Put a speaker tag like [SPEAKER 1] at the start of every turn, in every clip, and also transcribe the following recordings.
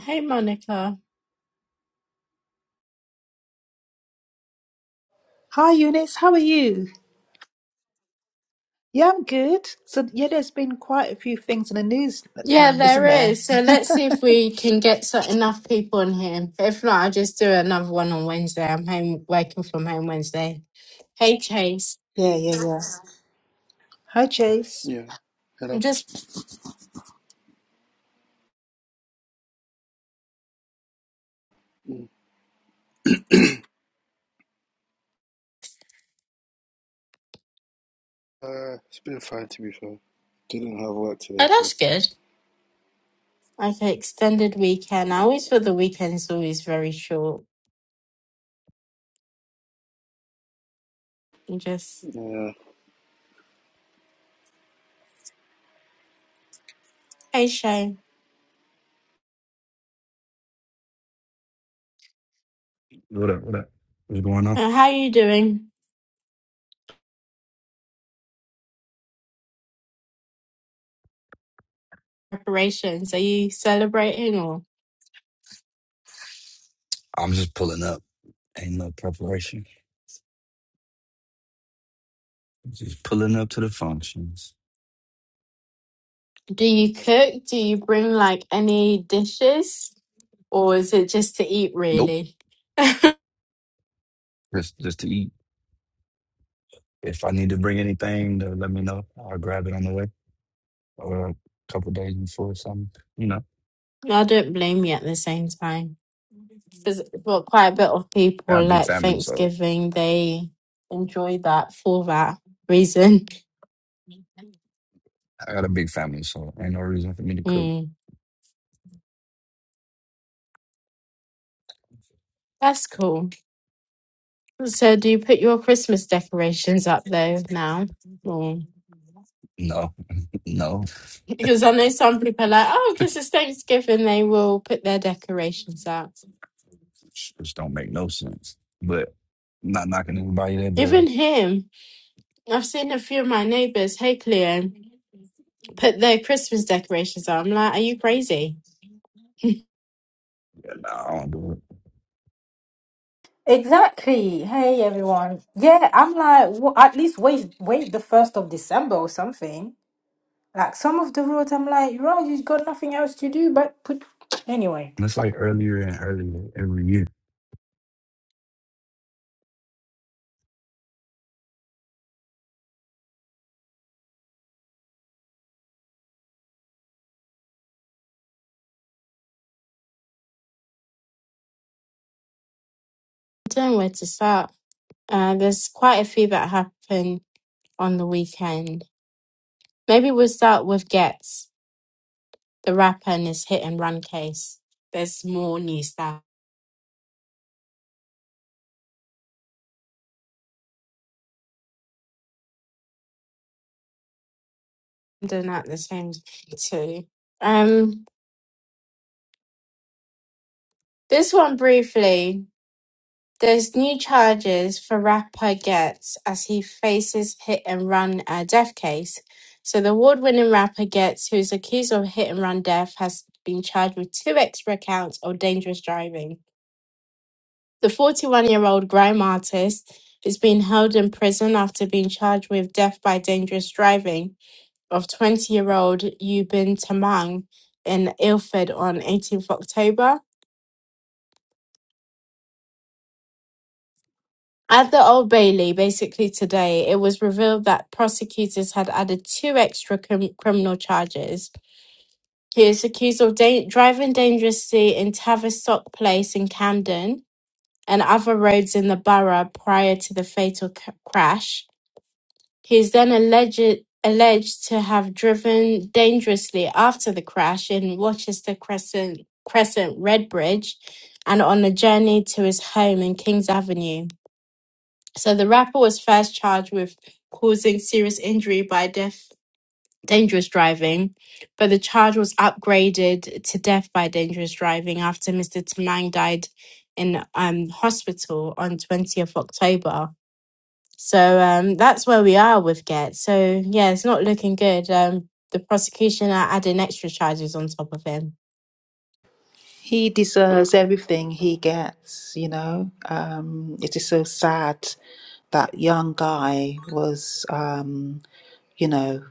[SPEAKER 1] Hey, Monica.
[SPEAKER 2] Hi, Eunice. How are you? Yeah, I'm good. So, yeah, there's been quite a few things in the news,
[SPEAKER 1] Yeah,
[SPEAKER 2] um,
[SPEAKER 1] there
[SPEAKER 2] isn't there?
[SPEAKER 1] is. So let's see if we can get so enough people in here. If not, I'll just do another one on Wednesday. I'm home working from home Wednesday. Hey, Chase.
[SPEAKER 2] Yeah, yeah, yeah. Hi, Chase.
[SPEAKER 3] Yeah,
[SPEAKER 1] I'm
[SPEAKER 3] hello.
[SPEAKER 1] just
[SPEAKER 3] Mm. Uh, it's been fine to be fair. Didn't have work today,
[SPEAKER 1] Oh,
[SPEAKER 3] so
[SPEAKER 1] that's good. okay. Extended weekend. I always feel the weekend's always very short. You just
[SPEAKER 3] yeah.
[SPEAKER 1] hey, Shay.
[SPEAKER 4] What up? What up? What's going on?
[SPEAKER 1] Uh, How are you doing? Preparations? Are you celebrating or
[SPEAKER 4] I'm just pulling up. Ain't no preparation. Just pulling up to the functions.
[SPEAKER 1] do you cook? Do you bring like any dishes or is it just to eat
[SPEAKER 4] Nope.
[SPEAKER 1] really?
[SPEAKER 4] Just just to eat. If I need to bring anything, to let me know. I'll grab it on the way or a couple days before or something. You know,
[SPEAKER 1] Yeah, I don't blame you at the same time. Because well, quite a bit of
[SPEAKER 4] I got a
[SPEAKER 1] people
[SPEAKER 4] big
[SPEAKER 1] like
[SPEAKER 4] family, so
[SPEAKER 1] Thanksgiving, they enjoy that for that reason.
[SPEAKER 4] I got a big family, so ain't no reason for me to cook.
[SPEAKER 1] Mm. That's cool. So, do you put your Christmas decorations up though now? Or
[SPEAKER 4] No, no,
[SPEAKER 1] Because I know some people are like, oh, because it's Thanksgiving, they will put their decorations up.
[SPEAKER 4] just don't make no sense. But I'm not knocking anybody that
[SPEAKER 1] Even
[SPEAKER 4] does.
[SPEAKER 1] him, I've seen a few of my neighbors, hey Cleo, put their Christmas decorations up. I'm like, are you crazy?
[SPEAKER 4] I don't do it.
[SPEAKER 5] Exactly. Hey, everyone. Yeah, I'm like, w at least wait, wait the first of December or something. Like some of the roads, I'm like, right, you've got nothing else to do but put. Anyway,
[SPEAKER 4] And it's like earlier and earlier every year.
[SPEAKER 1] don't know where to start. Uh, there's quite a few that happen on the weekend. Maybe we'll start with Getz, the rapper and his hit and run case. There's more new stuff. I'm doing that at the same time too. Um, this one briefly. There's new charges for rapper Getz as he faces hit and run uh, death case. So the award-winning rapper Getz, who's accused of hit and run death, has been charged with two extra counts of dangerous driving. The 41-year-old grime artist is being held in prison after being charged with death by dangerous driving of 20-year-old Yubin Tamang in Ilford on 18th October. At the Old Bailey, basically today, it was revealed that prosecutors had added two extra crim- criminal charges. He is accused of da- driving dangerously in Tavistock Place in Camden and other roads in the borough prior to the fatal c- crash. He is then alleged alleged to have driven dangerously after the crash in Rochester Crescent, Crescent Redbridge, and on a journey to his home in Kings Avenue. So the rapper was first charged with causing serious injury by death, dangerous driving, but the charge was upgraded to death by dangerous driving after Mr. Tamang died in um, hospital on 20th October. So um, that's where we are with Get. So yeah, it's not looking good. Um, the prosecution are adding extra charges on top of him.
[SPEAKER 2] He deserves everything he gets, you know. Um, it is so sad that young guy was, um, you know,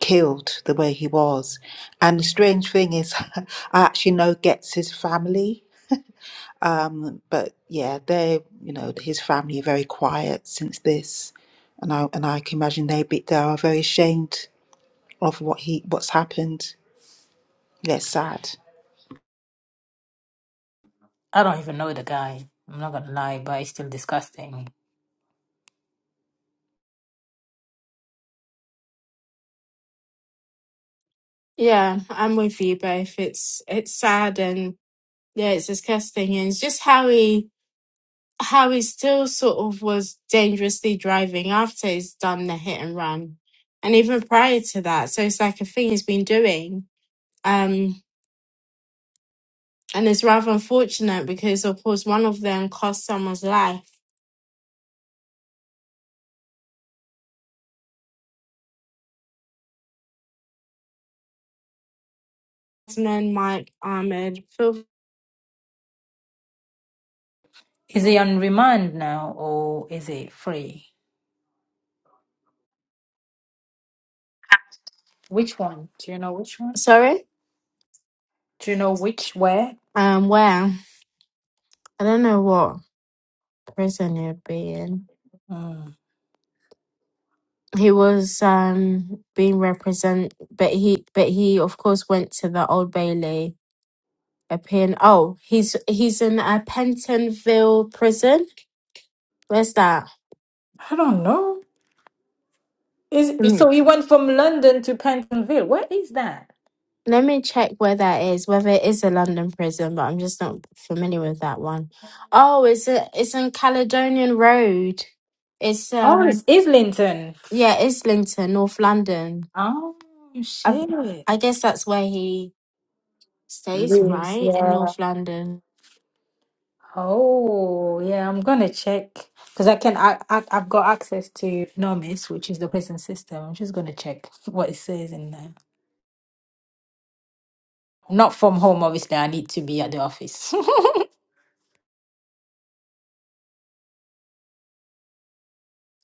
[SPEAKER 2] killed the way he was. And the strange thing is, I actually know gets his family. but yeah, they you know his family are very quiet since this, and I and I can imagine they be they are very ashamed of what he what's happened. Yeah, it's sad.
[SPEAKER 5] I don't even know the guy. I'm not gonna lie, but it's still disgusting.
[SPEAKER 1] Yeah, I'm with you both. It's it's sad and yeah, it's disgusting, and it's just how he how he still sort of was dangerously driving after he's done the hit and run, and even prior to that. So it's like a thing he's been doing, um, and it's rather unfortunate because of course one of them cost someone's life. And then Mike Ahmed, Phil,
[SPEAKER 5] Is he on remand now or is he free? Which one? Do you know which one?
[SPEAKER 1] sorry,
[SPEAKER 5] Do you know which where?
[SPEAKER 1] um, where I don't know what prison he'd be in.
[SPEAKER 5] Mm,
[SPEAKER 1] He was um being represent, but he but he of course went to the Old Bailey A pen. Oh, he's he's in a Pentonville prison. Where's that?
[SPEAKER 5] I don't know.
[SPEAKER 1] Let
[SPEAKER 5] Is
[SPEAKER 1] me
[SPEAKER 5] so he went from London to Pentonville. Where is that?
[SPEAKER 1] let me check where that is. Whether it is a London prison, but I'm just not familiar with that one. Oh, it's a, it's in Caledonian Road. It's
[SPEAKER 5] Oh, it's
[SPEAKER 1] um
[SPEAKER 5] Islington.
[SPEAKER 1] yeah, Islington, North London.
[SPEAKER 5] Oh
[SPEAKER 1] I
[SPEAKER 5] shit.
[SPEAKER 1] I guess that's where he stays,
[SPEAKER 5] Yes,
[SPEAKER 1] right? In
[SPEAKER 5] yeah.
[SPEAKER 1] North London.
[SPEAKER 5] Oh yeah, I'm gonna check because I can. I, I I've got access to Nomis, which is the prison system. I'm just gonna check what it says in there. Not from home, obviously. I need to be at the office. oh,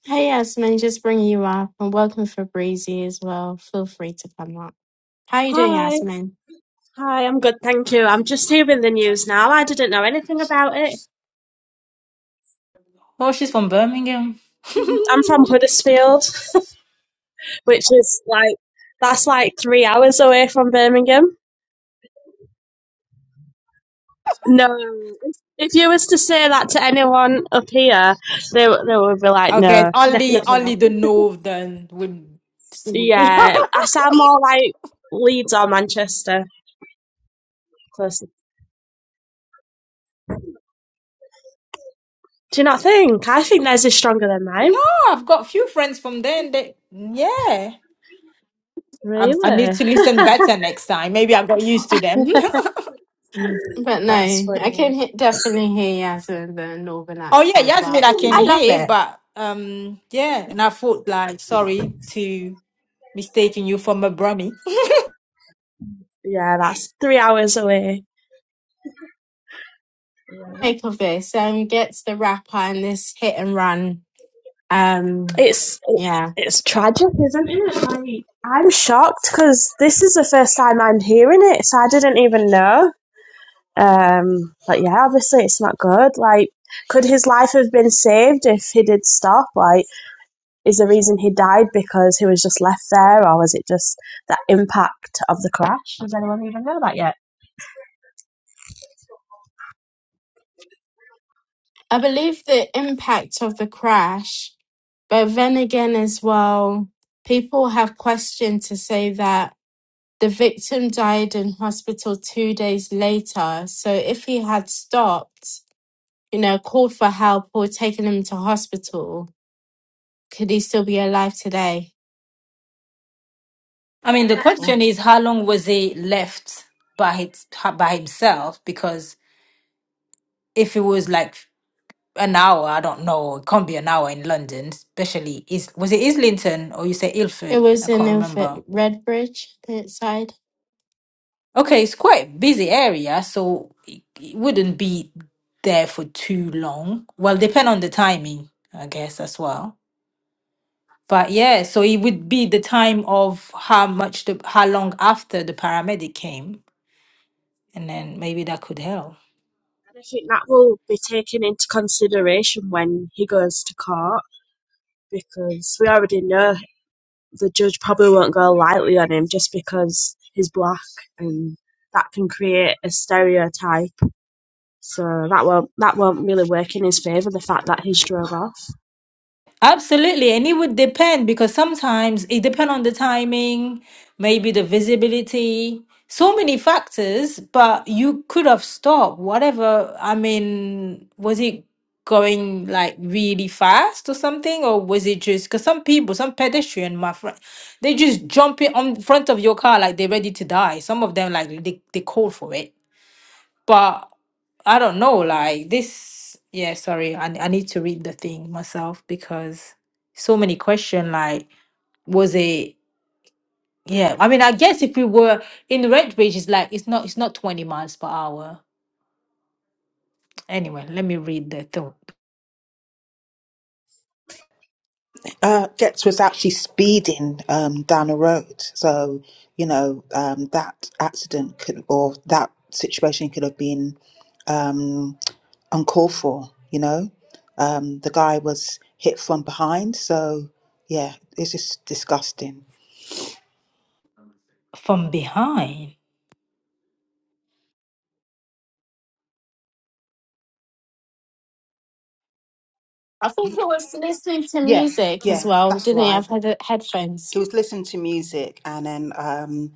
[SPEAKER 1] Hey, Yasmin, just bringing you up, and welcome for Breezy as well. Feel free to come up. How you doing,
[SPEAKER 6] Hi,
[SPEAKER 1] Yasmin?
[SPEAKER 6] hi, I'm good, thank you. I'm just hearing the news now. I didn't know anything about it.
[SPEAKER 5] she's from Birmingham.
[SPEAKER 6] I'm from Huddersfield, which is like, that's like three hours away from Birmingham. No, if you was to say that to anyone up here, they, w- they would be like,
[SPEAKER 5] okay,
[SPEAKER 6] no,
[SPEAKER 5] only
[SPEAKER 6] definitely
[SPEAKER 5] only
[SPEAKER 6] not.
[SPEAKER 5] the north then would see.
[SPEAKER 6] Yeah, I sound more like Leeds or Manchester, closer. Do you not think? I think theirs is stronger than mine.
[SPEAKER 5] no, I've got few friends from there, and they yeah. I, I need
[SPEAKER 6] Really?
[SPEAKER 5] to listen better next time. Maybe I got used to them.
[SPEAKER 1] Mm, But
[SPEAKER 6] That's
[SPEAKER 1] no, I
[SPEAKER 6] funny.
[SPEAKER 1] can he- definitely hear Yasmin with the northern
[SPEAKER 5] Oh yeah,
[SPEAKER 1] accent,
[SPEAKER 5] Yasmin,
[SPEAKER 1] but
[SPEAKER 5] I can
[SPEAKER 1] I love
[SPEAKER 5] hear,
[SPEAKER 1] it.
[SPEAKER 5] but um, yeah, and I thought like, sorry to mistaking you for my brummy.
[SPEAKER 6] Yeah, that's three hours away.
[SPEAKER 1] Make of this um gets the rapper and this hit and run. Um,
[SPEAKER 6] It's it,
[SPEAKER 1] yeah,
[SPEAKER 6] it's tragic, isn't it? Like I'm shocked because this is the first time I'm hearing it, so I didn't even know. Um, but yeah, obviously it's not good. Like, could his life have been saved if he did stop? Like, is the reason he died because he was just left there, or was it just that impact of the crash? Does anyone even know that yet?
[SPEAKER 1] I believe the impact of the crash, but then again as well, people have questioned to say that the victim died in hospital two days later. So if he had stopped, you know, called for help or taken him to hospital, could he still be alive today?
[SPEAKER 5] I
[SPEAKER 6] Yeah,
[SPEAKER 5] mean,
[SPEAKER 6] and
[SPEAKER 5] the
[SPEAKER 6] I
[SPEAKER 5] question is, how long was he left by his, by himself? Because if it was like an hour, I don't know, it can't be an hour in London, especially is was it Islington or you say
[SPEAKER 1] It
[SPEAKER 5] Ilford? I
[SPEAKER 1] was in
[SPEAKER 5] can't
[SPEAKER 1] F-
[SPEAKER 5] remember.
[SPEAKER 1] Redbridge, that side.
[SPEAKER 5] Okay, it's quite busy area, so it, it wouldn't be there for too long. Well, depend on the timing, I guess as well. But yeah, so it would be the time of how much the how long after the paramedic came, and then maybe that could help.
[SPEAKER 6] and I think that will be taken into consideration when he goes to court because we already know the judge probably won't go lightly on him just because he's black, and that can create a stereotype. So that won't that won't really work in his favour. The fact that he's drove off.
[SPEAKER 5] Absolutely, and it would depend because sometimes it depend on the timing, maybe the visibility, so many factors, but you could have stopped whatever. I mean, was it going like really fast or something, or was it just because some people, some pedestrian, my friend, they just jump in on front of your car like they're ready to die. Some of them like they, they call for it but I don't know, like this. Yeah, sorry, I, I need to read the thing myself because so many question. Like, was it? Yeah, I mean, I guess if we were in the red bridge, it's like it's not it's not twenty miles per hour. Anyway, let me read the thought
[SPEAKER 2] Uh, Dex was actually speeding um, down the road, so you know um, that accident could or that situation could have been um, uncalled for. You know, um, the guy was hit from behind, so yeah, it's just disgusting.
[SPEAKER 5] from behind.
[SPEAKER 1] I think he was listening to
[SPEAKER 2] Yeah,
[SPEAKER 1] music as
[SPEAKER 2] yeah,
[SPEAKER 1] well.
[SPEAKER 2] that's
[SPEAKER 1] Didn't he have
[SPEAKER 2] right.
[SPEAKER 1] head- headphones?
[SPEAKER 2] he was listening to music and then um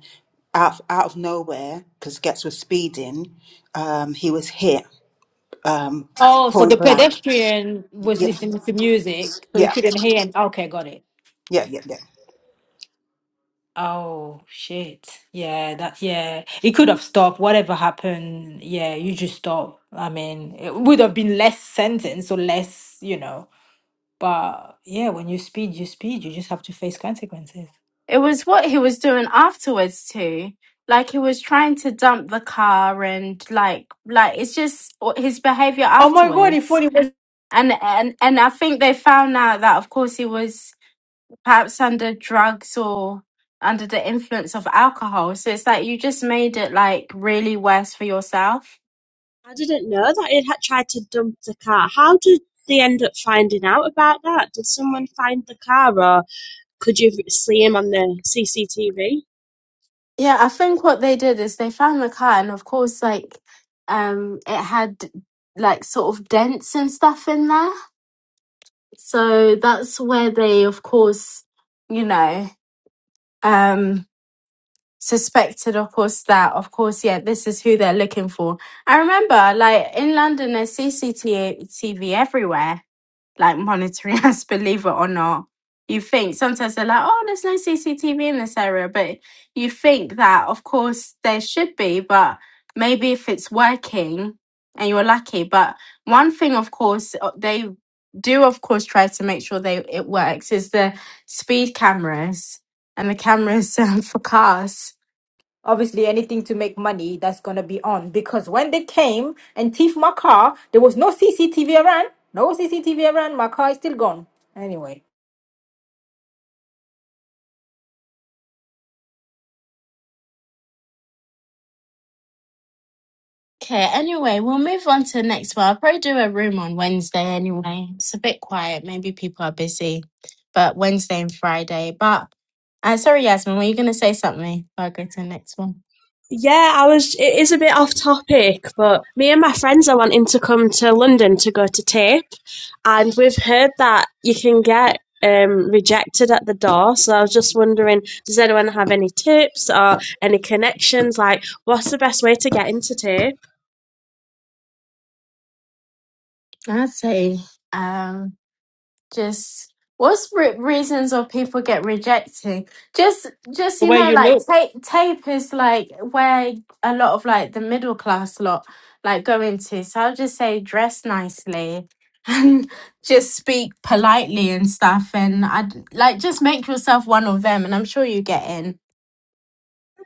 [SPEAKER 2] out of, out of nowhere because gets was speeding um he was hit um
[SPEAKER 5] Oh, so
[SPEAKER 2] point
[SPEAKER 5] the
[SPEAKER 2] blank
[SPEAKER 5] pedestrian was
[SPEAKER 2] yeah
[SPEAKER 5] listening to music, so he
[SPEAKER 2] yeah
[SPEAKER 5] couldn't hear. And okay, got it.
[SPEAKER 2] yeah yeah yeah
[SPEAKER 5] Oh shit. Yeah, that yeah. It could have stopped. Whatever happened, yeah, you just stop. I mean, it would have been less sentence or less, you know. But yeah, when you speed, you speed. You just have to face consequences.
[SPEAKER 1] It was what he was doing afterwards too. Like he was trying to dump the car and like like it's just his behavior
[SPEAKER 5] Oh my god, if
[SPEAKER 1] afterwards.
[SPEAKER 5] only was
[SPEAKER 1] And and and I think they found out that of course he was perhaps under drugs or under the influence of alcohol. So it's like you just made it like really worse for yourself.
[SPEAKER 6] I didn't know that he had tried to dump the car. How did they end up finding out about that? Did someone find the car, or could you see him on the CCTV?
[SPEAKER 1] Yeah, I think what they did is they found the car, and of course, like, um, it had like sort of dents and stuff in there. So that's where they, of course, you know, um, suspected, of course, that, of course, yeah, this is who they're looking for. I remember, like, in London, there's CCTV everywhere like monitoring us, believe it or not. You think sometimes they're like, oh, there's no CCTV in this area, but you think that, of course, there should be, but maybe if it's working and you're lucky. But one thing, of course, uh, they do, of course, try to make sure they it works is the speed cameras and the cameras um, for cars
[SPEAKER 5] obviously anything to make money that's gonna be on because when they came and thief my car, there was no CCTV around. No CCTV around, my car is still gone. Anyway.
[SPEAKER 1] Okay, anyway, we'll move on to the next one. I'll probably do a room on Wednesday anyway. It's a bit quiet. Maybe people are busy, but Wednesday and Friday. But uh, sorry, Yasmin, were you going to say something? I'll go to the next one.
[SPEAKER 6] Yeah, I was. It is a bit off topic, but me and my friends are wanting to come to London to go to tape, and we've heard that you can get um, rejected at the door. So I was just wondering, does anyone have any tips or any connections? Like, what's the best way to get into tape?
[SPEAKER 1] I'd say just what's re- reasons of people get rejected just just
[SPEAKER 5] The
[SPEAKER 1] you
[SPEAKER 5] way
[SPEAKER 1] know
[SPEAKER 5] you
[SPEAKER 1] like
[SPEAKER 5] look.
[SPEAKER 1] tape tape is like where a lot of like the middle class lot like go into so i'll just say dress nicely and just speak politely and stuff and i like just make yourself one of them and i'm sure you get in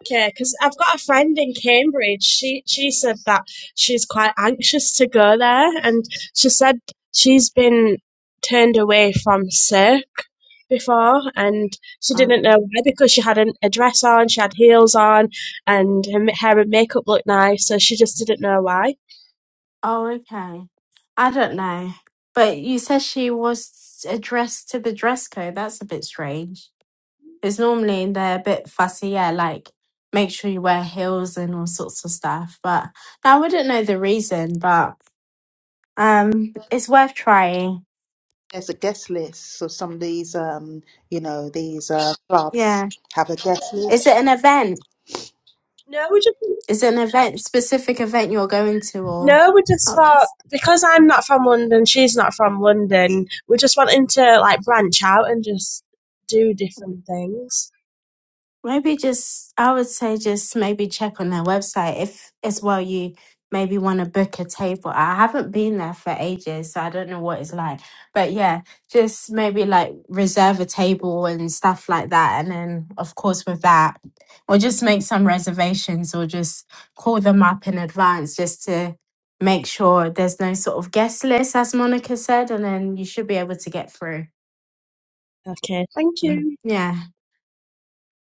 [SPEAKER 6] Okay, because I've got a friend in Cambridge. She she said that she's quite anxious to go there, and she said she's been turned away from Cirque before, and she didn't
[SPEAKER 1] Okay.
[SPEAKER 6] know why because she had an, a dress on, she had heels on, and her ma- hair and makeup looked nice, so she just didn't know why.
[SPEAKER 1] Oh, okay. I don't know. But you said she was addressed to the dress code. That's a bit strange. It's normally they're a bit fussy, yeah, like make sure you wear heels and all sorts of stuff. But I wouldn't know the reason, but. Um, it's worth trying.
[SPEAKER 2] there's a guest list so some of these um you know these uh clubs
[SPEAKER 1] Yeah.
[SPEAKER 2] have a guest
[SPEAKER 1] Is it
[SPEAKER 2] list
[SPEAKER 1] an event?
[SPEAKER 6] No, we just
[SPEAKER 1] Is it an event, specific event you're going to or?
[SPEAKER 6] no, we just
[SPEAKER 1] Okay.
[SPEAKER 6] thought because I'm not from London, she's not from London. We're just wanting to like branch out and just do different things.
[SPEAKER 1] Maybe just, I would say just maybe check on their website if as well you maybe want to book a table. I haven't been there for ages, so I don't know what it's like. But yeah, just maybe like reserve a table and stuff like that. And then, of course, with that, or just make some reservations or just call them up in advance just to make sure there's no sort of guest list, as Monica said. And then you should be able to get through.
[SPEAKER 6] Okay, thank
[SPEAKER 1] Mm.
[SPEAKER 6] you.
[SPEAKER 1] Yeah.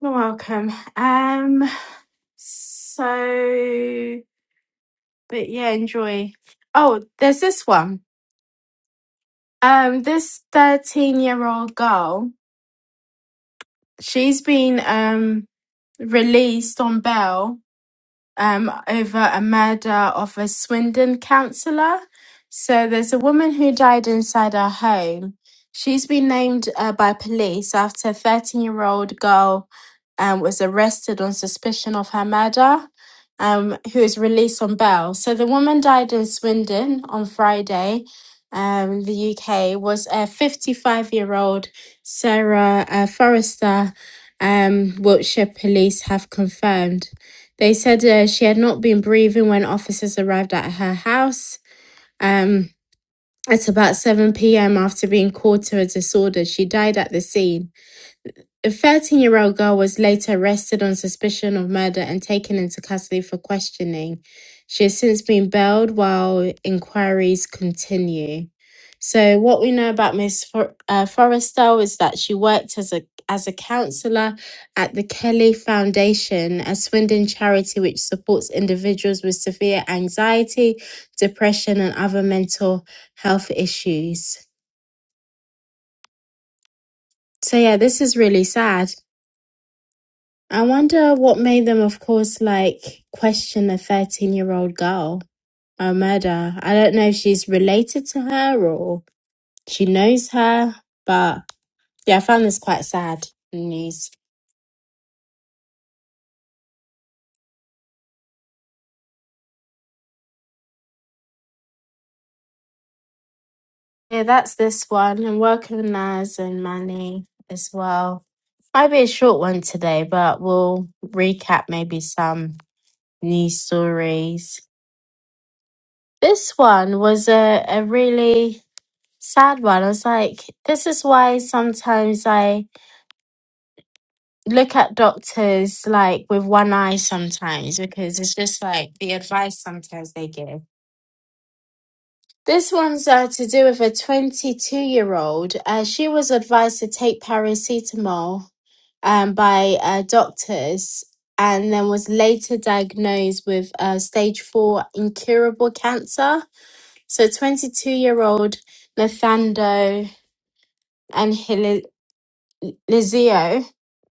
[SPEAKER 1] You're welcome. Um, So, but yeah, enjoy. Oh, there's this one. Um, this 13 year old girl, she's been um released on bail um, over a murder of a Swindon councillor. So there's a woman who died inside her home. She's been named uh, by police after a 13 year old girl um, was arrested on suspicion of her murder, um, who was released on bail. So the woman died in Swindon on Friday. Um, the UK was a 55 year old Sarah uh, Forrester. Um, Wiltshire police have confirmed. They said uh, she had not been breathing when officers arrived at her house. Um, at about 7 p.m., after being called to a disorder, she died at the scene. A thirteen-year-old girl was later arrested on suspicion of murder and taken into custody for questioning. She has since been bailed while inquiries continue. So, what we know about Miss For- uh, Forrestal is that she worked as a as a counselor at the Kelly Foundation, a Swindon charity which supports individuals with severe anxiety, depression, and other mental health issues. So, yeah, this is really sad. I wonder what made them, of course, like question a 13 year old girl, a murder. I don't know if she's related to her or she knows her, but yeah, I found this quite sad news. Yeah, that's this one. And welcome, Naz and Manny as well. Might be a short one today, but we'll recap maybe some news stories. This one was a, a really sad one. I was like, this is why sometimes I look at doctors like with one eye sometimes because it's just like the advice sometimes they give. This one's uh, to do with a 22 year old. Uh, she was advised to take paracetamol um, by uh, doctors and then was later diagnosed with uh, stage four incurable cancer. So 22 year old Nathando Lizio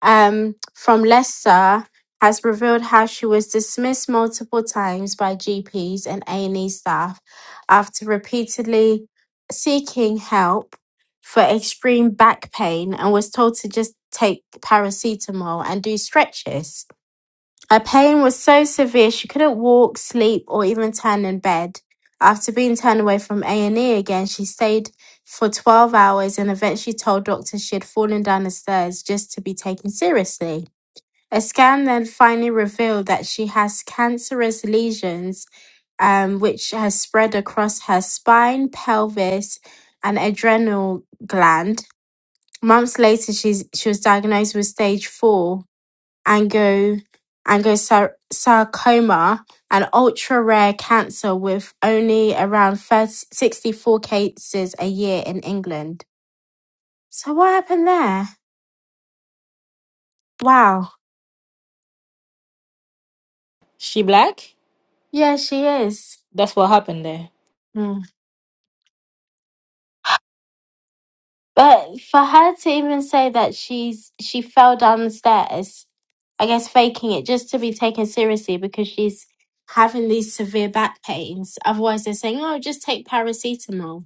[SPEAKER 1] um, from Leicester has revealed how she was dismissed multiple times by GPs and A&E staff after repeatedly seeking help for extreme back pain and was told to just take paracetamol and do stretches. Her pain was so severe she couldn't walk, sleep, or even turn in bed. After being turned away from A&E again, she stayed for 12 hours and eventually told doctors she had fallen down the stairs just to be taken seriously. A scan then finally revealed that she has cancerous lesions um, which has spread across her spine, pelvis, and adrenal gland. Months later, she's, she was diagnosed with stage four ango- angiosarcoma, an ultra-rare cancer with only around 30 64 cases a year in England. So what happened there? Wow.
[SPEAKER 5] She black?
[SPEAKER 1] Yeah, she is.
[SPEAKER 5] That's what happened there.
[SPEAKER 1] Hmm. But for her to even say that she's she fell down the stairs, I guess faking it just to be taken seriously because she's having these severe back pains. Otherwise, they're saying, "Oh, just take paracetamol."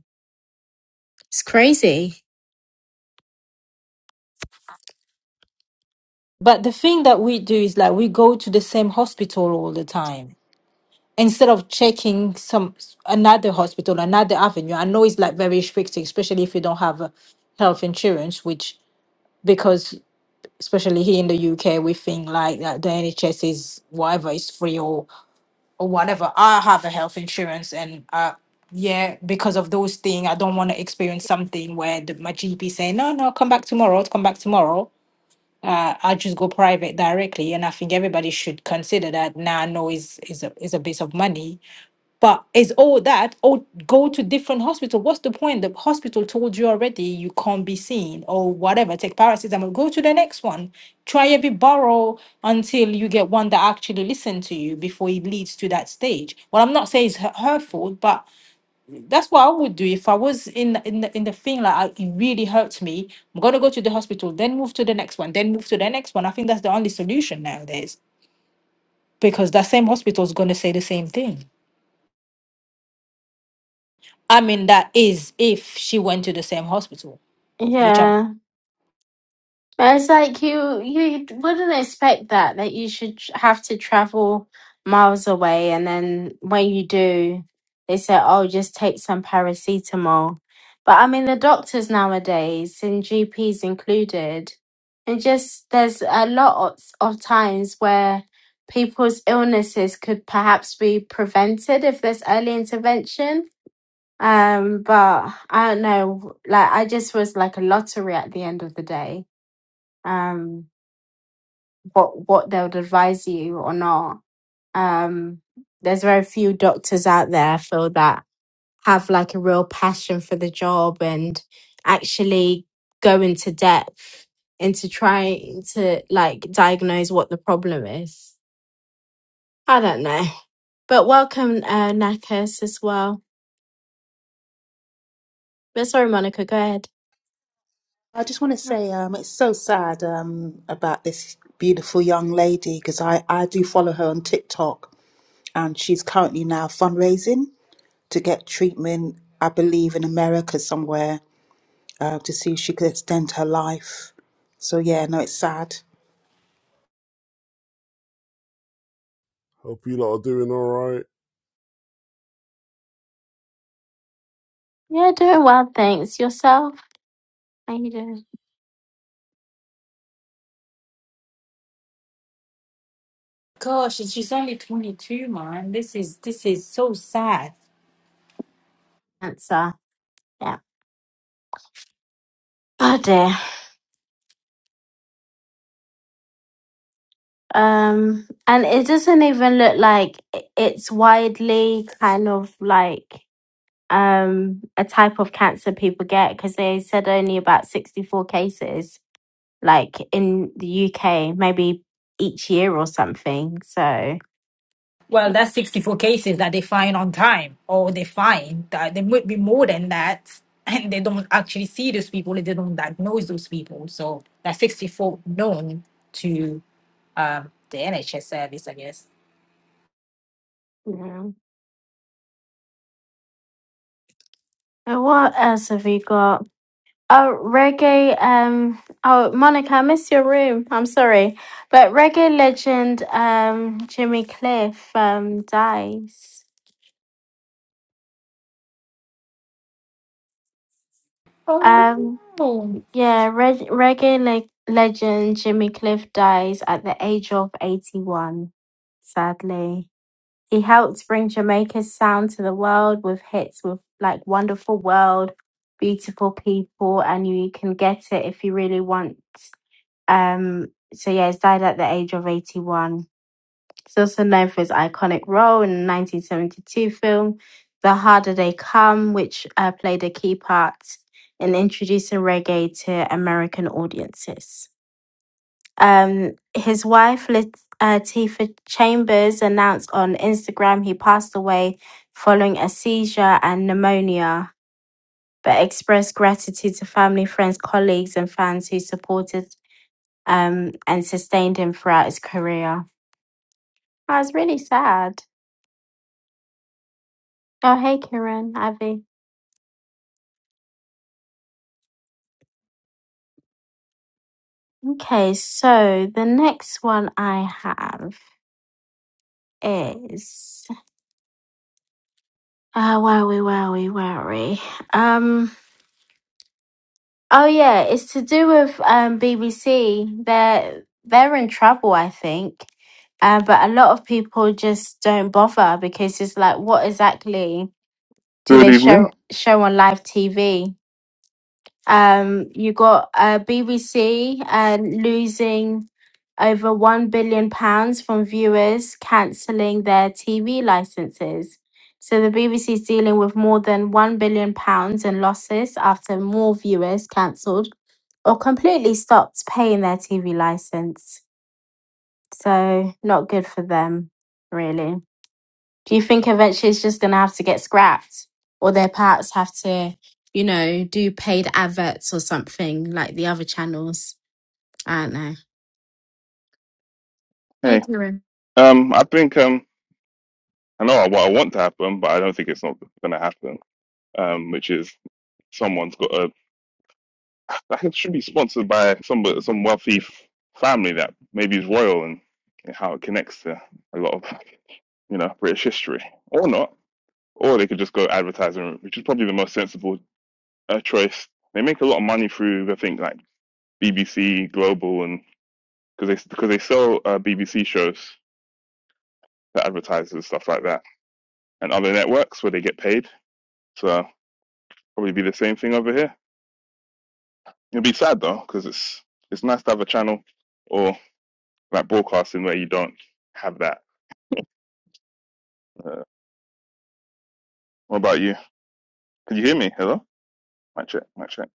[SPEAKER 1] It's crazy.
[SPEAKER 5] But the thing that we do is like we go to the same hospital all the time instead of checking some another hospital, another avenue. I know it's like very strict, especially if you don't have a health insurance, which because especially here in the UK we think like that the NHS is whatever is free or or whatever. I have a health insurance and uh yeah, because of those things, I don't want to experience something where the, my GP say, no, no, come back tomorrow, come back tomorrow I, I just go private directly, and I think everybody should consider that. Now I know is is a is a bit of money, but is all that or go to different hospital? What's the point? The hospital told you already you can't be seen or whatever. Take paracetamol, go to the next one. Try every borough until you get one that actually listen to you before it leads to that stage. Well, I'm not saying it's her her fault, but that's what I would do if I was in in the, in the thing like I, it really hurts me. I'm gonna go to the hospital, then move to the next one, then move to the next one. I think that's the only solution nowadays because that same hospital is gonna say the same thing. I mean, that is if she went to the same hospital, which I'm.
[SPEAKER 1] Yeah. It's like you you wouldn't expect that that you should tr- have to travel miles away, and then when you do, they say, "Oh, just take some paracetamol." But I mean, the doctors nowadays and GPs included, and just there's a lot of, of times where people's illnesses could perhaps be prevented if there's early intervention. Um, but I don't know, like I just was like a lottery at the end of the day. Um, what what they would advise you or not. Um, there's very few doctors out there I feel that have like a real passion for the job and actually go into depth into trying to like diagnose what the problem is. I don't know. But welcome, uh, Nakas, as well. But sorry, Monica, go ahead.
[SPEAKER 2] i just want to say um it's so sad um about this beautiful young lady because i i do follow her on tiktok and she's currently now fundraising to get treatment i believe in america somewhere uh, to see if she could extend her life. So yeah, no, it's sad.
[SPEAKER 7] Hope you lot are doing all right.
[SPEAKER 1] Yeah, doing well, thanks. Yourself? How you doing? Answer. Yeah. Oh dear. Um, and it doesn't even look like i- it's widely kind of like um a type of cancer people get because they said only about 64 cases like in the UK, maybe each year or something. So,
[SPEAKER 5] Well, that's 64 cases that they find on time, or they find that there might be more than that, and they don't actually see those people, and they don't diagnose those people. So that's 64 known to um, the NHS service, I guess.
[SPEAKER 1] Yeah. And what else have we got? Oh, reggae. Um. Oh, Monica, I missed your room. I'm sorry, but reggae legend, um, Jimmy Cliff, um, dies.
[SPEAKER 5] Oh
[SPEAKER 1] Um.
[SPEAKER 5] no.
[SPEAKER 1] Yeah. Reg- reggae le- legend Jimmy Cliff dies at the age of 81. Sadly, he helped bring Jamaica's sound to the world with hits with like "Wonderful World," "Beautiful People," and "You Can Get It If You Really Want." Um, so yeah, he died at the age of 81. He's also known for his iconic role in the 1972 film The Harder They Come, which uh, played a key part in introducing reggae to American audiences. Um, his wife, Latifah Chambers, announced on Instagram he passed away following a seizure and pneumonia, but expressed gratitude to family, friends, colleagues, and fans who supported um, and sustained him throughout his career. I was really sad. Oh, hey, Kieran, Ivy. Okay, so the next one I have is uh, where we? Where we? Where we? Um, oh yeah, it's to do with um BBC. They're they're in trouble, I think. Uh, but a lot of people just don't bother because it's like, what exactly do
[SPEAKER 8] Good
[SPEAKER 1] they show
[SPEAKER 8] evening.
[SPEAKER 1] show on live TV? Um, you got uh, BBC uh, losing over one billion pounds from viewers cancelling their TV licenses. So the BBC is dealing with more than one billion pounds in losses after more viewers cancelled or completely stopped paying their TV license. So not good for them, really. Do you think eventually it's just going to have to get scrapped or their parts have to, you know, do paid adverts or something like the other channels? I don't know. Hey,
[SPEAKER 8] Hey,
[SPEAKER 1] Kieran.
[SPEAKER 8] um, I think um, I know what I want to happen, but I don't think it's not going to happen. Um, which is someone's got a like it should be sponsored by some some wealthy f- family that maybe is royal and, how it connects to a lot of you know British history, or not, or they could just go advertising, which is probably the most sensible uh, choice. They make a lot of money through I think like BBC Global and because they because they sell uh, BBC shows to advertisers stuff like that and other networks where they get paid. So probably be the same thing over here. It'll be sad though, because it's it's nice to have a channel or like broadcasting where you don't have that. Uh, what about you? Can you hear me? Hello? Mic check. Mic check.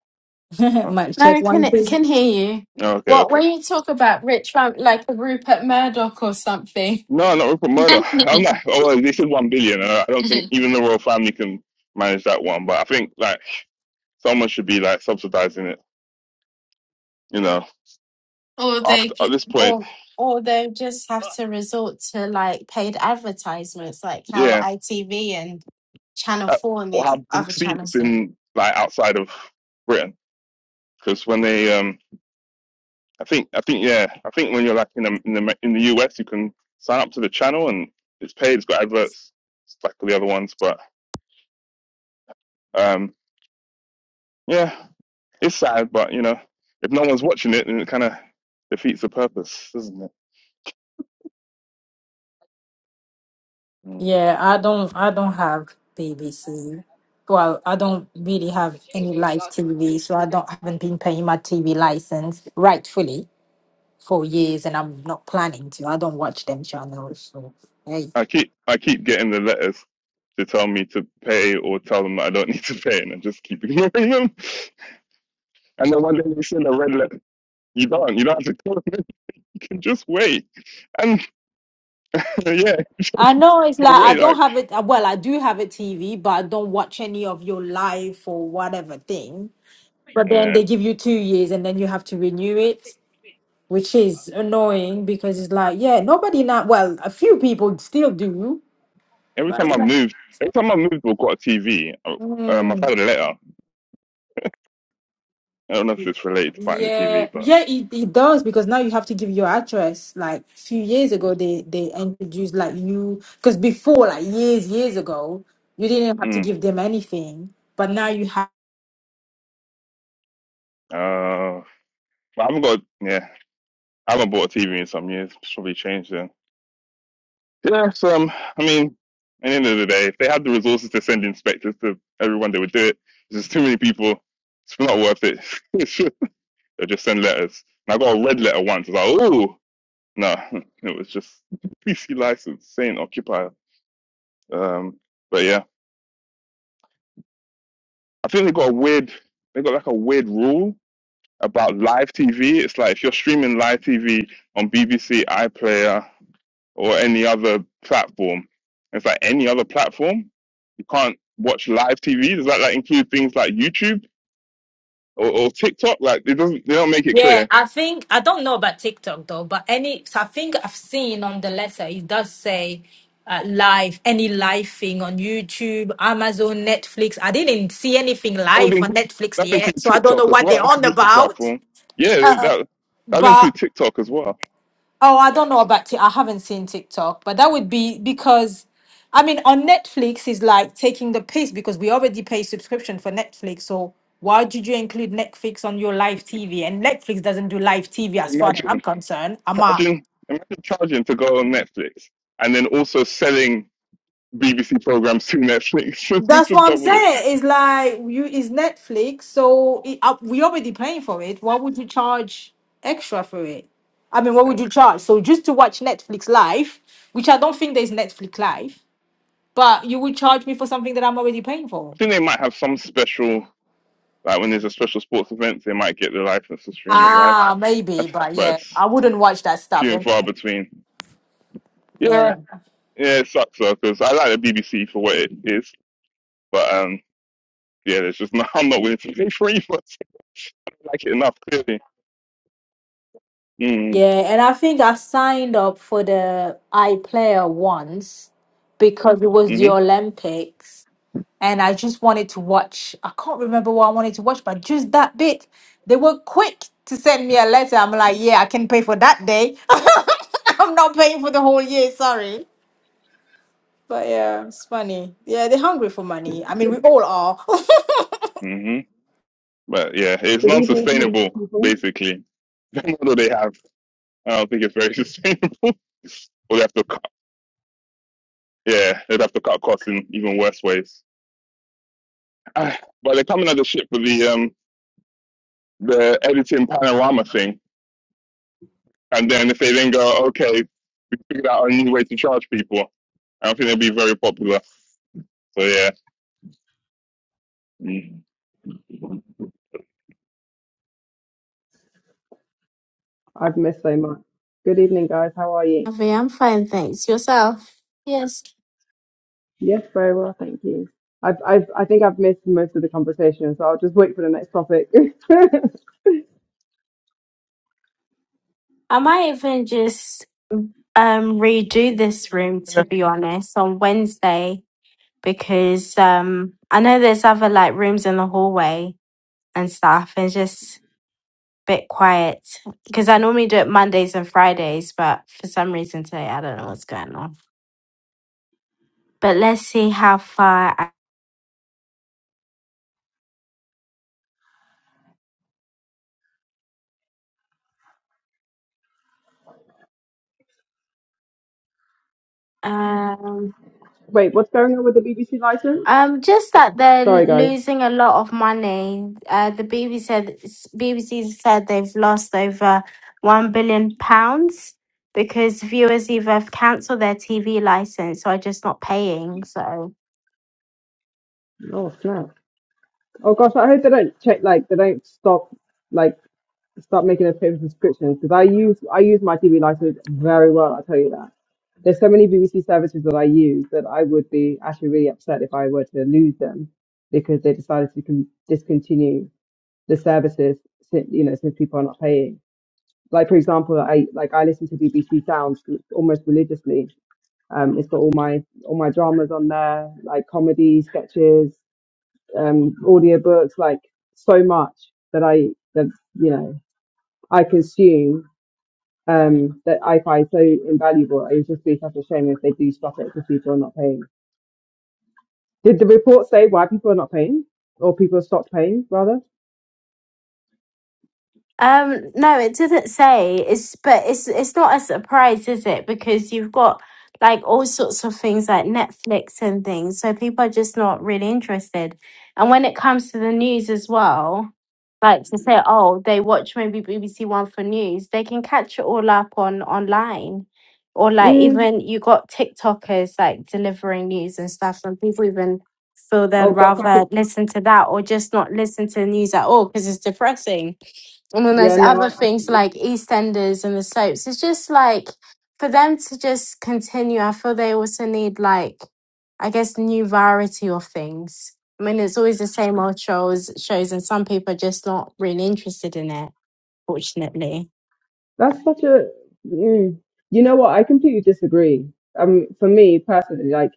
[SPEAKER 8] Oh,
[SPEAKER 5] Might
[SPEAKER 1] No,
[SPEAKER 5] check
[SPEAKER 1] I
[SPEAKER 5] one
[SPEAKER 1] can
[SPEAKER 5] thing.
[SPEAKER 1] can hear you.
[SPEAKER 8] no, okay,
[SPEAKER 1] What
[SPEAKER 8] okay.
[SPEAKER 1] when you talk about rich fam like Rupert Murdoch or something,
[SPEAKER 8] No, not Rupert Murdoch. I'm not. Oh, well, they said one billion. I don't think even the royal family can manage that one. But I think like someone should be like subsidizing it. You know,
[SPEAKER 1] or
[SPEAKER 8] after
[SPEAKER 1] they
[SPEAKER 8] at
[SPEAKER 1] c-
[SPEAKER 8] this point,
[SPEAKER 1] or or they just have to resort to like paid advertisements, like how
[SPEAKER 8] yeah.
[SPEAKER 1] ITV and Channel
[SPEAKER 8] Uh,
[SPEAKER 1] Four and
[SPEAKER 8] Or
[SPEAKER 1] the
[SPEAKER 8] how
[SPEAKER 1] other
[SPEAKER 8] BBC
[SPEAKER 1] channels
[SPEAKER 8] is
[SPEAKER 1] do.
[SPEAKER 8] in like outside of Britain. because when they um i think i think yeah i think when you're like in the, in the in the us you can sign up to the channel and it's paid it's got adverts it's like all the other ones but um yeah it's sad but you know if no one's watching it then it kind of defeats the purpose doesn't it Mm.
[SPEAKER 5] Yeah, I don't I don't have BBC. Well, I don't really have any live TV, so I don't haven't been paying my TV license rightfully for years and I'm not planning to. I don't watch them channels. So hey.
[SPEAKER 8] i keep i keep getting the letters to tell me to pay or tell them that i don't need to pay and i just keep ignoring them and then one day they send a red letter you don't you don't have to tell them you can just wait and yeah
[SPEAKER 5] I know it's
[SPEAKER 8] but
[SPEAKER 5] like I
[SPEAKER 8] wait
[SPEAKER 5] don't
[SPEAKER 8] like
[SPEAKER 5] have it well, I do have a TV, but I don't watch any of your live or whatever thing. But
[SPEAKER 8] yeah
[SPEAKER 5] then they give you two years and then you have to renew it. which is annoying because it's like, yeah, nobody now. Well, a few people still do,
[SPEAKER 8] Every
[SPEAKER 5] but
[SPEAKER 8] time
[SPEAKER 5] it's
[SPEAKER 8] I've
[SPEAKER 5] like,
[SPEAKER 8] moved, every time I've moved or got a TV, I- um, um, I've
[SPEAKER 5] mm,
[SPEAKER 8] had a letter. I don't know if it's related to buying the TV,
[SPEAKER 5] yeah,
[SPEAKER 8] but
[SPEAKER 5] yeah, it, it does because now you have to give your address. Like a few years ago, they they introduced like you because before, like years years ago, you didn't have to
[SPEAKER 8] mm,
[SPEAKER 5] give them anything, but now you have.
[SPEAKER 8] uh, I haven't got. Yeah, I haven't bought a TV in some years. It's probably changed then. Yeah, so um, I mean, at the end of the day, if they had the resources to send inspectors to everyone, they would do it. There's just too many people. It's not worth it. they just send letters. And I got a red letter once. I was like, oh no, it was just PC license saying occupier. Um, but yeah. I think they got a weird, they got like a weird rule about live TV. It's like if you're streaming live TV on BBC iPlayer or any other platform, it's like any other platform, you can't watch live TV. Does that like include things like YouTube or, or TikTok? Like it doesn't, they don't make it clear.
[SPEAKER 5] Yeah, I think I don't know about TikTok though, but any so I think I've seen on the letter it does say uh, live any live thing on YouTube, Amazon, Netflix. I didn't see anything
[SPEAKER 8] That would
[SPEAKER 5] live on
[SPEAKER 8] include,
[SPEAKER 5] Netflix
[SPEAKER 8] that would
[SPEAKER 5] yet, so I don't know
[SPEAKER 8] TikTok as
[SPEAKER 5] what
[SPEAKER 8] well.
[SPEAKER 5] they're
[SPEAKER 8] That's a
[SPEAKER 5] on
[SPEAKER 8] video
[SPEAKER 5] about.
[SPEAKER 8] platform. Yeah, that that
[SPEAKER 5] But
[SPEAKER 8] includes TikTok as well.
[SPEAKER 5] Oh, I don't know about it. I haven't seen TikTok, but that would be because I mean on Netflix is like taking the piss because we already pay subscription for Netflix. So why did you include Netflix on your live TV? And Netflix doesn't do live TV as far as I'm
[SPEAKER 8] Imagine
[SPEAKER 5] concerned. I'm a
[SPEAKER 8] charging, imagine charging to go on Netflix and then also selling BBC programs to Netflix.
[SPEAKER 5] that's
[SPEAKER 8] Just
[SPEAKER 5] what I'm
[SPEAKER 8] doubled it.
[SPEAKER 5] saying. It's like you is Netflix, so it, uh, we already paying for it. Why would you charge extra for it? I mean, what
[SPEAKER 8] Yeah.
[SPEAKER 5] would
[SPEAKER 8] I
[SPEAKER 5] you charge? So just to watch Netflix live, which I don't think there's Netflix live. But you would charge me for something that I'm already paying for.
[SPEAKER 8] think they might have some special, like when there's a special sports event, they might get the license to stream it live,
[SPEAKER 5] Ah, maybe, but
[SPEAKER 8] but
[SPEAKER 5] yeah,
[SPEAKER 8] it's
[SPEAKER 5] I wouldn't watch that stuff
[SPEAKER 8] few and far
[SPEAKER 5] anyway.
[SPEAKER 8] between.
[SPEAKER 5] Yeah.
[SPEAKER 8] Yeah, yeah, it sucks though because I like the BBC for what it is, but um, yeah, there's just not, I'm not willing to pay for it. But I like it enough, clearly. Mm,
[SPEAKER 5] Yeah, and I think I signed up for the iPlayer once because it was the
[SPEAKER 8] mm-hmm,
[SPEAKER 5] Olympics and I just wanted to watch. I can't remember what I wanted to watch, but just that bit. They were quick to send me a letter. I'm like, yeah, I can pay for that day. I'm not paying for the whole year, sorry. But yeah, it's funny. Yeah, they're hungry for money. I mean, we
[SPEAKER 9] Good,
[SPEAKER 5] all are.
[SPEAKER 8] mm-hmm. But yeah, it's
[SPEAKER 9] good evening, beautiful
[SPEAKER 8] non-sustainable
[SPEAKER 9] people.
[SPEAKER 8] basically. The model they have, I don't think it's very sustainable. Or they have to Yeah, they'd have to cut costs in even worse ways. Ah, But they're coming at the ship with the um the editing panorama thing, and then if they then go, okay, figure out a new way to charge people, I don't think they'll be very popular. So yeah, Mm.
[SPEAKER 9] I've missed so much. Good evening, guys. How are you?
[SPEAKER 1] Avi, I'm fine, thanks. Yourself? Yes.
[SPEAKER 9] Yes, very well, thank you. I've, I've, I think I've missed most of the conversation, so I'll just wait for the next topic.
[SPEAKER 1] I might even just um redo this room to be honest on Wednesday because um I know there's other like rooms in the hallway and stuff and it's just a bit quiet because I normally do it Mondays and Fridays but for some reason today I don't know what's going on. But let's see how far I, um
[SPEAKER 9] Wait, what's going on with the BBC license?
[SPEAKER 1] Um, just that they're
[SPEAKER 9] Sorry, guys.
[SPEAKER 1] losing a lot of money. Uh, the BBC said BBC said they've lost over one billion pounds because viewers either have cancelled their TV license or are just not paying. So.
[SPEAKER 9] Oh, snap. Oh gosh, I hope they don't check like they don't stop like stop making us pay for subscriptions because I use I use my TV license very well. I tell you that. There's so many BBC services that I use that I would be actually really upset if I were to lose them because they decided to con- discontinue the services. Since, you know, since people are not paying. Like for example, I like I listen to BBC Sounds almost religiously. Um, it's got all my all my dramas on there, like comedy sketches um, audiobooks, like so much that I that you know I consume um, that I find so invaluable. It would just be such a shame if they do stop it because people are not paying. Did the report say why people are not paying or people stopped paying rather?
[SPEAKER 1] Um, no, it didn't say. It's but it's it's not a surprise, is it? Because you've got like all sorts of things like Netflix and things, so people are just not really interested. And when it comes to the news as well, like to say, oh, they watch maybe BBC One for news, they can catch it all up on online. Or like
[SPEAKER 9] Mm.
[SPEAKER 1] even you got TikTokers like delivering news and stuff, and people even feel they'd
[SPEAKER 9] Oh God, fuck it.
[SPEAKER 1] rather listen to that or just not listen to the news at all because it's depressing and then
[SPEAKER 9] yeah,
[SPEAKER 1] there's
[SPEAKER 9] no, I,
[SPEAKER 1] other
[SPEAKER 9] I yeah.
[SPEAKER 1] things like EastEnders and the soaps. It's just like for them to just continue. I feel they also need like, I guess, new variety of things. I mean, it's always the same old shows, shows, and some people are just not really interested in it. Fortunately.
[SPEAKER 9] That's such a. Mm. You know what? I completely disagree. Um, for me personally, like,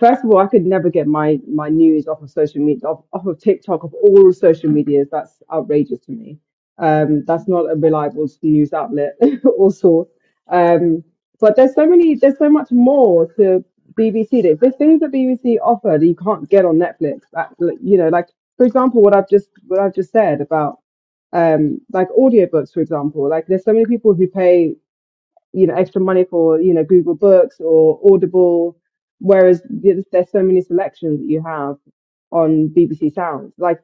[SPEAKER 9] first of all, I could never get my my news off of social media, off, off of TikTok, of all social medias. That's outrageous to me. Um, that's not a reliable news outlet or source. Um, but there's so many, there's so much more to BBC. There's, there's things that BBC offer that you can't get on Netflix. That, like, you know, like for example, what I've just what I've just said about um like audiobooks for example like there's so many people who pay you know extra money for you know Google Books or Audible whereas there's, there's so many selections that you have on BBC Sounds like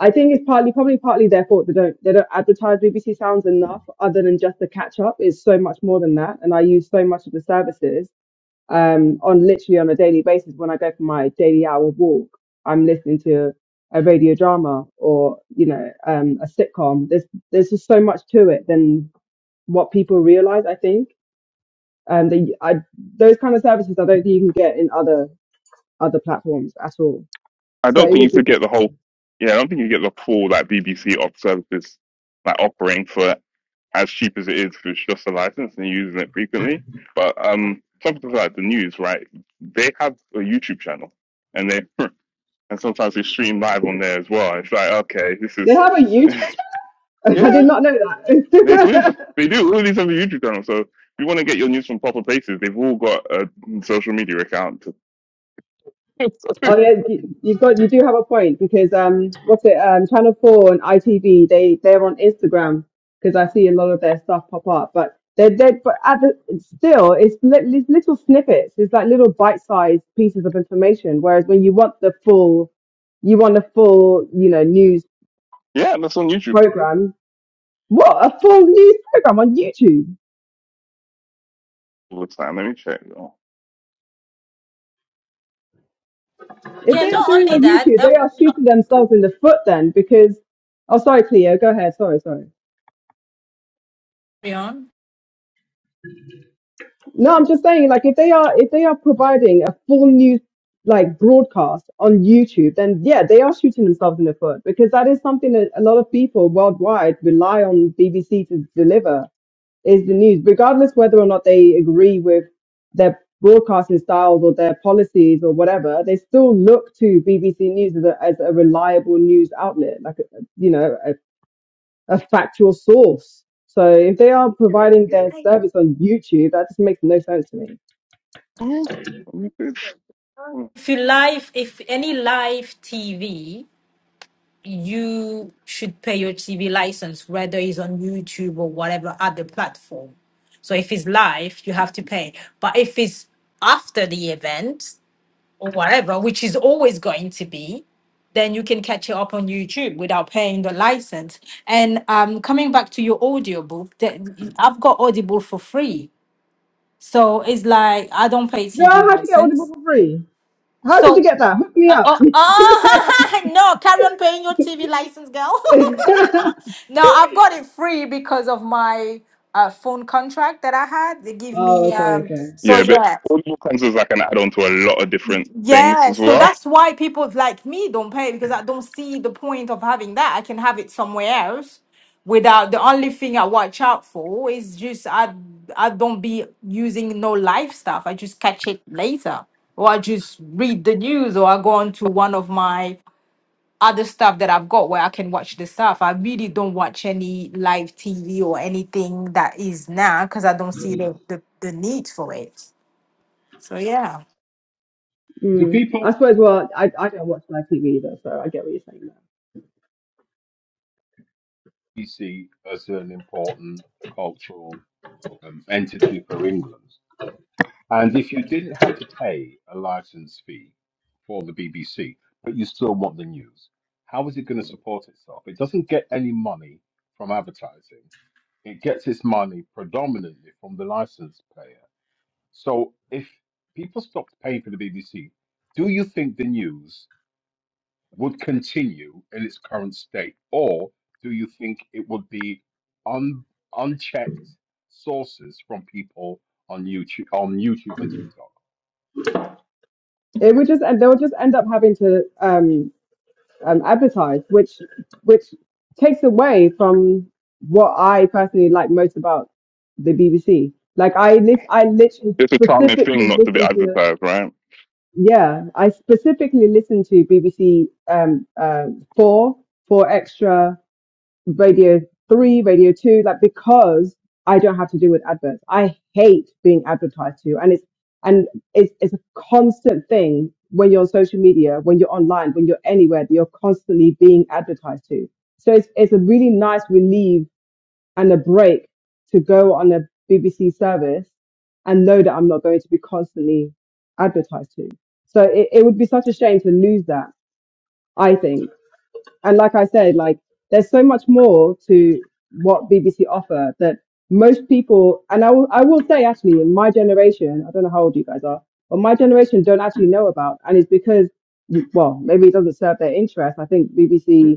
[SPEAKER 9] I think it's partly probably partly their fault they don't they don't advertise BBC Sounds enough other than just the catch up it's so much more than that and I use so much of the services um, on literally on a daily basis when I go for my daily hour walk, I'm listening to a radio drama or you know um, a sitcom. There's there's just so much to it than what people realize. I think um, the, I, those kind of services I don't think you can get in other other platforms at all.
[SPEAKER 8] I
[SPEAKER 9] So
[SPEAKER 8] don't
[SPEAKER 9] it
[SPEAKER 8] think you
[SPEAKER 9] would be.
[SPEAKER 8] could get the whole. Yeah, I don't think you get the full like BBC op services like offering for as cheap as it is for just a license and using it frequently. But um, something like the news, right? They have a YouTube channel and they and sometimes we stream live on there as well. It's like, okay, this
[SPEAKER 9] They
[SPEAKER 8] is,
[SPEAKER 9] have a YouTube channel. I
[SPEAKER 8] yeah,
[SPEAKER 9] did not know
[SPEAKER 8] they do,
[SPEAKER 9] that.
[SPEAKER 8] they do. All these other YouTube channels. So if you want to get your news from proper places, they've all got a social media account. yeah,
[SPEAKER 9] Oh yeah, you, you got you do have a point because um, what's it um, Channel Four and ITV they they're on Instagram because I see a lot of their stuff pop up, but they're they but at the still it's li- li- little snippets, it's like little bite-sized pieces of information. Whereas when you want the full, you want a full you know news
[SPEAKER 8] and that's on YouTube
[SPEAKER 9] program. What a full news program on YouTube!
[SPEAKER 8] all the time. Let me check. Oh,
[SPEAKER 9] If
[SPEAKER 5] Yeah,
[SPEAKER 9] they are
[SPEAKER 5] not
[SPEAKER 9] doing
[SPEAKER 5] only
[SPEAKER 9] on
[SPEAKER 5] that,
[SPEAKER 9] YouTube,
[SPEAKER 5] uh,
[SPEAKER 9] they are
[SPEAKER 5] not
[SPEAKER 9] shooting themselves in the foot then because. Oh, sorry, Cleo. Go ahead. Sorry, sorry.
[SPEAKER 5] Rion,
[SPEAKER 9] No, I'm just saying, like, if they are if they are providing a full news like broadcast on YouTube, then yeah, they are shooting themselves in the foot because that is something that a lot of people worldwide rely on BBC to deliver is the news, regardless whether or not they agree with their broadcasting styles or their policies or whatever. They still look to BBC News as a, as a reliable news outlet, like a- you know, a, a factual source. So if they are providing their service on YouTube, that just makes no sense to me.
[SPEAKER 8] mhm, let me do that. Mm.
[SPEAKER 5] if you live, if any live TV, you should pay your TV license, whether it's on YouTube or whatever other platform. So if it's live, you have to pay. But if it's after the event or whatever, which is always going to be, then you can catch it up on YouTube without paying the license. And um, coming back to your audiobook, that I've got Audible for free. So it's like I don't pay
[SPEAKER 9] Girl,
[SPEAKER 5] TV
[SPEAKER 9] how'd you get
[SPEAKER 5] license.
[SPEAKER 9] Audible for free? How did you
[SPEAKER 5] So,
[SPEAKER 9] get that? Hook me
[SPEAKER 5] uh,
[SPEAKER 9] up.
[SPEAKER 5] oh, oh no, carry on paying your TV license, girl. no, I've got it free because of my uh, phone contract that I had. They give
[SPEAKER 9] oh,
[SPEAKER 5] me
[SPEAKER 9] okay,
[SPEAKER 5] um.
[SPEAKER 9] okay.
[SPEAKER 5] So
[SPEAKER 8] Yeah, but
[SPEAKER 5] yeah.
[SPEAKER 8] audio comes as like an add-on to a lot of different things
[SPEAKER 5] Yeah,
[SPEAKER 8] as
[SPEAKER 5] so
[SPEAKER 8] well.
[SPEAKER 5] that's why people like me don't pay because I don't see the point of having that. I can have it somewhere else without the only thing I watch out for is just I I don't be using no live stuff. I just catch it later. Or I just read the news or I go on to one of my other stuff that I've got where I can watch the stuff. I really don't watch any live TV or anything that is now because I don't see the, the the need for it. So yeah.
[SPEAKER 10] Do
[SPEAKER 9] Mm. I
[SPEAKER 10] people
[SPEAKER 9] suppose. Well, I, I don't watch live TV either, so I get what you're saying
[SPEAKER 10] really see as an important cultural um, entity for England? And if you didn't have to pay a license fee for the BBC, but you still want the news, how is it going to support itself? It doesn't get any money from advertising. It gets its money predominantly from the license payer. So if people stopped paying for the BBC, do you think the news? would continue in its current state, or do you think it would be un, unchecked sources from people on YouTube on YouTube and TikTok?
[SPEAKER 9] there. It would just and they'll just end up having to um, um advertise, which which takes away from what I personally like most about the BBC. Like I lis- I literally
[SPEAKER 8] It's a charming thing
[SPEAKER 9] specifically
[SPEAKER 8] not to be
[SPEAKER 9] listen to.
[SPEAKER 8] advertised, right?
[SPEAKER 9] yeah, I specifically listen to BBC um, uh, four, four extra, Radio three, Radio two, like because I don't have to deal with adverts. I hate being advertised to, and it's and it's it's a constant thing when you're on social media, when you're online, when you're anywhere that you're constantly being advertised to. So it's it's a really nice relief and a break to go on a BBC service and know that I'm not going to be constantly advertised to. So it, it would be such a shame to lose that, I think. And like I said, like there's so much more to what BBC offer that most people, and I will, I will say actually in my generation, I don't know how old you guys are, but my generation don't actually know about. And it's because, well, maybe it doesn't serve their interest. I think BBC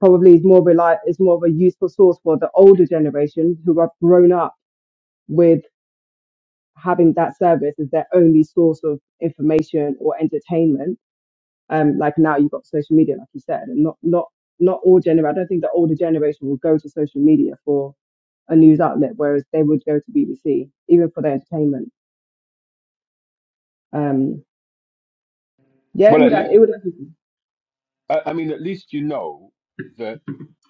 [SPEAKER 9] probably is more reli- is more of a useful source for the older generation who have grown up with having that service as their only source of information or entertainment. Um, like now you've got social media, like you said, and not not not all gener. I don't think the older generation will go to social media for a news outlet, whereas they would go to BBC even for their entertainment. Um, yeah, it
[SPEAKER 10] Well,
[SPEAKER 9] would
[SPEAKER 10] at
[SPEAKER 9] it
[SPEAKER 10] least
[SPEAKER 9] would
[SPEAKER 10] I, I mean, at least you know that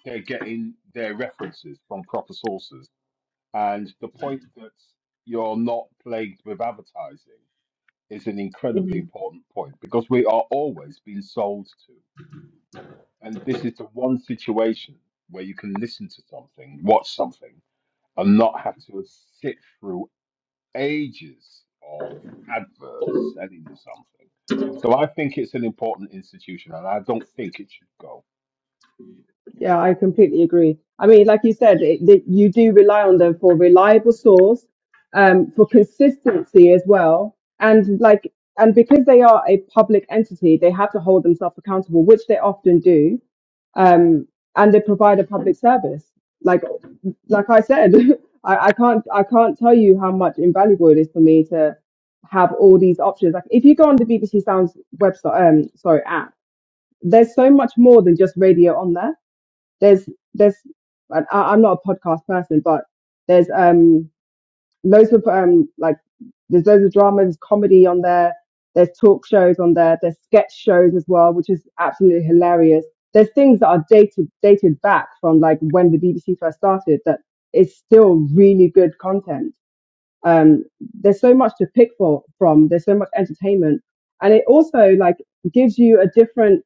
[SPEAKER 10] they're getting their references from proper sources, and the point that you're not plagued with advertising is an incredibly important point because we are always being sold to. And this is the one situation where you can listen to something, watch something, and not have to sit through ages of adverts selling you something. So I think it's an important institution, and I don't think it should go.
[SPEAKER 9] Yeah, I completely agree. I mean, like you said, it, that you do rely on them for reliable source, um, for consistency as well, and like, and because they are a public entity, they have to hold themselves accountable, which they often do, um, and they provide a public service. Like, like I said, I, I can't, I can't tell you how much invaluable it is for me to have all these options. Like, if you go on the BBC Sounds website, um, sorry, app, there's so much more than just radio on there there's there's I, I- I'm not a podcast person, but there's um loads of um like there's loads of drama, there's comedy on there, there's talk shows on there, there's sketch shows as well, which is absolutely hilarious. There's things that are dated dated back from like when the BBC first started that is still really good content. Um, there's so much to pick for from. There's so much entertainment, and it also like gives you a different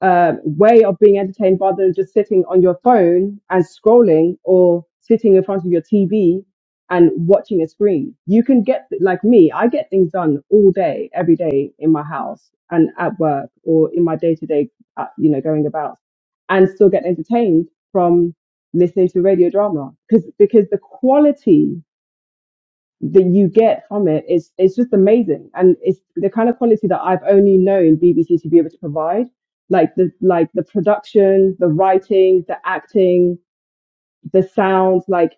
[SPEAKER 9] uh, way of being entertained rather than just sitting on your phone and scrolling or sitting in front of your TV and watching a screen. You can get, like me, I get things done all day, every day in my house and at work or in my day to day, you know, going about and still get entertained from listening to radio drama because, because the quality that you get from it is it's just amazing and it's the kind of quality that I've only known BBC to be able to provide like the like the production the writing the acting the sound like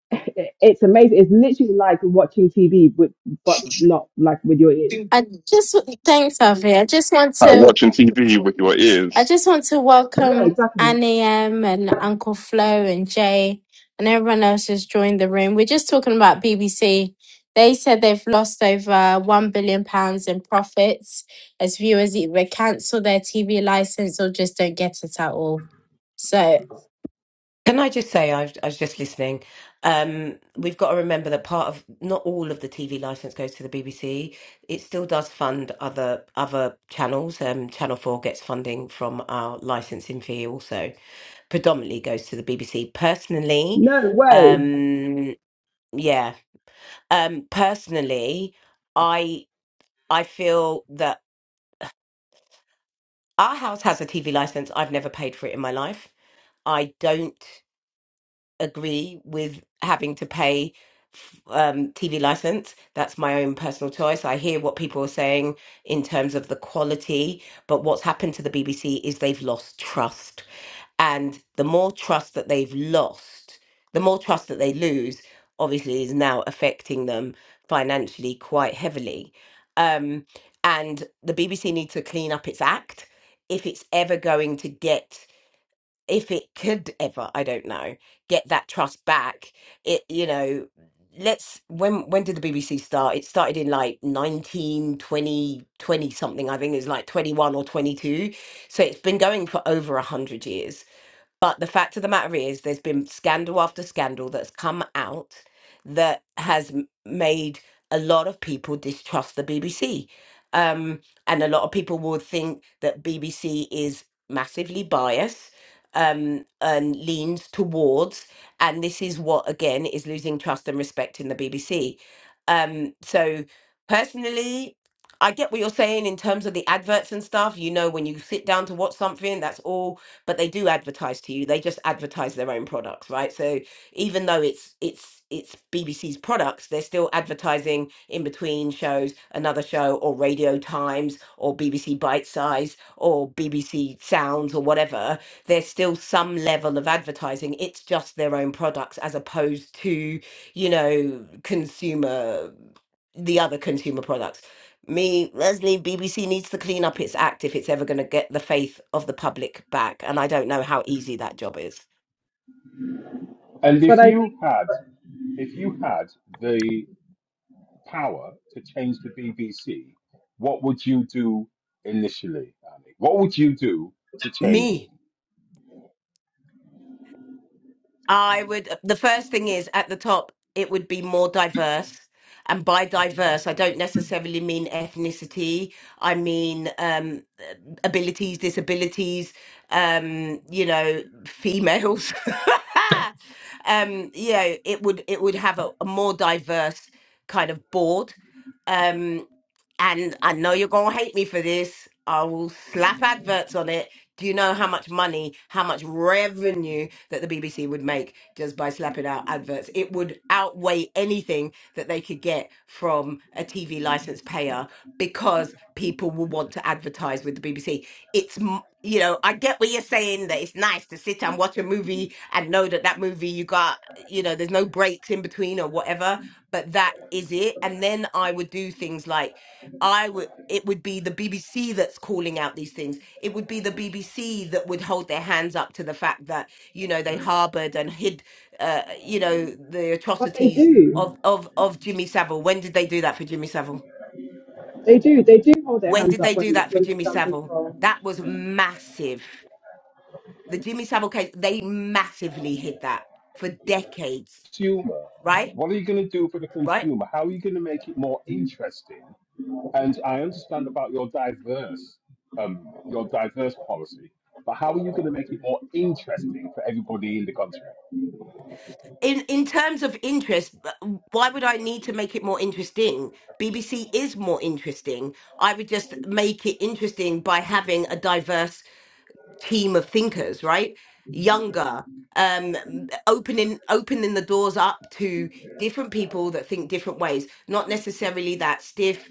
[SPEAKER 9] it's amazing it's literally like watching TV but but not like with your ears
[SPEAKER 1] I just thanks, Avi. I just want
[SPEAKER 8] Like
[SPEAKER 1] to
[SPEAKER 8] watching TV with your
[SPEAKER 1] I
[SPEAKER 8] ears.
[SPEAKER 1] just want to
[SPEAKER 9] yeah
[SPEAKER 1] welcome
[SPEAKER 9] exactly
[SPEAKER 1] Annie M and Uncle Flo and Jay and everyone else who's joined the room. We're just talking about BBC. They said they've lost over one billion pounds in profits as viewers either cancel their TV license or just don't get it at all. So
[SPEAKER 11] Can I just say, I've, I was just listening. Um, we've got to remember that part of not all of the TV license goes to the BBC. It still does fund other other channels. Um, Channel Four gets funding from our licensing fee, also predominantly goes to the BBC. Personally,
[SPEAKER 9] no way
[SPEAKER 11] um, yeah, um, personally, I I feel that our house has a TV license. I've never paid for it in my life. I don't. agree with having to pay f- um, TV license. That's my own personal choice. I hear what people are saying in terms of the quality, but what's happened to the BBC is they've lost trust. And the more trust that they've lost, the more trust that they lose, obviously, is now affecting them financially quite heavily. Um, and the BBC needs to clean up its act if it's ever going to get if it could ever, I don't know, get that trust back, it, you know, let's when when did the BBC start? It started in like 19 20 20 something, I think it like 21 or 22. So it's been going for over 100 years. But the fact of the matter is, there's been scandal after scandal that's come out that has m- made a lot of people distrust the BBC. Um, and a lot of people would think that BBC is massively biased um, and leans towards. And this is what, again, is losing trust and respect in the BBC. Um, so, personally, I get what you're saying in terms of the adverts and stuff. You know, when you sit down to watch something, that's all but they do advertise to you. They just advertise their own products, right? So even though it's it's it's BBC's products, they're still advertising in between shows, another show, or Radio Times, or BBC Bite Size, or BBC Sounds, or whatever. There's still some level of advertising. It's just their own products as opposed to you know consumer the other consumer products me, Leslie, BBC needs to clean up its act if it's ever going to get the faith of the public back. And I don't know how easy that job is.
[SPEAKER 10] And
[SPEAKER 9] but
[SPEAKER 10] if
[SPEAKER 9] I
[SPEAKER 10] you
[SPEAKER 9] think
[SPEAKER 10] had, if you had the power to change the BBC, what would you do initially, Annie? What would you do to change it?
[SPEAKER 11] Me, I would, the first thing is at the top, it would be more diverse. And by diverse, I don't necessarily mean ethnicity. I mean um, abilities, disabilities, um, you know, females. um, you know, it would it would have a, a more diverse kind of board. Um, and I know you're gonna hate me for this. I will slap adverts on it. Do you know how much money, how much revenue that the BBC would make just by slapping out adverts? It would outweigh anything that they could get from a TV license payer because people will want to advertise with the BBC. It's, m- you know, I get what you're saying that it's nice to sit and watch a movie and know that that movie you got, you know, there's no breaks in between or whatever, but that is it. And then I would do things like I would it would be the BBC that's calling out these things. It would be the BBC that would hold their hands up to the fact that you know they harbored and hid uh, you know the
[SPEAKER 9] but they
[SPEAKER 11] atrocities
[SPEAKER 9] do
[SPEAKER 11] of of of Jimmy Savile. When did they do that for Jimmy Savile?
[SPEAKER 9] they do they do hold their
[SPEAKER 11] When
[SPEAKER 9] hands
[SPEAKER 11] did
[SPEAKER 9] up
[SPEAKER 11] they
[SPEAKER 9] when
[SPEAKER 11] do that for
[SPEAKER 9] when they've
[SPEAKER 11] Jimmy
[SPEAKER 9] done things
[SPEAKER 11] Savile?
[SPEAKER 9] wrong
[SPEAKER 11] That was massive. The Jimmy Savile case, they massively hid that for decades,
[SPEAKER 10] consumer.
[SPEAKER 11] right?
[SPEAKER 10] What are you going to do for the
[SPEAKER 11] Right?
[SPEAKER 10] consumer? How are you going to make it more interesting? And I understand about your diverse, um, your diverse policy, but how are you going to make it more interesting for everybody in the country?
[SPEAKER 11] in in terms of interest uh, why would i need to make it more interesting bbc is more interesting i would just make it interesting by having a diverse team of thinkers right younger um opening opening the doors up to different people that think different ways not necessarily that stiff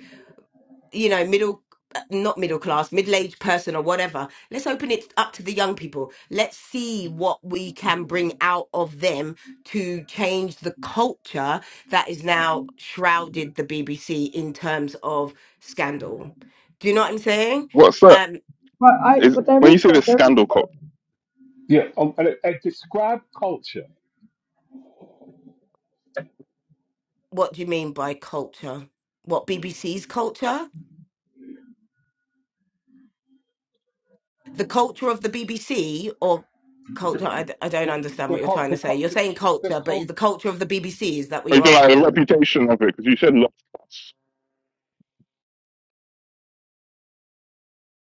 [SPEAKER 11] you know, middle, not middle class, middle aged person or whatever. Let's open it up to the young people. Let's see what we can bring out of them to change the culture that is now shrouded the BBC in terms of scandal. Do you know what I'm saying?
[SPEAKER 8] What's that?
[SPEAKER 11] Um,
[SPEAKER 9] but I
[SPEAKER 8] Is
[SPEAKER 9] but there
[SPEAKER 8] when
[SPEAKER 9] is
[SPEAKER 8] you say the
[SPEAKER 9] there is
[SPEAKER 8] scandal cult.
[SPEAKER 9] another
[SPEAKER 10] Yeah, um, and, and describe culture.
[SPEAKER 11] what do you mean by culture? What BBC's culture? The culture of the BBC or culture? I, d- I don't
[SPEAKER 10] The
[SPEAKER 11] understand
[SPEAKER 10] the
[SPEAKER 11] what you're
[SPEAKER 10] cul-
[SPEAKER 11] trying to
[SPEAKER 10] the,
[SPEAKER 11] say.
[SPEAKER 10] cul-
[SPEAKER 11] You're
[SPEAKER 10] the,
[SPEAKER 11] saying
[SPEAKER 10] the
[SPEAKER 11] culture, but is the
[SPEAKER 10] culture.
[SPEAKER 11] culture of the BBC? Is that what
[SPEAKER 8] Or you
[SPEAKER 11] you're
[SPEAKER 8] talking about
[SPEAKER 11] asking
[SPEAKER 8] the
[SPEAKER 11] me?
[SPEAKER 8] reputation of it? Because you said lost cuts.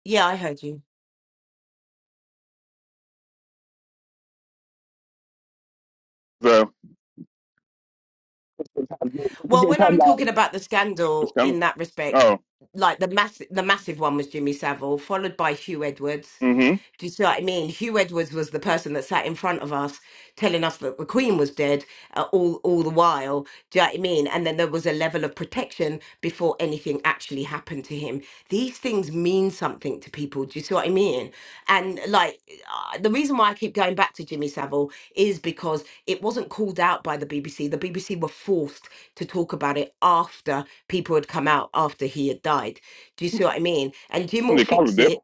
[SPEAKER 11] Yeah, I heard you.
[SPEAKER 8] The because they've had
[SPEAKER 11] Well, when I'm
[SPEAKER 8] like
[SPEAKER 11] talking about the
[SPEAKER 8] it's
[SPEAKER 11] scandal
[SPEAKER 8] kind of
[SPEAKER 11] in that respect,
[SPEAKER 8] oh
[SPEAKER 11] like the massive, the massive one was Jimmy Savile, followed by Hugh Edwards,
[SPEAKER 8] mm-hmm.
[SPEAKER 11] Do you see what I mean? Hugh Edwards was the person that sat in front of us telling us that the Queen was dead uh, all, all the while. Do you know what I mean? And then there was a level of protection before anything actually happened to him. These things mean something to people. Do you see what I mean? And like uh, the reason why I keep going back to Jimmy Savile is because it wasn't called out by the BBC. The BBC were forced to talk about it after people had come out after he had died. Do you see what I mean? And Jim
[SPEAKER 8] Well,
[SPEAKER 11] will
[SPEAKER 8] they call it
[SPEAKER 11] fix
[SPEAKER 8] dip.
[SPEAKER 11] it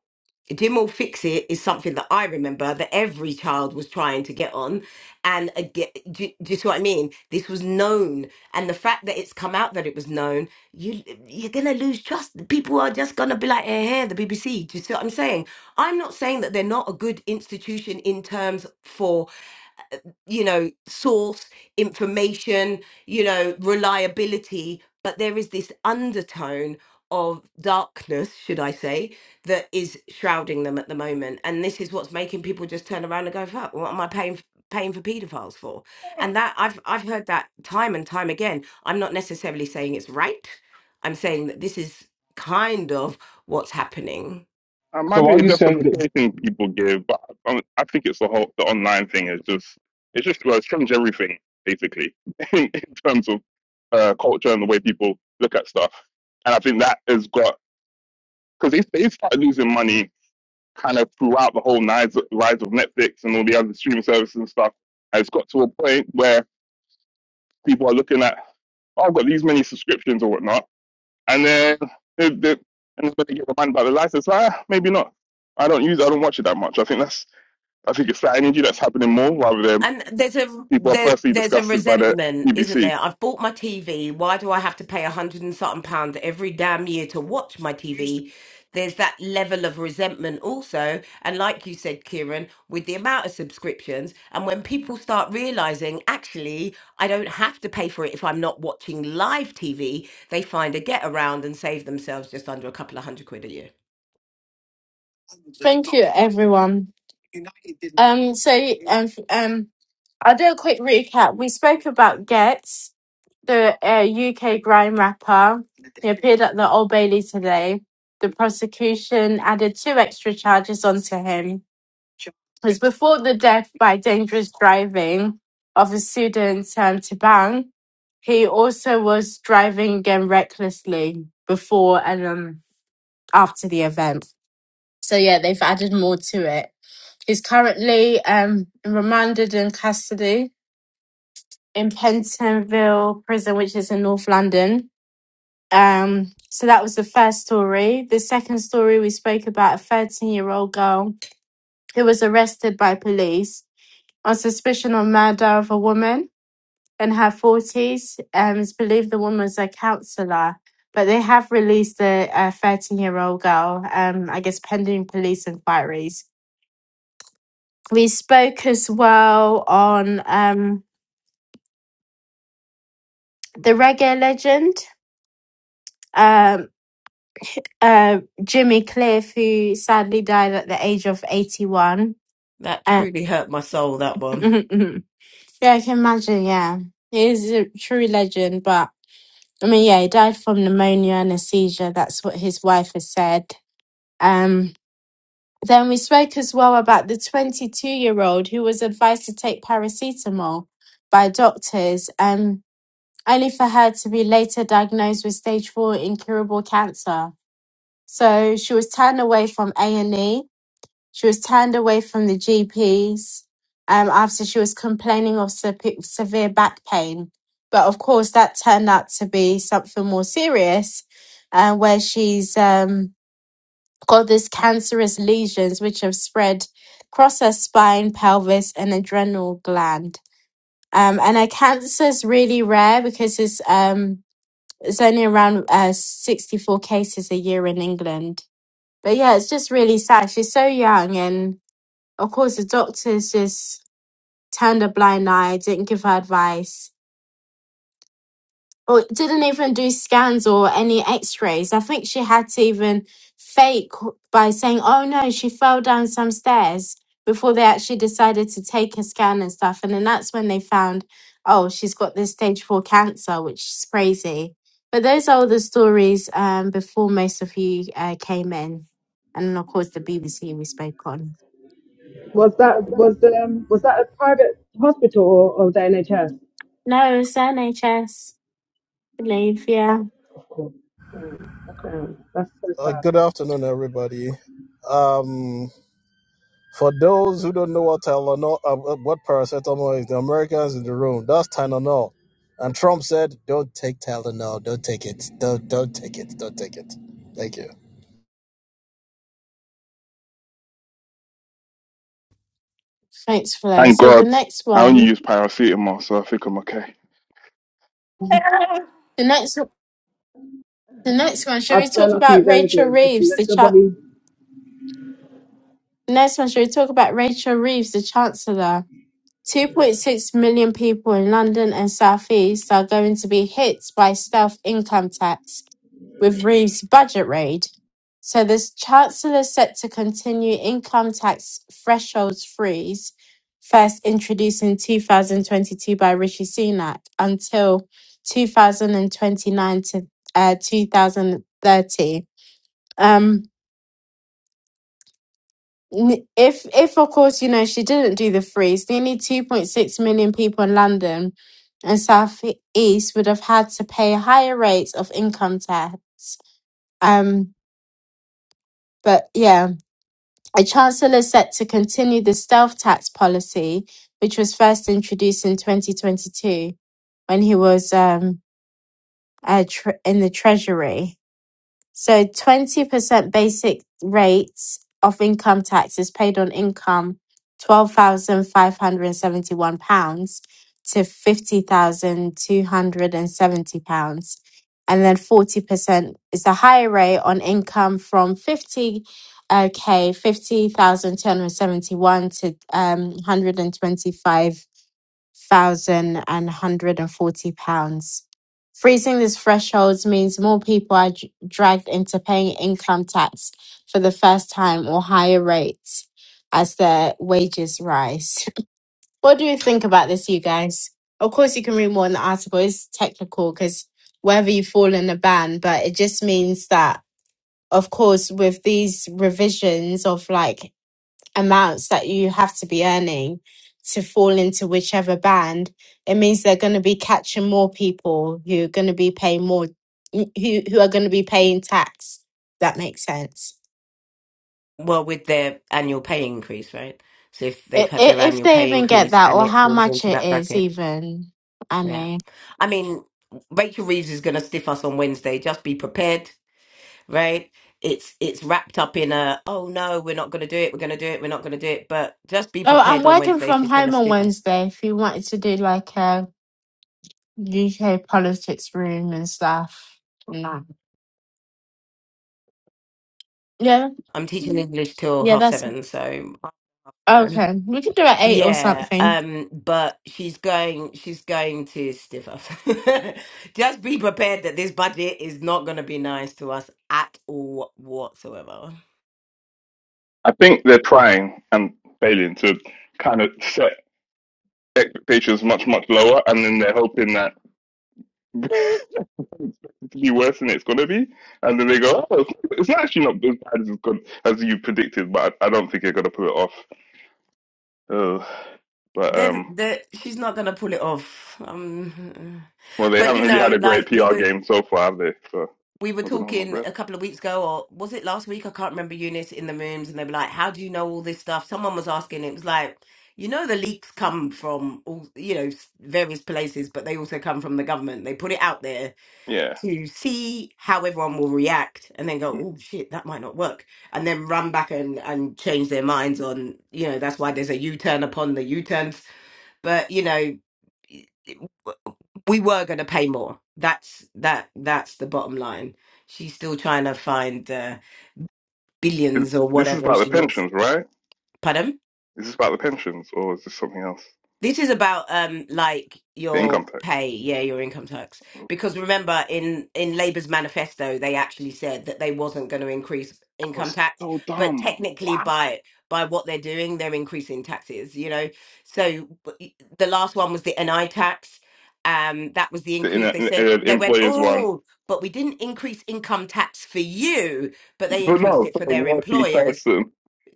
[SPEAKER 11] Jim Fix It is something that I remember that every child was trying to get on. And again, do, do you see what I mean? This was known. And the fact that it's come out that it was known, you, you're going to lose trust. People are just going to be like, eh, hey, the BBC. Do you see what I'm saying? I'm not saying that they're not a good institution in terms for uh, you know, source, information, you know, reliability, but there is this undertone of darkness, should I say, that is shrouding them at the moment. And this is what's making people just turn around and go, fuck, what am I paying f- paying for pedophiles for? And that I've I've heard that time and time again. I'm not necessarily saying it's right. I'm saying that this is kind of what's happening
[SPEAKER 8] That might
[SPEAKER 10] So
[SPEAKER 8] be
[SPEAKER 10] are
[SPEAKER 8] a
[SPEAKER 10] you saying that
[SPEAKER 8] justification people give, but I, don't- I think it's the whole the online thing is just it's just well, it trumps everything basically in, terms of uh, culture and the way people look at stuff. And I think that has got because they they started losing money kind of throughout the whole rise rise of Netflix and all the other streaming services and stuff. And it's got to a point where people are looking at, oh, I've got these many subscriptions or whatnot, and then they, they, and then they get reminded about the license. Ah, maybe not. I don't use. it, I don't watch it that much. I think that's. I think it's that energy that's happening more rather than
[SPEAKER 11] And there's a
[SPEAKER 8] people are
[SPEAKER 11] there,
[SPEAKER 8] personally
[SPEAKER 11] there's a
[SPEAKER 8] disgusted by the
[SPEAKER 11] resentment, isn't
[SPEAKER 8] BBC.
[SPEAKER 11] there? I've bought my TV. Why do I have to pay a hundred and something pound every damn year to watch my TV? There's that level of resentment also, and like you said, Kieran, with the amount of subscriptions, and when people start realizing actually I don't have to pay for it if I'm not watching live TV, they find a get around and save themselves just under a couple of hundred quid a year.
[SPEAKER 1] thank you everyone. Um so um f- um I'll do a quick recap. We spoke about Gets the uh, UK grime rapper. He appeared at the Old Bailey today. The prosecution added two extra charges onto him. It was before the death by dangerous driving of a student, um, Tabang. He also was driving again recklessly before and um, after the event. So, yeah, they've added more to it. He's currently um, remanded in custody in Pentonville Prison, which is in North London Um, so that was the first story. The second story we spoke about a 13 year old girl who was arrested by police on suspicion of murder of a woman in her 40s. Um, it's believed the woman was a counselor, but they have released the 13 year old girl, um, I guess, pending police inquiries. We spoke as well on um, the reggae legend. Um, uh, Jimmy Cliff, who sadly died at the age of 81
[SPEAKER 11] That
[SPEAKER 1] Uh,
[SPEAKER 11] truly hurt my soul. That one.
[SPEAKER 1] yeah, I can imagine. Yeah, he is a true legend. But I mean, yeah, he died from pneumonia and a seizure. That's what his wife has said. Um, then we spoke as well about the 22-year-old who was advised to take paracetamol by doctors, um, only for her to be later diagnosed with stage four incurable cancer. So she was turned away from A and E She was turned away from the GPs um, after she was complaining of sep- severe back pain. But of course, that turned out to be something more serious, uh, where she's um, got these cancerous lesions which have spread across her spine, pelvis, and adrenal gland. Um, and her cancer is really rare because it's um, it's only around uh, 64 cases a year in England. But yeah, it's just really sad. She's so young and of course, the doctors just turned a blind eye, didn't give her advice, or didn't even do scans or any x rays. I think she had to even fake by saying, oh no, she fell down some stairs before they actually decided to take a scan and stuff. And then that's when they found, oh, she's got this stage four cancer, which is crazy. But those are all the stories um, before most of you uh, came in. And then, of course, the BBC we spoke on.
[SPEAKER 9] Was that was the, um was that a private hospital or, or the NHS?
[SPEAKER 1] No, it's NHS. believe, yeah.
[SPEAKER 9] Of course. Damn, that's so
[SPEAKER 12] Uh,
[SPEAKER 9] sad.
[SPEAKER 12] good afternoon, everybody. Um, for those who don't know what Tylenol, uh, uh, what paracetamol is, the Americans in the room, that's Tylenol. And Trump said, "Don't take Tylenol. Don't take it. Don't don't take it. Don't take it." Thank you.
[SPEAKER 1] Thanks for
[SPEAKER 8] Thank
[SPEAKER 1] So the
[SPEAKER 8] God,
[SPEAKER 1] next
[SPEAKER 8] I only
[SPEAKER 1] one,
[SPEAKER 8] use paracetamol, so I think I'm okay.
[SPEAKER 1] the next, the next one. Shall we
[SPEAKER 9] I've
[SPEAKER 1] talk
[SPEAKER 9] been a few
[SPEAKER 1] about Rachel
[SPEAKER 9] days.
[SPEAKER 1] Reeves, the chan-
[SPEAKER 9] Nobody.
[SPEAKER 1] the next one? Shall we talk about Rachel Reeves, the Chancellor? 2.6 million people in London and South East are going to be hit by stealth income tax with Reeve's budget raid. So the Chancellor set to continue income tax thresholds freeze, first introduced in 2022 by Rishi Sunak, until 2029 to uh, 2030. Um, N- If, if of course, you know, she didn't do the freeze, nearly 2.6 million people in London and South E, East would have had to pay higher rates of income tax. Um, but yeah, a chancellor is set to continue the stealth tax policy, which was first introduced in 2022 when he was um, uh, tre- in the Treasury. So 20% basic rates of income tax is paid on income £12,571 to £50,270. And seventy pounds. And then 40% is the higher rate on income from 50 okay, 50,271 to um, 125 thousand and one hundred and forty pounds. Freezing these thresholds means more people are dr- dragged into paying income tax for the first time or higher rates as their wages rise. what do you think about this, you guys? Of course, you can read more in the article. It's technical because whether you fall in a ban, but it just means that, of course, with these revisions of like amounts that you have to be earning to fall into whichever band, it means they're going to be catching more people who are going to be paying more, who, who are going to be paying tax. That makes sense.
[SPEAKER 11] Well, with their annual pay increase, right? So if they've
[SPEAKER 1] I-
[SPEAKER 11] had
[SPEAKER 1] i-
[SPEAKER 11] their
[SPEAKER 1] If
[SPEAKER 11] annual
[SPEAKER 1] they
[SPEAKER 11] pay
[SPEAKER 1] even get
[SPEAKER 11] increase
[SPEAKER 1] that,
[SPEAKER 11] and
[SPEAKER 1] or
[SPEAKER 11] it
[SPEAKER 1] how
[SPEAKER 11] falls
[SPEAKER 1] much
[SPEAKER 11] into
[SPEAKER 1] it
[SPEAKER 11] that
[SPEAKER 1] is,
[SPEAKER 11] bracket,
[SPEAKER 1] even,
[SPEAKER 11] yeah.
[SPEAKER 1] Annie.
[SPEAKER 11] I mean, Rachel Reeves is going to stiff us on Wednesday. Just be prepared, right? It's it's wrapped up in a oh no, we're not going to do it. We're going to do it. We're not going to do it. But just be
[SPEAKER 1] Oh, I'm
[SPEAKER 11] prepared on
[SPEAKER 1] working
[SPEAKER 11] Wednesday.
[SPEAKER 1] from
[SPEAKER 11] She's going to
[SPEAKER 1] home on
[SPEAKER 11] stiff us.
[SPEAKER 1] Wednesday if you wanted to do like a UK politics room and stuff. No. Yeah.
[SPEAKER 11] I'm teaching English till
[SPEAKER 1] Yeah,
[SPEAKER 11] half
[SPEAKER 1] that's
[SPEAKER 11] seven, so half seven.
[SPEAKER 1] okay. We could do it at eight or
[SPEAKER 11] Yeah,
[SPEAKER 1] something.
[SPEAKER 11] um, but she's going she's going to stiff us. Just be prepared that this budget is not gonna be nice to us at all whatsoever.
[SPEAKER 8] I think they're trying and failing to kind of set expectations much much lower, and then they're hoping that. expected to be worse than it's gonna be, and then they go, "Oh, it's not, it's not actually not as bad as it's gone, as you predicted." But I, I don't think they're gonna pull it off. Uh, but
[SPEAKER 11] Then
[SPEAKER 8] um,
[SPEAKER 11] the she's not gonna pull it off. Um,
[SPEAKER 8] well, they
[SPEAKER 11] but
[SPEAKER 8] haven't
[SPEAKER 11] you
[SPEAKER 8] really had
[SPEAKER 11] know,
[SPEAKER 8] a great
[SPEAKER 11] like we
[SPEAKER 8] PR
[SPEAKER 11] were
[SPEAKER 8] game so far, have they? So I'm
[SPEAKER 11] we were
[SPEAKER 8] not gonna hold my
[SPEAKER 11] talking
[SPEAKER 8] breath.
[SPEAKER 11] a couple of weeks ago, or was it last week? I can't remember Eunice in the rooms, and they were like, "How do you know all this stuff?" Someone was asking. It was like, you know the leaks come from all you know s- various places but they also come from the government they put it out there
[SPEAKER 8] Yeah,
[SPEAKER 11] to see how everyone will react and then go,
[SPEAKER 8] Mm.
[SPEAKER 11] oh shit, that might not work. And then run back and, and change their minds on, you know, that's why there's a U turn upon the U turns. But, you know, we were going to pay more. That's that. That's the bottom line. She's still trying to find uh,
[SPEAKER 8] Is-
[SPEAKER 11] billions or
[SPEAKER 8] this is
[SPEAKER 11] whatever
[SPEAKER 8] about the
[SPEAKER 11] she wants.
[SPEAKER 8] pensions, right?
[SPEAKER 11] Pardon?
[SPEAKER 8] Is this about the pensions, or is this something else?
[SPEAKER 11] This is about um like
[SPEAKER 8] The
[SPEAKER 11] your
[SPEAKER 8] income tax.
[SPEAKER 11] pay, yeah, your income tax. Because remember in in Labour's manifesto they actually said that they wasn't going to increase income tax,
[SPEAKER 8] So
[SPEAKER 11] but
[SPEAKER 8] dumb.
[SPEAKER 11] technically
[SPEAKER 8] What?
[SPEAKER 11] by by what they're doing they're increasing taxes, you know. So but y- the last one was the NI tax. Um that was the
[SPEAKER 8] The in,
[SPEAKER 11] increase
[SPEAKER 8] uh,
[SPEAKER 11] they said.
[SPEAKER 8] uh,
[SPEAKER 11] They went,
[SPEAKER 8] employers one,
[SPEAKER 11] "Oh, but we didn't increase income tax for you, but they
[SPEAKER 8] but
[SPEAKER 11] increased
[SPEAKER 8] no,
[SPEAKER 11] it
[SPEAKER 8] for
[SPEAKER 11] for
[SPEAKER 8] the
[SPEAKER 11] their
[SPEAKER 8] working
[SPEAKER 11] employers."
[SPEAKER 8] person.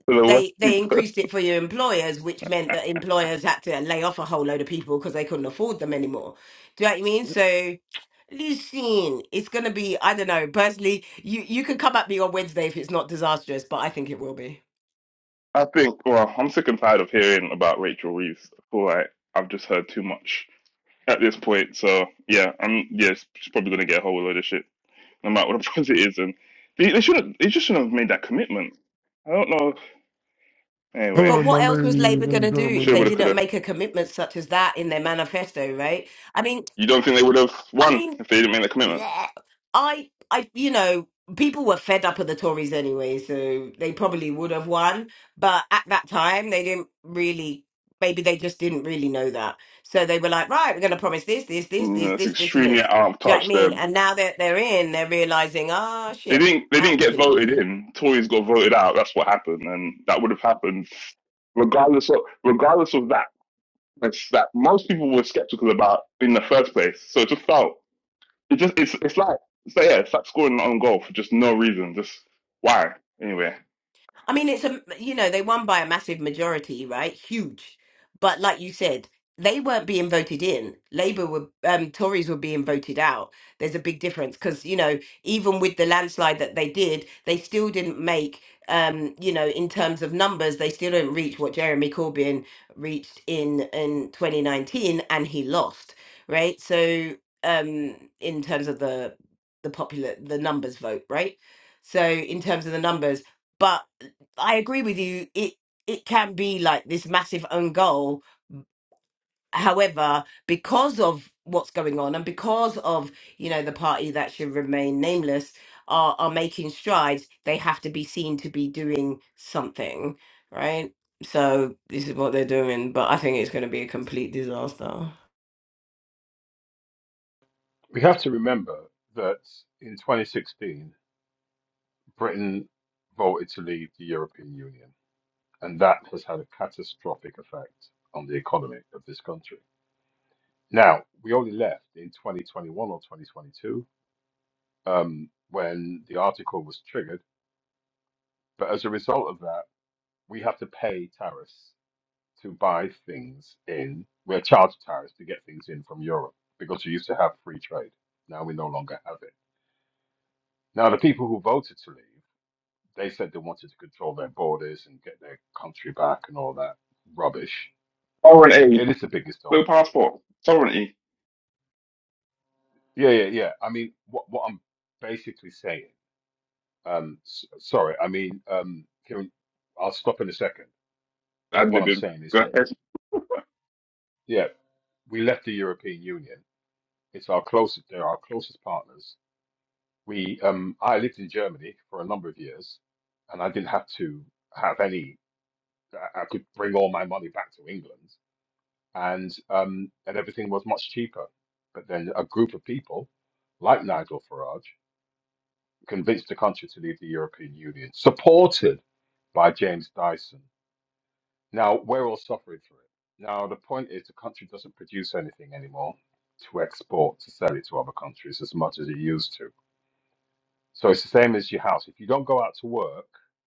[SPEAKER 8] For the
[SPEAKER 11] they
[SPEAKER 8] working
[SPEAKER 11] they increased
[SPEAKER 8] person.
[SPEAKER 11] it for your employers, which meant that employers had to lay off a whole load of people because they couldn't afford them anymore. Do you know what I mean? So, listen, it's gonna be I don't know. Personally, you you can come at me on Wednesday if it's not disastrous, but I think it will be.
[SPEAKER 8] I think, well, I'm sick and tired of hearing about Rachel Reeves. I feel like I've just heard too much at this point. So yeah, I'm yeah, she's probably gonna get a whole load of shit, no matter what the price it is. And they, they shouldn't, they just shouldn't have made that commitment. I don't know. Anyway,
[SPEAKER 11] But
[SPEAKER 7] Hello, my
[SPEAKER 11] what else was
[SPEAKER 7] ladies
[SPEAKER 11] Labour
[SPEAKER 7] and
[SPEAKER 11] gonna do if
[SPEAKER 8] shoulda,
[SPEAKER 11] they
[SPEAKER 8] woulda,
[SPEAKER 7] gentlemen.
[SPEAKER 11] didn't
[SPEAKER 8] coulda.
[SPEAKER 11] make a commitment such as that in their manifesto? Right? I mean.
[SPEAKER 8] You don't think they would have
[SPEAKER 11] I
[SPEAKER 8] won
[SPEAKER 11] mean,
[SPEAKER 8] if they didn't make that commitment?
[SPEAKER 11] yeah, I, I, you know, people were fed up of the Tories anyway, so they probably would have won. But at that time, they didn't really. Maybe they just didn't really know that. So they were like, right, we're going to promise this, this, this,
[SPEAKER 8] No,
[SPEAKER 11] this,
[SPEAKER 8] that's
[SPEAKER 11] this, this, and
[SPEAKER 8] extremely
[SPEAKER 11] this.
[SPEAKER 8] out of
[SPEAKER 11] Do you know what I
[SPEAKER 8] touch.
[SPEAKER 11] mean?
[SPEAKER 8] Them.
[SPEAKER 11] And now that they're in, they're realizing, ah,
[SPEAKER 8] They
[SPEAKER 11] shit,
[SPEAKER 8] didn't. They didn't get voted
[SPEAKER 11] actually.
[SPEAKER 8] in. Tories got voted out. That's what happened, and that would have happened regardless of regardless of that. that most people were skeptical about in the first place. So it just felt it just it's it's like so yeah, it's like scoring an own goal for just no reason. Just why? Anyway.
[SPEAKER 11] I mean, it's a you know they won by a massive majority, right? Huge, but like you said, they weren't being voted in. Labour were, um, Tories were being voted out. There's a big difference because you know even with the landslide that they did, they still didn't make. Um, you know, in terms of numbers, they still didn't reach what Jeremy Corbyn reached in in 2019, and he lost, right? So, um, in terms of the the popular the numbers vote, right? So, in terms of the numbers, but I agree with you. It it can be like this massive own goal. However, because of what's going on and because of you know the party that should remain nameless are are making strides, they have to be seen to be doing something, right? So this is what they're doing, but I think it's going to be a complete disaster.
[SPEAKER 10] we have to remember that in 2016 Britain voted to leave the European Union? And that has had a catastrophic effect on the economy of this country. Now, we only left in 2021 or 2022 um, when the article was triggered. But as a result of that, we have to pay tariffs to buy things in. We're charged tariffs to get things in from Europe because we used to have free trade. Now we no longer have it. Now, the people who voted to leave, they said they wanted to control their borders and get their country back and all that rubbish.
[SPEAKER 8] Sovereignty.
[SPEAKER 10] It is the biggest
[SPEAKER 8] Blue
[SPEAKER 10] dongle
[SPEAKER 8] passport. Sovereignty.
[SPEAKER 10] Yeah, yeah, yeah. I mean, what what I'm basically saying, um, s sorry, I mean, um, Kieran, I'll stop in a second. But
[SPEAKER 8] Ad
[SPEAKER 10] what I'm
[SPEAKER 8] libbing.
[SPEAKER 10] saying is
[SPEAKER 8] Go
[SPEAKER 10] that,
[SPEAKER 8] ahead.
[SPEAKER 10] yeah, we left the European Union. It's our closest, they're our closest partners. We, um, I lived in Germany for a number of years, and I didn't have to have any. I I could bring all my money back to England, and um, and everything was much cheaper. But then a group of people, like Nigel Farage. convinced the country to leave the European Union, supported by James Dyson. Now, we're all suffering for it. Now, the point is the country doesn't produce anything anymore to export, to sell it to other countries as much as it used to. So it's the same as your house. If you don't go out to work,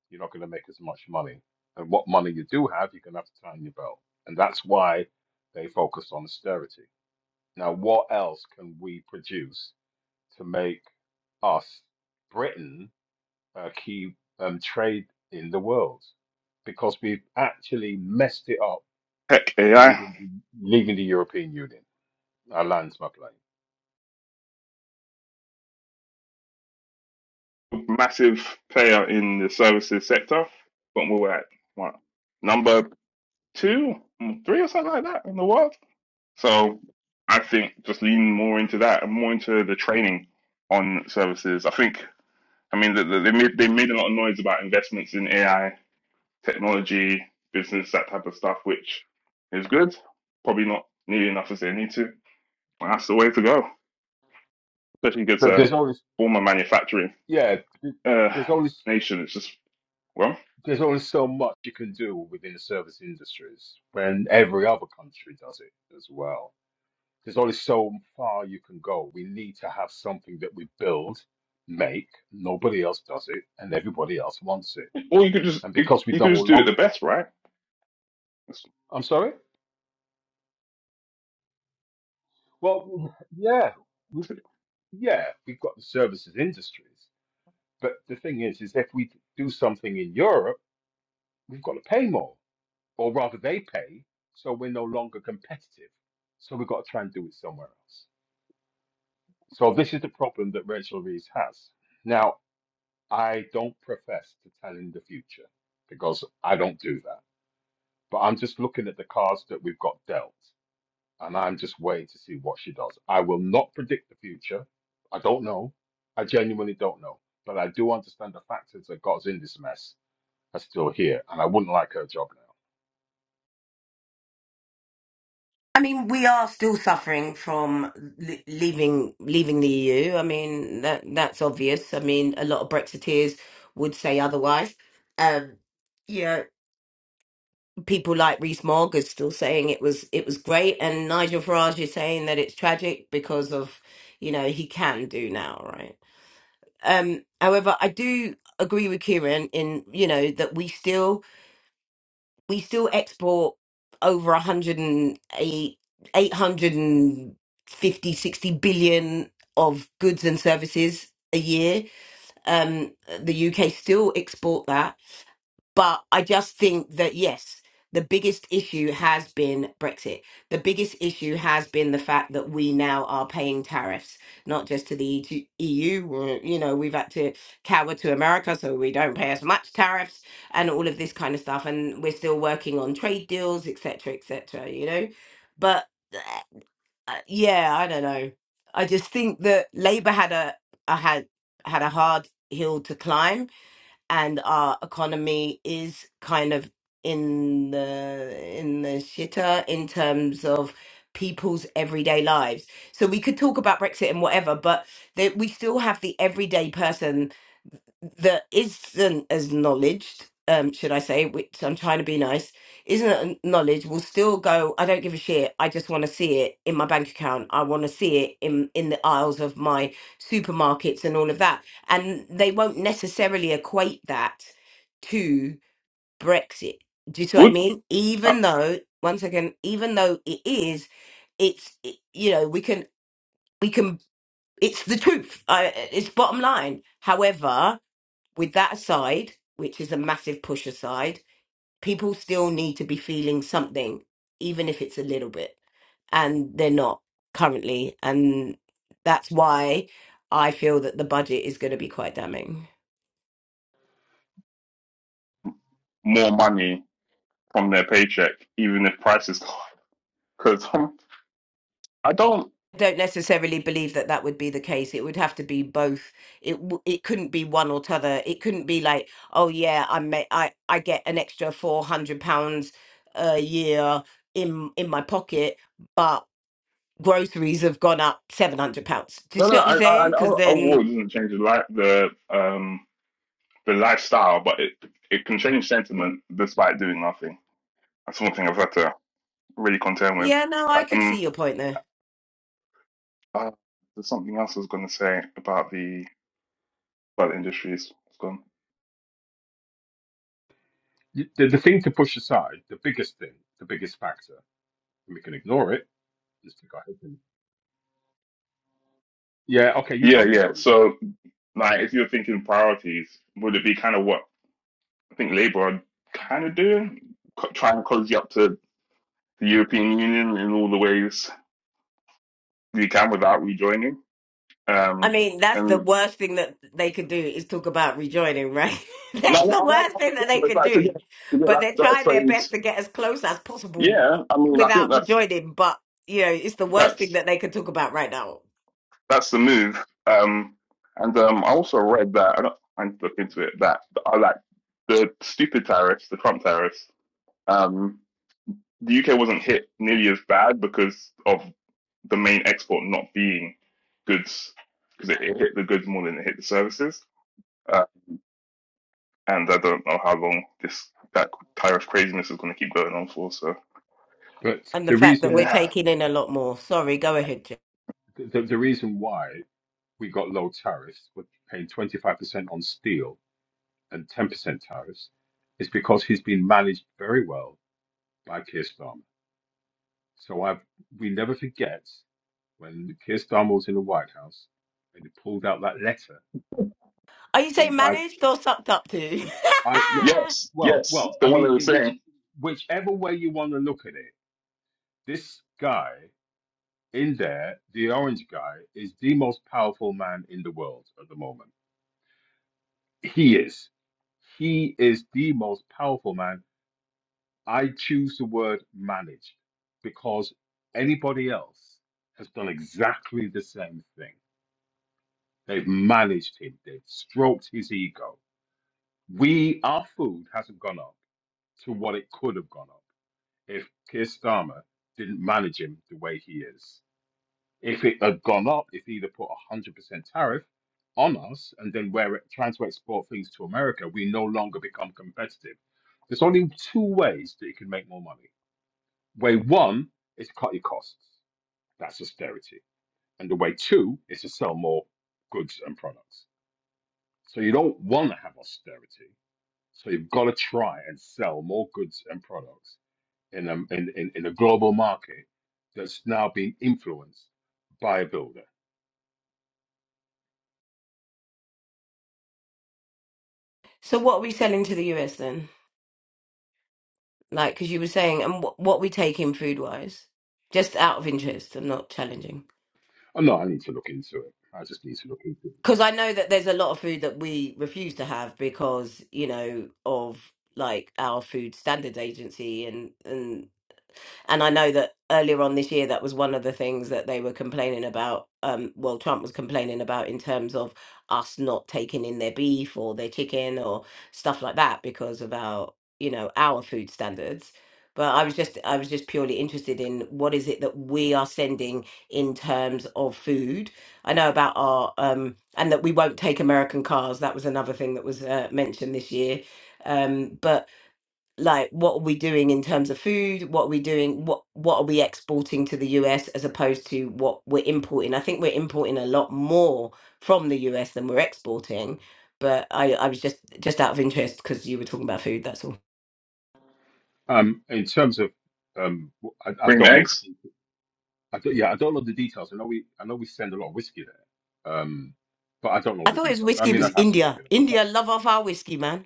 [SPEAKER 10] you're not going to make as much money. And what money you do have, you're going to have to tighten your belt. And that's why they focus on austerity. Now, what else can we produce to make us, Britain, uh, key um, trade in the world because we've actually messed it up
[SPEAKER 8] Tech
[SPEAKER 10] with
[SPEAKER 8] AI.
[SPEAKER 10] leaving the, leaving the European Union. Our land's my plane.
[SPEAKER 8] Massive player in the services sector. But we were at what? Number two, mm, three or something like that in the world. So I think just leaning more into that and more into the training on services. I think I mean, they, they made they made a lot of noise about investments in AI, technology, business, that type of stuff, which is good. Probably not nearly enough as they need to, but that's the way to go. Especially because
[SPEAKER 10] But
[SPEAKER 8] a
[SPEAKER 10] there's only
[SPEAKER 8] former manufacturing
[SPEAKER 10] yeah, th-
[SPEAKER 8] uh,
[SPEAKER 10] there's only
[SPEAKER 8] nation, it's just well,
[SPEAKER 10] there's only so much you can do within the service industries when every other country does it as well. There's only so far you can go. We need to have something that we build, make. Nobody else does it, and everybody else wants it.
[SPEAKER 8] or you could just
[SPEAKER 10] And
[SPEAKER 8] you,
[SPEAKER 10] because we
[SPEAKER 8] you
[SPEAKER 10] don't
[SPEAKER 8] could just do it
[SPEAKER 10] long,
[SPEAKER 8] the best, right? That's-
[SPEAKER 10] I'm sorry. Well, yeah, we, yeah, we've got the services industries, but the thing is, is if we do something in Europe, we've got to pay more, or rather, they pay, so we're no longer competitive. So we've got to try and do it somewhere else. So this is the problem that Rachel Reeves has. Now, I don't profess to tell in the future because I don't do that, but I'm just looking at the cards that we've got dealt. and I'm just waiting to see what she does. I will not predict the future. I don't know. I genuinely don't know. But I do understand the factors that got us in this mess are still here, and I wouldn't like her job now.
[SPEAKER 11] I mean, we are still suffering from l- leaving leaving the EU. I mean, that that's obvious. I mean, a lot of Brexiteers would say otherwise. Um, you know, people like Rees Mogg is still saying it was it was great, and Nigel Farage is saying that it's tragic because of you know he can do now, right? Um, however, I do agree with Kieran in you know that we still we still export over 108 hundred and eight, eight hundred and fifty sixty billion of goods and services a year um the uk still export that but I just think that, yes, the biggest issue has been Brexit. The biggest issue has been the fact that we now are paying tariffs, not just to the E- EU. we're- You know, we've had to cower to America, so we don't pay as much tariffs and all of this kind of stuff. And we're still working on trade deals, etc., etc., you know? But uh, uh, yeah, I don't know. I just think that Labour had a, a had had a hard hill to climb and our economy is kind of in the in the shitter in terms of people's everyday lives. So we could talk about Brexit and whatever, but that we still have the everyday person that isn't acknowledged, um, should I say, which I'm trying to be nice, isn't acknowledged will still go, I don't give a shit. I just want to see it in my bank account. I want to see it in, in the aisles of my supermarkets and all of that. And they won't necessarily equate that to Brexit. Do you see what I
[SPEAKER 8] Would
[SPEAKER 11] mean?
[SPEAKER 8] uh,
[SPEAKER 11] Even though, once again, even though it is, it's, it- you know, we can, we can, it's the truth. I, it's bottom line. However, with that aside, which is a massive push aside, people still need to be feeling something, even if it's a little bit. And they're not currently. And that's why I feel that the budget is going to be quite damning.
[SPEAKER 8] more money from their paycheck, even if prices go up. because um, I don't.
[SPEAKER 11] I don't necessarily believe that that would be the case. It would have to be both. It w- it couldn't be one or t'other. It couldn't be like, oh yeah, I may, I I get an extra four hundred pounds a year in in my pocket, but. groceries have gone up seven hundred pounds. Do you
[SPEAKER 8] No,
[SPEAKER 11] see
[SPEAKER 8] no,
[SPEAKER 11] what I'm
[SPEAKER 8] I, I, I
[SPEAKER 11] saying? Because
[SPEAKER 8] know a
[SPEAKER 11] then,
[SPEAKER 8] war doesn't change the life, the um the lifestyle, but it it can change sentiment despite doing nothing. That's one thing I've had to really contend with.
[SPEAKER 11] yeah, no, I could see
[SPEAKER 8] Um,
[SPEAKER 11] your point there.
[SPEAKER 8] uh, there's something else I was going to say about the about the industries. It's gone.
[SPEAKER 10] The, the thing to push aside, the biggest thing, the biggest factor, and we can ignore it. Just to go ahead and, yeah, okay, you go,
[SPEAKER 8] Yeah,
[SPEAKER 10] you
[SPEAKER 8] yeah.
[SPEAKER 10] go, you go.
[SPEAKER 8] So, like, if you're thinking priorities, would it be kind of what I think Labour are kind of doing, Co- trying to cozy up to the European Union in all the ways you can without rejoining?
[SPEAKER 11] I
[SPEAKER 8] Um,
[SPEAKER 11] mean, that's the
[SPEAKER 8] and
[SPEAKER 11] worst thing that they could do is talk about rejoining, right?
[SPEAKER 8] no,
[SPEAKER 11] that's
[SPEAKER 8] no,
[SPEAKER 11] the
[SPEAKER 8] no, no,
[SPEAKER 11] worst thing
[SPEAKER 8] no,
[SPEAKER 11] that they
[SPEAKER 8] but it's
[SPEAKER 11] could
[SPEAKER 8] like to
[SPEAKER 11] do.
[SPEAKER 8] get to get
[SPEAKER 11] But
[SPEAKER 8] like
[SPEAKER 11] they're
[SPEAKER 8] better
[SPEAKER 11] trying their
[SPEAKER 8] trade
[SPEAKER 11] best to get as close as possible
[SPEAKER 8] Yeah, I mean, I think
[SPEAKER 11] without
[SPEAKER 8] that's
[SPEAKER 11] rejoining. But you know, it's the worst thing
[SPEAKER 8] that's
[SPEAKER 11] that they could talk about right now.
[SPEAKER 8] that's the move. Um, and um, I also read that I don't I need to look into it that I like the stupid tariffs, the Trump tariffs. Um, the UK wasn't hit nearly as bad because of the main export not being goods, because it, it hit the goods more than it hit the services. Uh, and I don't know how long this that tariff craziness is going to keep going on for. So
[SPEAKER 10] But
[SPEAKER 11] And the
[SPEAKER 10] the
[SPEAKER 11] fact that
[SPEAKER 10] reason
[SPEAKER 11] we're
[SPEAKER 8] yeah,
[SPEAKER 10] why,
[SPEAKER 11] taking in a lot more. Sorry, go ahead. Jo.
[SPEAKER 10] the, the reason why we got low tariffs, we're paying 25% on steel and 10% tariffs, is because he's been managed very well by Keir Starmer. So I've we never forget when Keir Starmer was in the White House and he pulled out that letter
[SPEAKER 11] Are you
[SPEAKER 10] In
[SPEAKER 11] saying
[SPEAKER 10] my,
[SPEAKER 11] managed or sucked up to?
[SPEAKER 10] I
[SPEAKER 8] yes,
[SPEAKER 10] well
[SPEAKER 8] yes,
[SPEAKER 10] well
[SPEAKER 8] it's
[SPEAKER 10] I
[SPEAKER 8] the one they
[SPEAKER 10] mean
[SPEAKER 8] were
[SPEAKER 10] in which
[SPEAKER 8] saying.
[SPEAKER 10] whichever way you want to look at it, this guy in there, the orange guy, is the most powerful man in the world at the moment. He is. He is the most powerful man. I choose the word manage because anybody else has done exactly the same thing They've managed him. They've stroked his ego. We, our food hasn't gone up to what it could have gone up if Keir Starmer didn't manage him the way he is. If it had gone up, if he'd have put a 100% tariff on us and then we're trying to export things to America, we no longer become competitive. There's only two ways that you can make more money. Way one is to cut your costs. That's austerity. And the way two is to sell more goods and products. So you don't want to have austerity. So you've got to try and sell more goods and products in a, in, in, in a global market that's now being influenced by a builder.
[SPEAKER 11] so, what are we selling to the US then? Like, because you were saying, and wh- what we take in food wise, just out of interest and not challenging.
[SPEAKER 10] Oh, no, I need to look into it. I just need to look into it.
[SPEAKER 11] Because I know that there's a lot of food that we refuse to have because, you know, of like our food standards agency and, and And I know that earlier on this year, that was one of the things that they were complaining about. Um, well, Trump was complaining about in terms of us not taking in their beef or their chicken or stuff like that because of our, you know, our food standards. But I was just, I was just purely interested in what is it that we are sending in terms of food. I know about our, um, and that we won't take American cars. That was another thing that was uh, mentioned this year. Um, but like what are we doing in terms of food what are we doing what what are we exporting to the US as opposed to what we're importing i think we're importing a lot more from the US than we're exporting but i i was just just out of interest cuz you were talking about food that's all
[SPEAKER 10] Um, in terms of, um, I, I
[SPEAKER 8] Bring
[SPEAKER 10] don't know.
[SPEAKER 8] eggs.
[SPEAKER 10] the details. I don't, yeah, I don't know the details. I know we, I know we send a lot of whiskey there, um, but I don't know
[SPEAKER 11] i
[SPEAKER 10] the
[SPEAKER 11] thought his
[SPEAKER 10] details. I
[SPEAKER 11] whiskey
[SPEAKER 10] mean,
[SPEAKER 11] was
[SPEAKER 10] I'd have to look
[SPEAKER 11] india
[SPEAKER 10] it up.
[SPEAKER 11] india love off our whiskey man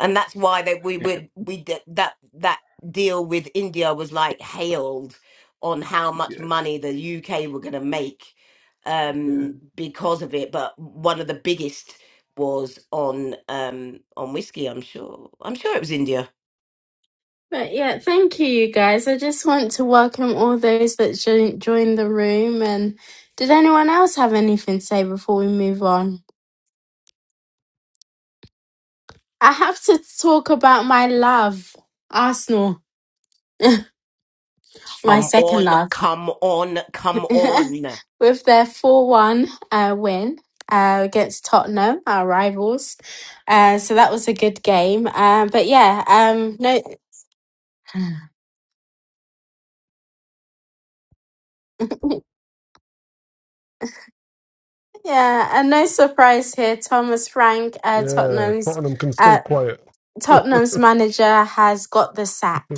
[SPEAKER 11] and that's why that we would we did that that deal with India was like hailed on how much
[SPEAKER 10] yeah,
[SPEAKER 11] money the UK were going to make
[SPEAKER 10] yeah.
[SPEAKER 11] um because of it but one of the biggest was on um on whiskey I'm sure I'm sure it was India
[SPEAKER 1] But yeah, thank you, you guys. I just want to welcome all those that jo- joined the room. And did anyone else have anything to say before we move on? I have to talk about my love, Arsenal, my
[SPEAKER 11] come
[SPEAKER 1] second
[SPEAKER 11] on
[SPEAKER 1] love,
[SPEAKER 11] come on come on
[SPEAKER 1] with their 4 1 uh, win. Uh, against Tottenham, our rivals, uh, so that was a good game. Uh, but yeah, um, no, yeah, and no surprise here. Thomas Frank, uh,
[SPEAKER 7] Yeah,
[SPEAKER 1] Tottenham's
[SPEAKER 7] Tottenham can stay
[SPEAKER 1] uh,
[SPEAKER 7] quiet.
[SPEAKER 1] Tottenham's manager has got the sack
[SPEAKER 7] What the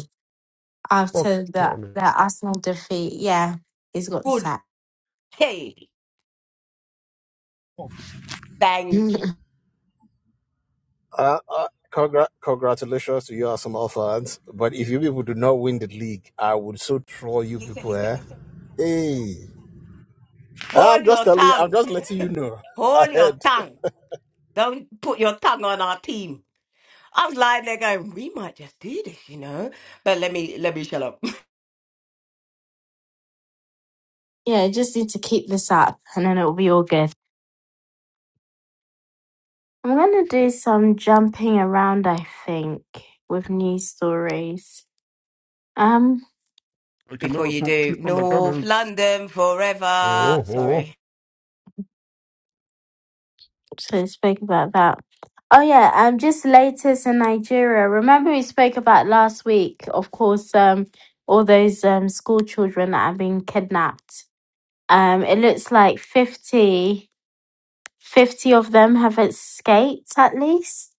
[SPEAKER 7] fuck,
[SPEAKER 1] after the,
[SPEAKER 7] Tottenham?
[SPEAKER 1] the Arsenal defeat. Yeah, he's got the
[SPEAKER 11] good
[SPEAKER 1] sack.
[SPEAKER 11] hey thank you
[SPEAKER 1] yeah,
[SPEAKER 12] Uh, uh, congra- congratulations to you, Arsenal fans. But if you people do not win the league, I would so troll you people. Eh? Hey, I'm
[SPEAKER 11] hold
[SPEAKER 12] just
[SPEAKER 11] your
[SPEAKER 12] telling. I'm
[SPEAKER 11] tongue
[SPEAKER 12] just letting you know
[SPEAKER 11] hold your
[SPEAKER 12] ahead.
[SPEAKER 11] tongue don't put your tongue on our team I was lying there going, we might just do this, you know. But let me let me shut up
[SPEAKER 1] just need to keep this up and then it'll be all good. I'm going to do some jumping around, I think, with news stories. Um,
[SPEAKER 7] I can
[SPEAKER 11] before
[SPEAKER 7] never
[SPEAKER 11] you
[SPEAKER 7] talk
[SPEAKER 11] do.
[SPEAKER 7] shit on the
[SPEAKER 11] North
[SPEAKER 7] Gunners.
[SPEAKER 11] London
[SPEAKER 7] Oh,
[SPEAKER 11] forever.
[SPEAKER 7] oh, oh.
[SPEAKER 11] Sorry.
[SPEAKER 1] so I spoke about that. Oh yeah, um, just latest in Nigeria. Remember we spoke about last week, of course, um, all those um school children that have been kidnapped. Um, it looks like 50. 50 of them have escaped at least.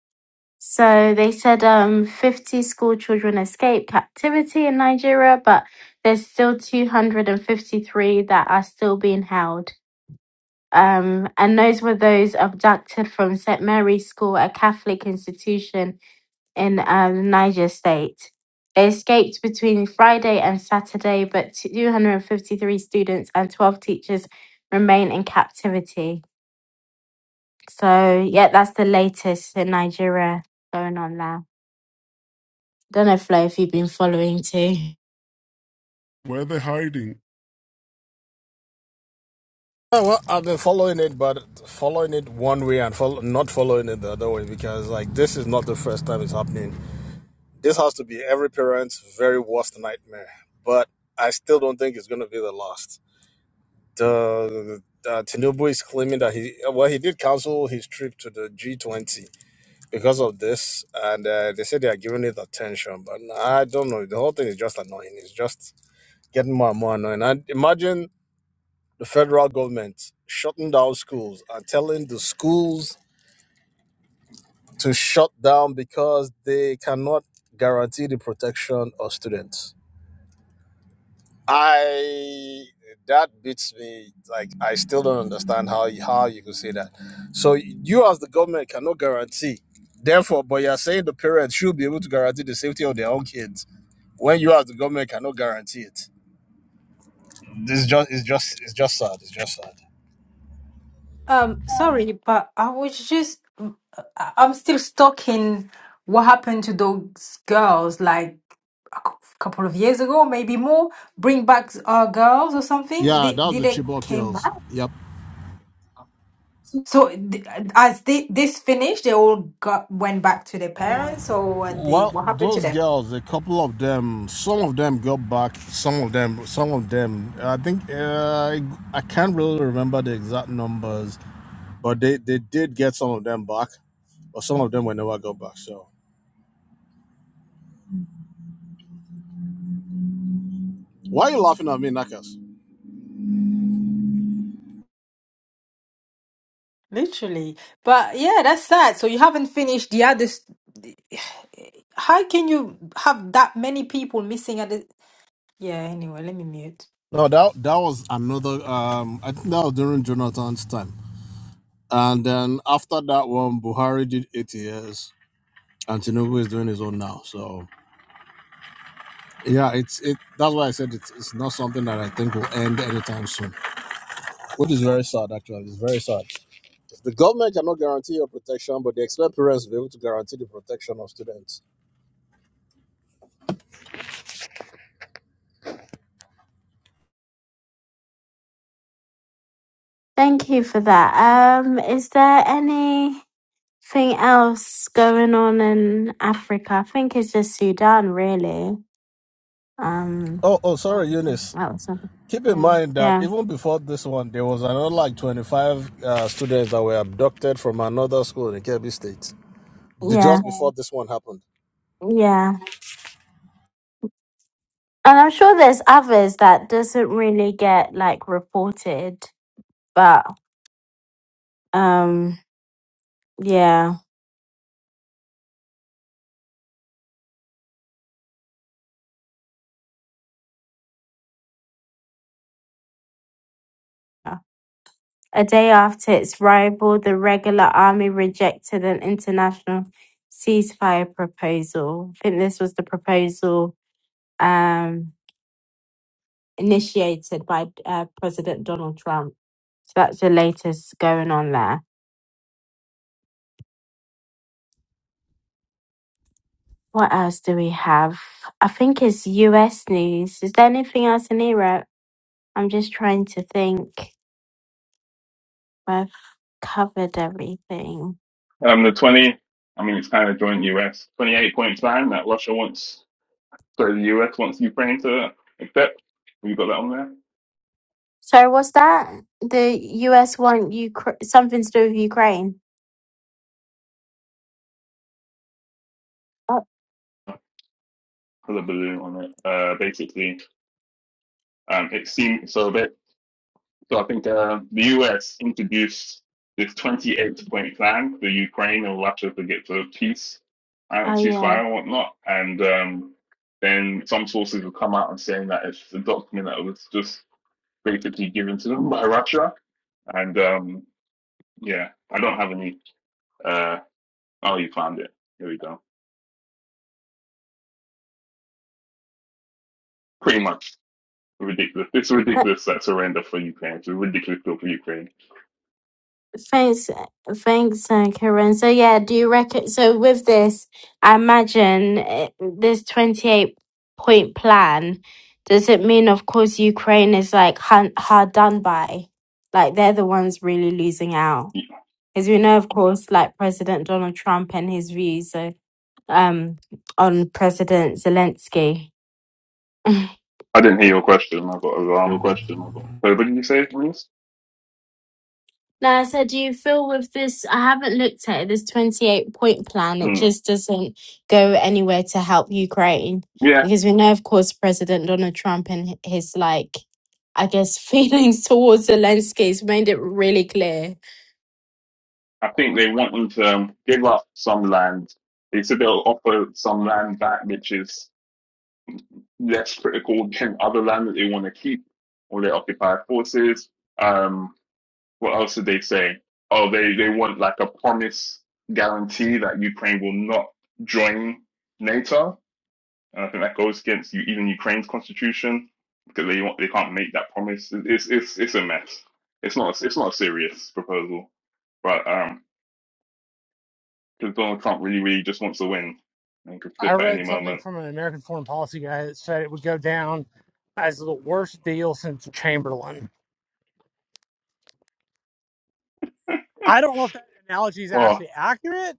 [SPEAKER 1] So they said um, 50 school children escaped captivity in Nigeria, but there's still 253 that are still being held. Um, and those were those abducted from St. Mary's School, a Catholic institution in um, Niger State. They escaped between Friday and Saturday, but 253 students and 12 teachers remain in captivity. So yeah, that's the latest in Nigeria going on now. Don't know Flo if you've been following too.
[SPEAKER 7] Where are they hiding?
[SPEAKER 12] Oh, well, I've been following it, but following it one way and follow, not following it the other way because, like, this is not the first time it's happening. This has to be every parent's very worst nightmare, but I still don't think it's going to be the last. The, uh, Tinubu is claiming that he, well, he did cancel his trip to the G20 because of this, and uh, they say they are giving it attention, but I don't know. The whole thing is just annoying. It's just getting more and more annoying. And imagine the federal government shutting down schools and telling the schools to shut down because they cannot guarantee the protection of students. I that beats me. Like I still don't understand how you, how you could say that. So you as the government cannot guarantee. Therefore, but you're saying the parents should be able to guarantee the safety of their own kids when you as the government cannot guarantee it. This is just it's just it's just sad. It's just sad.
[SPEAKER 5] Um, sorry, but I was just, uh, I- I'm still stuck in what happened to those girls like a cou- couple of years ago, maybe more. Bring back uh, girls or something.
[SPEAKER 12] Yeah,
[SPEAKER 5] Did
[SPEAKER 12] that was
[SPEAKER 5] did
[SPEAKER 12] the
[SPEAKER 5] they
[SPEAKER 12] Chibok
[SPEAKER 5] came
[SPEAKER 12] girls.
[SPEAKER 5] back?
[SPEAKER 12] Yep.
[SPEAKER 5] So th- as thi- this finished, they all got went back to their parents, or were they,
[SPEAKER 12] Well,
[SPEAKER 5] what happened to
[SPEAKER 12] those
[SPEAKER 5] them?
[SPEAKER 12] girls, a couple of them, some of them got back, some of them, some of them. I think uh, I, I can't really remember the exact numbers, but they they did get some of them back, but some of them were never got back. So why are you laughing at me, Nakas?
[SPEAKER 5] Literally, but yeah, that's sad. So you haven't finished the others. How can you have that many people missing at the? Yeah. Anyway, let me mute.
[SPEAKER 12] No, that that was another. Um, I think that was during Jonathan's time, and then after that one, Buhari did eight years, and Tinubu is doing his own now. So yeah, it's it. That's why I said it's it's not something that I think will end anytime soon. which is very sad actually it's very sad the government cannot guarantee your protection but they expect parents to be able to guarantee the protection of students
[SPEAKER 1] Thank you for that. Um, is there anything else going on in Africa? I think it's just Sudan, really. Um,
[SPEAKER 12] oh oh sorry eunice
[SPEAKER 1] that was
[SPEAKER 12] keep in mind that
[SPEAKER 1] yeah,
[SPEAKER 12] even before this one there was another like 25 uh, students that were abducted from another school in kebbi state The-
[SPEAKER 1] yeah,
[SPEAKER 12] just before this one happened
[SPEAKER 1] yeah. And I'm sure there's others that doesn't really get like reported, but. Um, yeah. A day after its rival, the regular army rejected an international ceasefire proposal. I think this was the proposal um, initiated by uh, President Donald Trump. So that's the latest going on there. What else do we have? I think it's US news. Is there anything else in Europe? I'm just trying to think. I've covered everything.
[SPEAKER 8] Um, the 20, I mean, it's kind of joint US 28 point plan that Russia wants, sorry, the US wants Ukraine to accept. Have you got that on there.
[SPEAKER 1] So was that? The US want Ukra- something to do with Ukraine. Oh,
[SPEAKER 8] Put a balloon on it. Uh, basically, um, it seems so a bit. So I think uh, the US introduced this 28 point plan for Ukraine and Russia to get to peace and
[SPEAKER 1] oh yeah.
[SPEAKER 8] ceasefire and whatnot. And um, then some sources have come out and saying that it's a document that was just basically given to them by Russia. And um, Yeah, I don't have any. Uh, oh, you found it. Here we go. Pretty much ridiculous. It's
[SPEAKER 1] But
[SPEAKER 8] ridiculous that surrender for Ukraine. It's a ridiculous deal for Ukraine.
[SPEAKER 1] thanks, thanks, uh, Karen. So yeah, do you reckon? So with this, I imagine uh, this twenty-eight point plan. Does it mean, of course, Ukraine is like hun- hard done by? Like they're the ones really losing out, as we know, of course, like President Donald Trump and his views so, um, on President Zelensky.
[SPEAKER 8] I didn't hear your question. I got
[SPEAKER 12] Your
[SPEAKER 8] alarm.
[SPEAKER 12] question.
[SPEAKER 8] So, what did you say, Reese?
[SPEAKER 1] Now, I said, do you feel with this? I haven't looked at it, this 28 point plan. It
[SPEAKER 8] Mm.
[SPEAKER 1] just doesn't go anywhere to help Ukraine
[SPEAKER 8] Yeah,
[SPEAKER 1] because we know, of course, President Donald Trump and h- his, like, I guess, feelings towards Zelensky has made it really clear.
[SPEAKER 8] I think they want them to um, give up some land. They said they'll offer some land back, which is less critical than other land that they want to keep or their occupied forces. Um, What else did they say? Oh, they, they want like a promise guarantee that Ukraine will not join NATO. And I think that goes against you, even Ukraine's constitution because they want, they can't make that promise. It- It's it's it's a mess. It's not it's not a serious proposal, but um, because Donald Trump really really just wants to win and could
[SPEAKER 13] I
[SPEAKER 8] flip at any
[SPEAKER 13] read something
[SPEAKER 8] moment.
[SPEAKER 13] from an American foreign policy guy that said it would go down as the worst deal since Chamberlain. I don't know if that analogy is
[SPEAKER 8] Well,
[SPEAKER 13] actually accurate,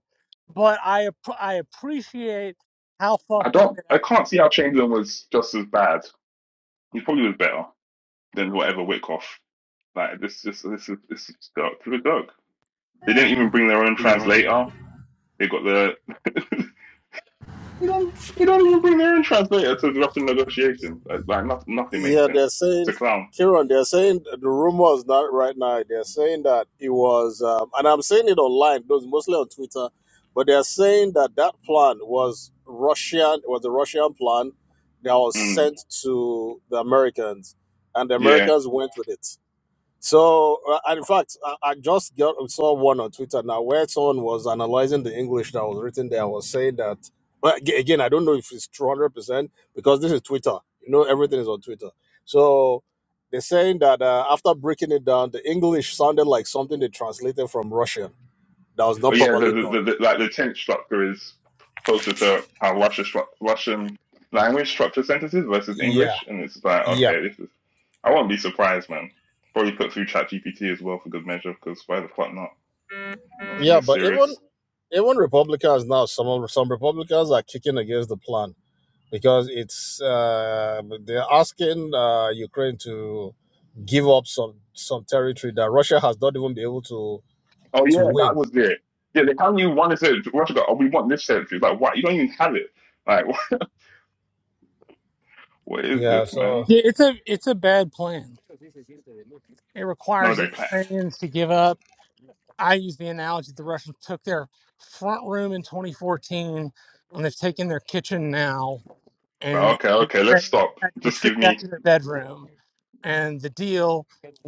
[SPEAKER 13] but I app- I appreciate how
[SPEAKER 8] I
[SPEAKER 13] fucked up
[SPEAKER 8] don't
[SPEAKER 13] it
[SPEAKER 8] I
[SPEAKER 13] actually.
[SPEAKER 8] can't see how Chamberlain was just as bad. He probably was better than whatever Wickoff. Like this this this is this is dog to dog. They didn't even bring their own
[SPEAKER 12] Bring them
[SPEAKER 8] translator.
[SPEAKER 12] in.
[SPEAKER 8] They got the. they don't even bring their own translator to the Russian negotiations. Like, like not, nothing makes
[SPEAKER 12] Yeah,
[SPEAKER 8] sense.
[SPEAKER 12] they're
[SPEAKER 8] It's
[SPEAKER 12] saying,
[SPEAKER 8] a clown.
[SPEAKER 12] Kieran, they're saying the rumor is not right now. They're saying that it was, um, and I'm saying it online, those mostly on Twitter, but they're saying that that plan was Russian, was the Russian plan that was
[SPEAKER 8] Mm,
[SPEAKER 12] sent to the Americans, and the
[SPEAKER 8] yeah.
[SPEAKER 12] Americans went with it. So, uh, and in fact, I, I just got, saw one on Twitter now where someone was analyzing the English that was written there. and Was saying that, well, aga- again, I don't know if it's two hundred percent because this is Twitter. You know, everything is on Twitter. So they're saying that uh, after breaking it down, the English sounded like something they translated from Russian that was
[SPEAKER 8] Oh
[SPEAKER 12] not
[SPEAKER 8] yeah.
[SPEAKER 12] properly
[SPEAKER 8] The, the,
[SPEAKER 12] done.
[SPEAKER 8] the, the like the tense structure is closer to how Russia stru- Russian language structure sentences versus
[SPEAKER 12] Yeah,
[SPEAKER 8] English, and it's like
[SPEAKER 12] yeah,
[SPEAKER 8] okay, this is. I won't be surprised, man. Probably put through ChatGPT as well for good measure, because why the fuck not? Nothing
[SPEAKER 12] yeah.
[SPEAKER 8] is
[SPEAKER 12] But
[SPEAKER 8] serious.
[SPEAKER 12] even even Republicans now, some of- some Republicans are kicking against the plan because it's uh, they're asking uh, Ukraine to give up some some territory that Russia has not even been able to
[SPEAKER 8] Oh
[SPEAKER 12] to
[SPEAKER 8] yeah,
[SPEAKER 12] win.
[SPEAKER 8] that was it. Yeah, they kind you wanted to Russia go, oh we want this century. It's like, what? You don't even have it. Like what is
[SPEAKER 12] Yeah,
[SPEAKER 8] this,
[SPEAKER 12] so
[SPEAKER 8] man?
[SPEAKER 13] Yeah, It's a it's a bad plan. It
[SPEAKER 8] Not a
[SPEAKER 13] requires the
[SPEAKER 8] great plan.
[SPEAKER 13] Ukrainians to give up. I use the analogy the Russians took their front room in 2014, and they've taken their kitchen now.
[SPEAKER 8] But
[SPEAKER 13] and
[SPEAKER 8] okay,
[SPEAKER 13] the
[SPEAKER 8] okay, let's
[SPEAKER 13] Ukrainians
[SPEAKER 8] stop.
[SPEAKER 13] had to
[SPEAKER 8] Just
[SPEAKER 13] retreat
[SPEAKER 8] give
[SPEAKER 13] back
[SPEAKER 8] me
[SPEAKER 13] to their bedroom. And the deal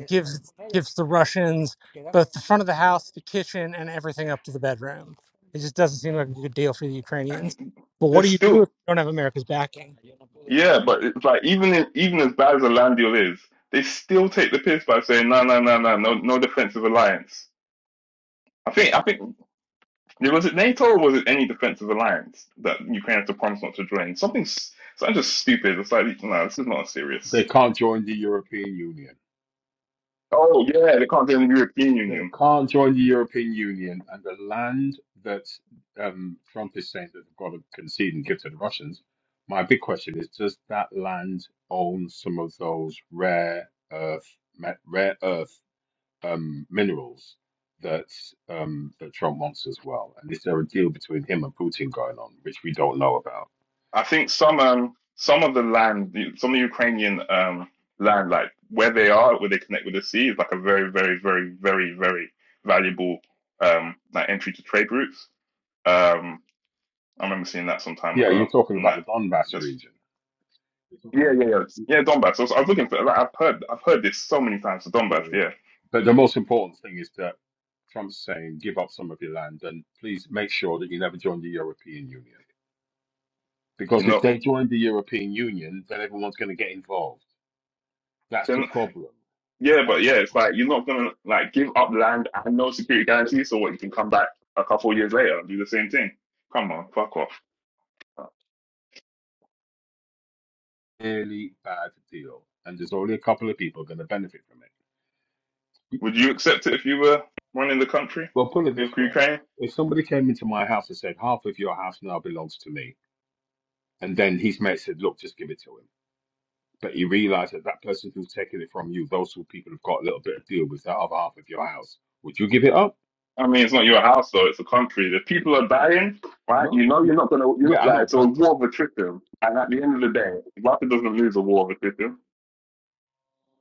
[SPEAKER 13] gives gives the Russians both the front of the house, the kitchen, and everything up to the bedroom. It just doesn't seem like a good deal for the Ukrainians.
[SPEAKER 8] and
[SPEAKER 13] But what
[SPEAKER 8] there's
[SPEAKER 13] do you do if
[SPEAKER 8] still
[SPEAKER 13] you don't have America's backing?
[SPEAKER 8] yeah, but it's like even in, even as bad as a deal is, they still take the piss by saying no no no no no no defensive alliance. I think I think yeah, was it NATO or was it any defensive alliance that Ukraine has to promise not to join? Something s- something just stupid. It's like no, this is not serious.
[SPEAKER 10] They can't join the European Union.
[SPEAKER 8] Oh yeah, they can't get in the European
[SPEAKER 10] They
[SPEAKER 8] Union.
[SPEAKER 10] can't join the European Union, and the land that um, Trump is saying that they've got to concede and give to the Russians. My big question is: Does that land own some of those rare earth, ma- rare earth um, minerals that um, that Trump wants as well? And is there a deal between him and Putin going on, which we don't know about?
[SPEAKER 8] I think some um some of the land, the- some of the Ukrainian um land, like where they are, where they connect with the sea, is like a very, very, very, very, very valuable um like entry to trade routes. Um, I remember seeing that some time
[SPEAKER 10] Yeah, you're
[SPEAKER 8] ago,
[SPEAKER 10] talking
[SPEAKER 8] and
[SPEAKER 10] about
[SPEAKER 8] that
[SPEAKER 10] the Donbass
[SPEAKER 8] just
[SPEAKER 10] region. You're
[SPEAKER 8] yeah,
[SPEAKER 10] talking.
[SPEAKER 8] yeah, yeah, yeah, Donbass. I was, I was looking for. Like, I've heard, I've heard this so many times. So Donbass,
[SPEAKER 10] yeah,
[SPEAKER 8] yeah,
[SPEAKER 10] But the most important thing is that Trump's saying, give up some of your land and please make sure that you never join the European Union.
[SPEAKER 8] you
[SPEAKER 10] Because if
[SPEAKER 8] know.
[SPEAKER 10] they join the European Union, then everyone's going to get involved. That's the problem.
[SPEAKER 8] Yeah,
[SPEAKER 10] That
[SPEAKER 8] but
[SPEAKER 10] is
[SPEAKER 8] yeah,
[SPEAKER 10] the
[SPEAKER 8] it's
[SPEAKER 10] problem.
[SPEAKER 8] like you're not gonna like give up land and no security guarantee, so what you can come back a couple of years later and do the same thing. Come on, fuck off.
[SPEAKER 10] Really bad deal. And there's only a couple of people going to benefit from it.
[SPEAKER 8] Would you accept it if you were running the country
[SPEAKER 10] Well, put it
[SPEAKER 8] with
[SPEAKER 10] this way
[SPEAKER 8] Ukraine?
[SPEAKER 10] if somebody came into my house and said, half of your house now belongs to me, and then his mate said, look, just give it to him. But you realize that that person who's taking it from you, those who people have got a little bit of deal with that other half of your house, would you give it up?
[SPEAKER 8] I mean, it's not your house though; it's a country. The people are dying, right?
[SPEAKER 10] No,
[SPEAKER 8] You know, you're
[SPEAKER 10] no.
[SPEAKER 8] not gonna, you're
[SPEAKER 10] Yeah,
[SPEAKER 8] not
[SPEAKER 10] I
[SPEAKER 8] like
[SPEAKER 10] know,
[SPEAKER 8] it's a
[SPEAKER 10] but
[SPEAKER 8] war of attrition. And at the end of the day, Russia doesn't lose a war of attrition.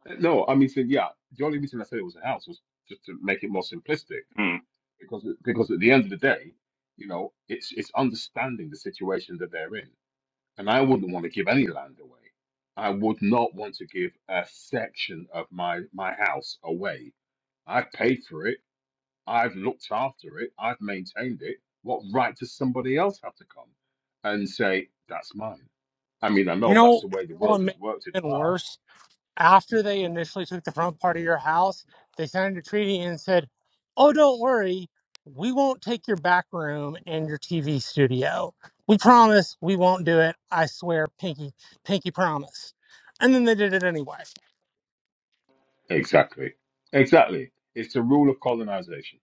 [SPEAKER 10] uh, no, I mean, so, yeah, the only reason I said it was a house was just to make it more simplistic
[SPEAKER 8] Hmm.
[SPEAKER 10] because because at the end of the day, you know, it's it's understanding the situation that they're in, and I wouldn't want to give any land away. I would not want to give a section of my my house away. I paid for it. I've looked after it, I've maintained it. What right does somebody else have to come and say, that's mine? I mean, I
[SPEAKER 13] You
[SPEAKER 10] know that's
[SPEAKER 13] know,
[SPEAKER 10] the way
[SPEAKER 13] you
[SPEAKER 10] the
[SPEAKER 13] know
[SPEAKER 10] world
[SPEAKER 13] what
[SPEAKER 10] has
[SPEAKER 13] makes
[SPEAKER 10] worked in
[SPEAKER 13] it
[SPEAKER 10] the
[SPEAKER 13] even
[SPEAKER 10] past.
[SPEAKER 13] worse after they initially took the front part of your house, they signed a treaty and said, "Oh, don't worry, we won't take your back room and your TV studio. We promise we won't do it. I swear, pinky, pinky promise." And then they did it anyway.
[SPEAKER 10] Exactly. Exactly. It's the rule of colonization.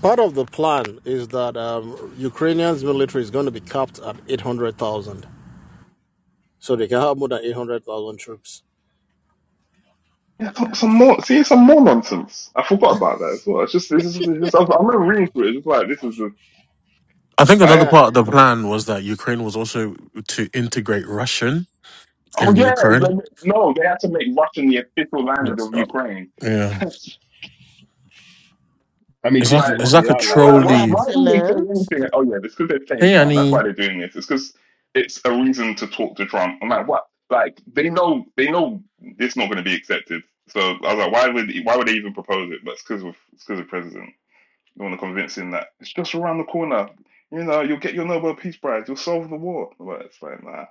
[SPEAKER 12] Part of the plan is that um, Ukrainians military is going to be capped at 800,000. So they can have more than 800,000 troops.
[SPEAKER 8] Yeah, some some more. See, some more nonsense. I forgot about that as well. It's just, it's just, it's just I'm, I'm not reading through it. It's just like this is
[SPEAKER 14] I think
[SPEAKER 8] the.
[SPEAKER 14] another
[SPEAKER 12] Yeah.
[SPEAKER 14] part of the plan was that Ukraine was also to integrate Russian
[SPEAKER 8] Oh
[SPEAKER 14] in
[SPEAKER 8] yeah,
[SPEAKER 14] Ukraine.
[SPEAKER 8] they- no, they had to make Russian the official language
[SPEAKER 14] Yes.
[SPEAKER 8] of Ukraine.
[SPEAKER 14] Yeah.
[SPEAKER 8] it's
[SPEAKER 10] I mean,
[SPEAKER 14] It's
[SPEAKER 10] this
[SPEAKER 14] like
[SPEAKER 10] is
[SPEAKER 8] like,
[SPEAKER 10] what
[SPEAKER 14] it's
[SPEAKER 10] they
[SPEAKER 14] like a
[SPEAKER 10] are like.
[SPEAKER 8] like why
[SPEAKER 14] trolley.
[SPEAKER 8] why do they say
[SPEAKER 11] Excellent.
[SPEAKER 8] anything? Oh yeah, it's because they're
[SPEAKER 14] Hey
[SPEAKER 8] playing Trump. That's
[SPEAKER 14] Annie.
[SPEAKER 8] why they're doing this. It's because it's a reason to talk to Trump. I'm like, what? Like they know they know it's not going to be accepted. So I was like, why would why would they even propose it? But it's because of it's because of president. You want to convince him that it's just around the corner. You know, you'll get your Nobel Peace Prize. You'll solve the war. But it's like, nah,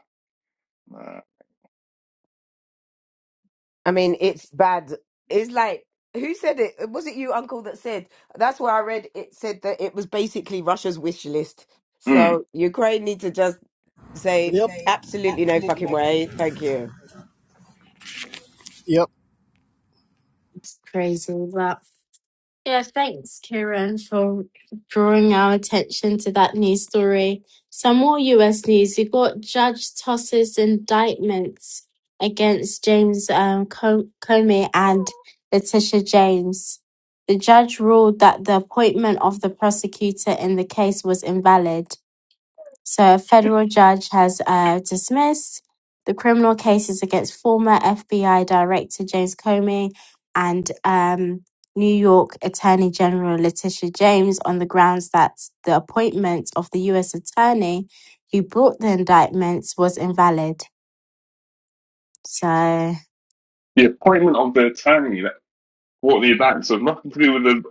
[SPEAKER 8] nah.
[SPEAKER 11] I mean, it's bad. It's like who said it? Was it you, Uncle, that said? That's where I read it said that it was basically Russia's wish list.
[SPEAKER 8] Mm.
[SPEAKER 11] So Ukraine need to just say
[SPEAKER 12] Yep.
[SPEAKER 11] absolutely no
[SPEAKER 12] Absolutely
[SPEAKER 11] fucking
[SPEAKER 12] no
[SPEAKER 11] way,
[SPEAKER 12] problem.
[SPEAKER 11] thank you.
[SPEAKER 12] Yep.
[SPEAKER 1] It's crazy, but. Yeah, thanks, Kieran, for drawing our attention to that news story. Some more US news. you got Judge tosses indictments against James um, Co- Comey and Letitia James. The judge ruled that the appointment of the prosecutor in the case was invalid. So a federal judge has uh, dismissed the criminal cases against former FBI Director James Comey and um, New York Attorney General Letitia James on the grounds that the appointment of the U.S. Attorney who brought the indictments was invalid. So,
[SPEAKER 8] The appointment of the attorney. What the attacks have nothing to do with the.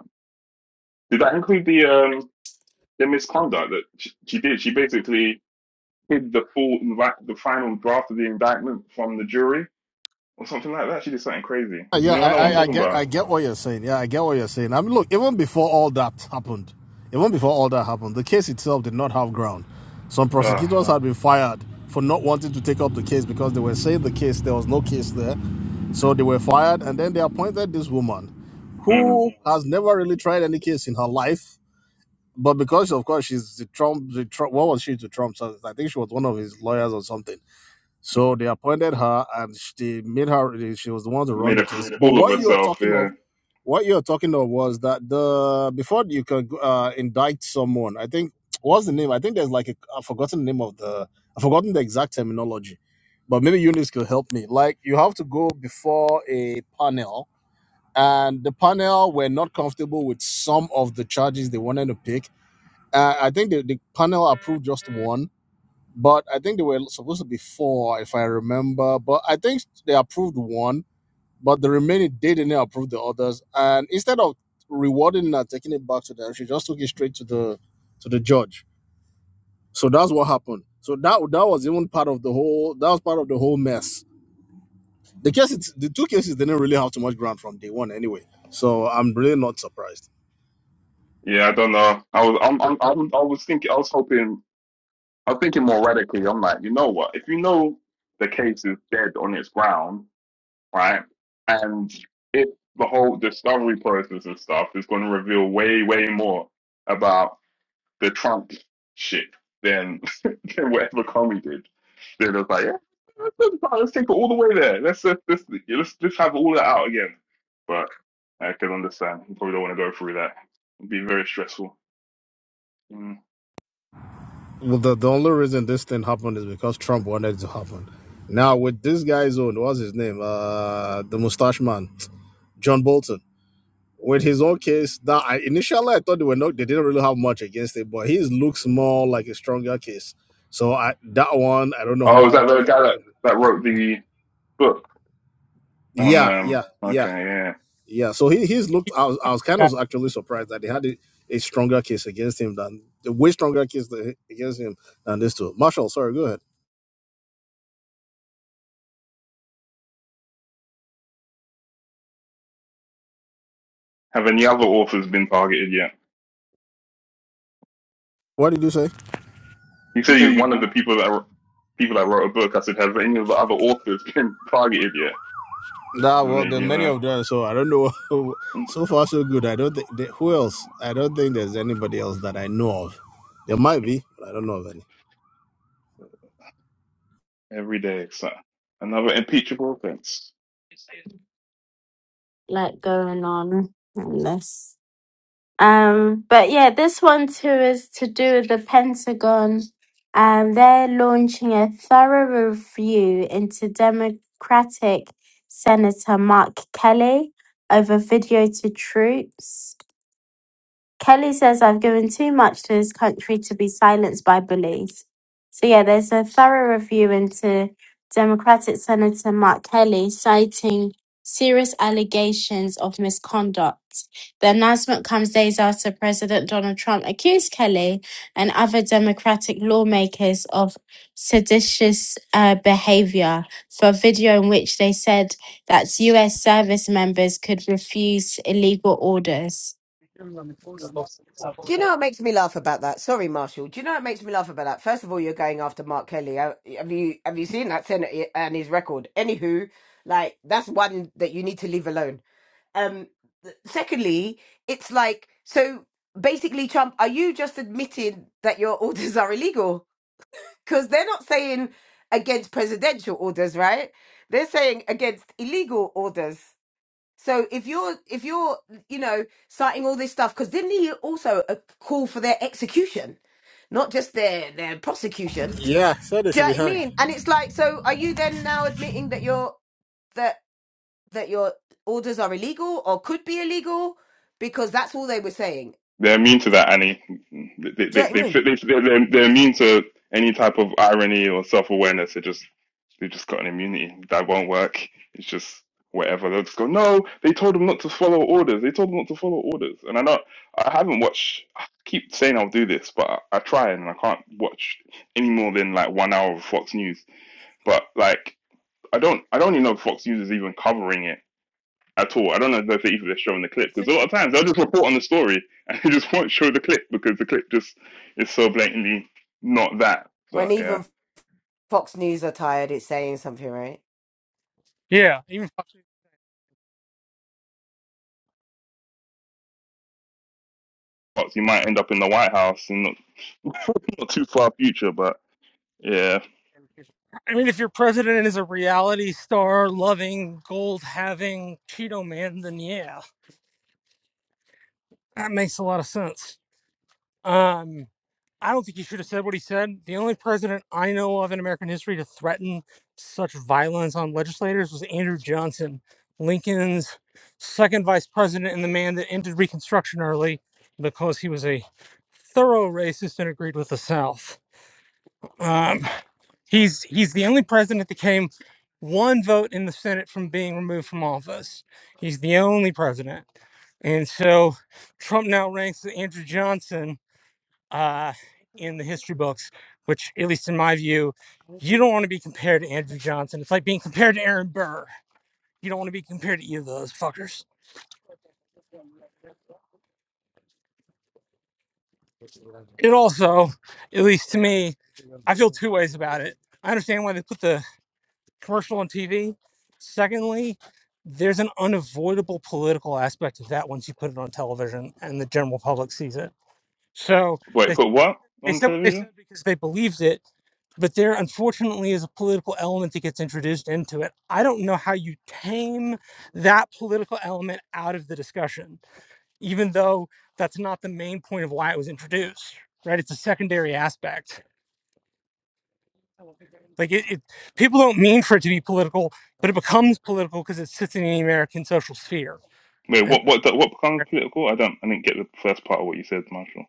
[SPEAKER 8] Did that include the um the misconduct that she, she did? She basically hid the full the final draft of the indictment from the jury or something like that. She did something crazy.
[SPEAKER 12] Uh,
[SPEAKER 8] Does
[SPEAKER 12] Yeah, I,
[SPEAKER 8] anyone know what I'm
[SPEAKER 12] I, I
[SPEAKER 8] talking
[SPEAKER 12] get I
[SPEAKER 8] about?
[SPEAKER 12] get what you're saying. Yeah, I get what you're saying. I mean, look, even before all that happened, even before all that happened, the case itself did not have ground. Some
[SPEAKER 8] Uh,
[SPEAKER 12] prosecutors had been fired for not wanting to take up the case because they were saying the case there was no case there, so they were fired, and then they appointed this woman,
[SPEAKER 8] mm,
[SPEAKER 12] who has never really tried any case in her life, but because of course she's the Trump, the Trump, what was she to Trump? So I think she was one of his lawyers or something. So they appointed her, and sh- they made her. She was the one to run
[SPEAKER 8] made
[SPEAKER 12] the
[SPEAKER 8] a
[SPEAKER 12] case. But
[SPEAKER 8] fool of
[SPEAKER 12] what you are
[SPEAKER 8] herself.
[SPEAKER 12] talking
[SPEAKER 8] Yeah,
[SPEAKER 12] of, what you are talking of, was that the before you can uh, indict someone, I think what's the name? I think there's like a, I've forgotten the name of the I've forgotten the exact terminology, but maybe Eunice could help me. Like you have to go before a panel, and the panel were not comfortable with some of the charges they wanted to pick. Uh, I think the, the panel approved just one but I think they were supposed to be four, if I remember. But I think they approved one, but the remaining they didn't approve the others. And instead of rewarding and taking it back to them, she just took it straight to the to the judge. So that's what happened. So that that was even part of the whole that was part of the whole mess. The case, the two cases didn't really have too much ground from day one anyway. So I'm really not surprised.
[SPEAKER 8] yeah. I don't know. I was I'm, I'm, I'm I was thinking. I was hoping. I'm thinking more radically. I'm like, you know what? If you know the case is dead on its ground right? And it the whole discovery process and stuff is going to reveal way, way more about the Trump shit than than whatever Comey did. They're just like, yeah, let's, let's let's take it all the way there. Let's let's let's let's, let's have all that out again. But I can understand. You probably don't want to go through that. It'd be very stressful. Mm.
[SPEAKER 12] Well, the, the only reason this thing happened is because Trump wanted it to happen. Now with this guy's own, what's his name? Uh, the mustache man. John Bolton. With his own case, that I, initially I thought they were not, they didn't really have much against it, but his looks more like a stronger case. So I that one, I don't know
[SPEAKER 8] Oh, is that
[SPEAKER 12] how.
[SPEAKER 8] the guy
[SPEAKER 12] they're
[SPEAKER 8] that, that wrote the book on
[SPEAKER 12] Yeah, yeah,
[SPEAKER 8] um?
[SPEAKER 12] yeah,
[SPEAKER 8] Okay, yeah.
[SPEAKER 12] yeah. So he, he's looked.
[SPEAKER 13] He's
[SPEAKER 12] I was, I
[SPEAKER 13] one of
[SPEAKER 12] was
[SPEAKER 13] the
[SPEAKER 12] kind
[SPEAKER 13] guys
[SPEAKER 12] of
[SPEAKER 13] that wrote
[SPEAKER 12] actually
[SPEAKER 13] the
[SPEAKER 12] surprised
[SPEAKER 13] book.
[SPEAKER 12] that they had a, a stronger case against him than a way stronger case than- against him than this two. Marshall, sorry, go ahead.
[SPEAKER 8] Have any other authors been targeted yet?
[SPEAKER 12] What did you say?
[SPEAKER 8] You
[SPEAKER 12] You
[SPEAKER 8] said
[SPEAKER 12] said
[SPEAKER 8] he's
[SPEAKER 12] you
[SPEAKER 8] one of the
[SPEAKER 12] won.
[SPEAKER 8] people that people that wrote a book. I said, have any of the other authors been targeted yet?
[SPEAKER 12] Nah, well,
[SPEAKER 8] Doesn't
[SPEAKER 12] there
[SPEAKER 8] he,
[SPEAKER 12] are
[SPEAKER 8] you
[SPEAKER 12] many of them, so I don't know.
[SPEAKER 8] know,
[SPEAKER 12] so far, so good. I don't think they, who else. I don't think there's anybody else that I know of. There might be, but I don't know of any.
[SPEAKER 8] every day it's uh, another impeachable offense.
[SPEAKER 1] lot going on in this. Um, but yeah, this one too is to do with the Pentagon. Um, they're launching a thorough review into Democratic Senator Mark Kelly over video to troops. Kelly says I've given too much to this country to be silenced by bullies. So yeah, there's a thorough review into Democratic Senator Mark Kelly citing serious allegations of misconduct. The announcement comes days after President Donald Trump accused Kelly and other Democratic lawmakers of seditious uh, behavior for a video in which they said that US service members could refuse illegal orders.
[SPEAKER 11] Do you know what makes me laugh about that? Sorry, Marshall. Do you know what makes me laugh about that? First of all, you're going after Mark Kelly. Have have you have you seen that Senate eh, and his record? Anywho, like that's one that you need to leave alone. Um, th- secondly, it's like so basically, Trump, are you just admitting that your orders are illegal? Because they're not saying against presidential orders, right? They're saying against illegal orders. So if you're if you're you know citing all this stuff, because didn't he also uh, call for their execution, not just their their prosecution?
[SPEAKER 12] Yeah, so they
[SPEAKER 11] Do you
[SPEAKER 12] should
[SPEAKER 11] know
[SPEAKER 12] be
[SPEAKER 11] what I
[SPEAKER 12] hanged.
[SPEAKER 11] mean? And it's like, so are you then now admitting that your that that your orders are illegal or could be illegal? Because that's all they were saying.
[SPEAKER 8] They're immune to that, Annie. They, they,
[SPEAKER 11] Do you know
[SPEAKER 8] they,
[SPEAKER 11] what I
[SPEAKER 8] they,
[SPEAKER 11] mean?
[SPEAKER 8] they, they're, they're immune to any type of irony or self awareness. They just they just got an immunity that won't work. It's just whatever. They'll just go. No, they told them not to follow orders. They told them not to follow orders. And I know I haven't watched. I keep saying I'll do this, but I, I try and I can't watch any more than like one hour of Fox News. But like I don't I don't even know if Fox News is even covering it at all. I don't know if that's even they're showing the
[SPEAKER 13] I
[SPEAKER 8] clip because a
[SPEAKER 13] think they
[SPEAKER 8] lot of times
[SPEAKER 13] are. I
[SPEAKER 8] they'll just
[SPEAKER 13] saw.
[SPEAKER 8] report on the story and they just won't show the clip because the clip just is so blatantly not that.
[SPEAKER 11] When
[SPEAKER 8] So yeah,
[SPEAKER 11] even Fox News are tired, it's saying something, right?
[SPEAKER 13] Yeah, even
[SPEAKER 8] you might end up in the White House and not not too far future, but yeah.
[SPEAKER 13] I mean, if your president is a reality star, loving, gold having Cheeto man, then yeah, that makes a lot of sense. Um, I don't think he should have said what he said. The only president I know of in American history to threaten such violence on legislators was Andrew Johnson, Lincoln's second vice president and the man that ended Reconstruction early because he was a thorough racist and agreed with the South. Um, He's he's the only president that came one vote in the Senate from being removed from office. He's the only president, and so Trump now ranks with Andrew Johnson uh, in the history books, which, at least in my view, you don't want to be compared to Andrew Johnson. It's like being compared to Aaron Burr. You don't want to be compared to either of those fuckers. It also, at least to me, I feel two ways about it. I understand why they put the commercial on TV. Secondly, there's an unavoidable political aspect of that once you put it on television and the general public sees it. So
[SPEAKER 8] Wait,
[SPEAKER 13] they,
[SPEAKER 8] put what
[SPEAKER 13] they
[SPEAKER 8] on
[SPEAKER 13] said what they said
[SPEAKER 8] television?
[SPEAKER 13] because they believed it, but there unfortunately is a political element that gets introduced into it. I don't know how you tame that political element out of the discussion, even though that's not the main point of why it was introduced, right? It's a secondary aspect. Like it, it people don't mean for it to be political, but it becomes political because it sits in the American social sphere.
[SPEAKER 8] Wait,
[SPEAKER 13] And
[SPEAKER 8] what what what becomes political? I don't I didn't get the first part of what you said, Marshall.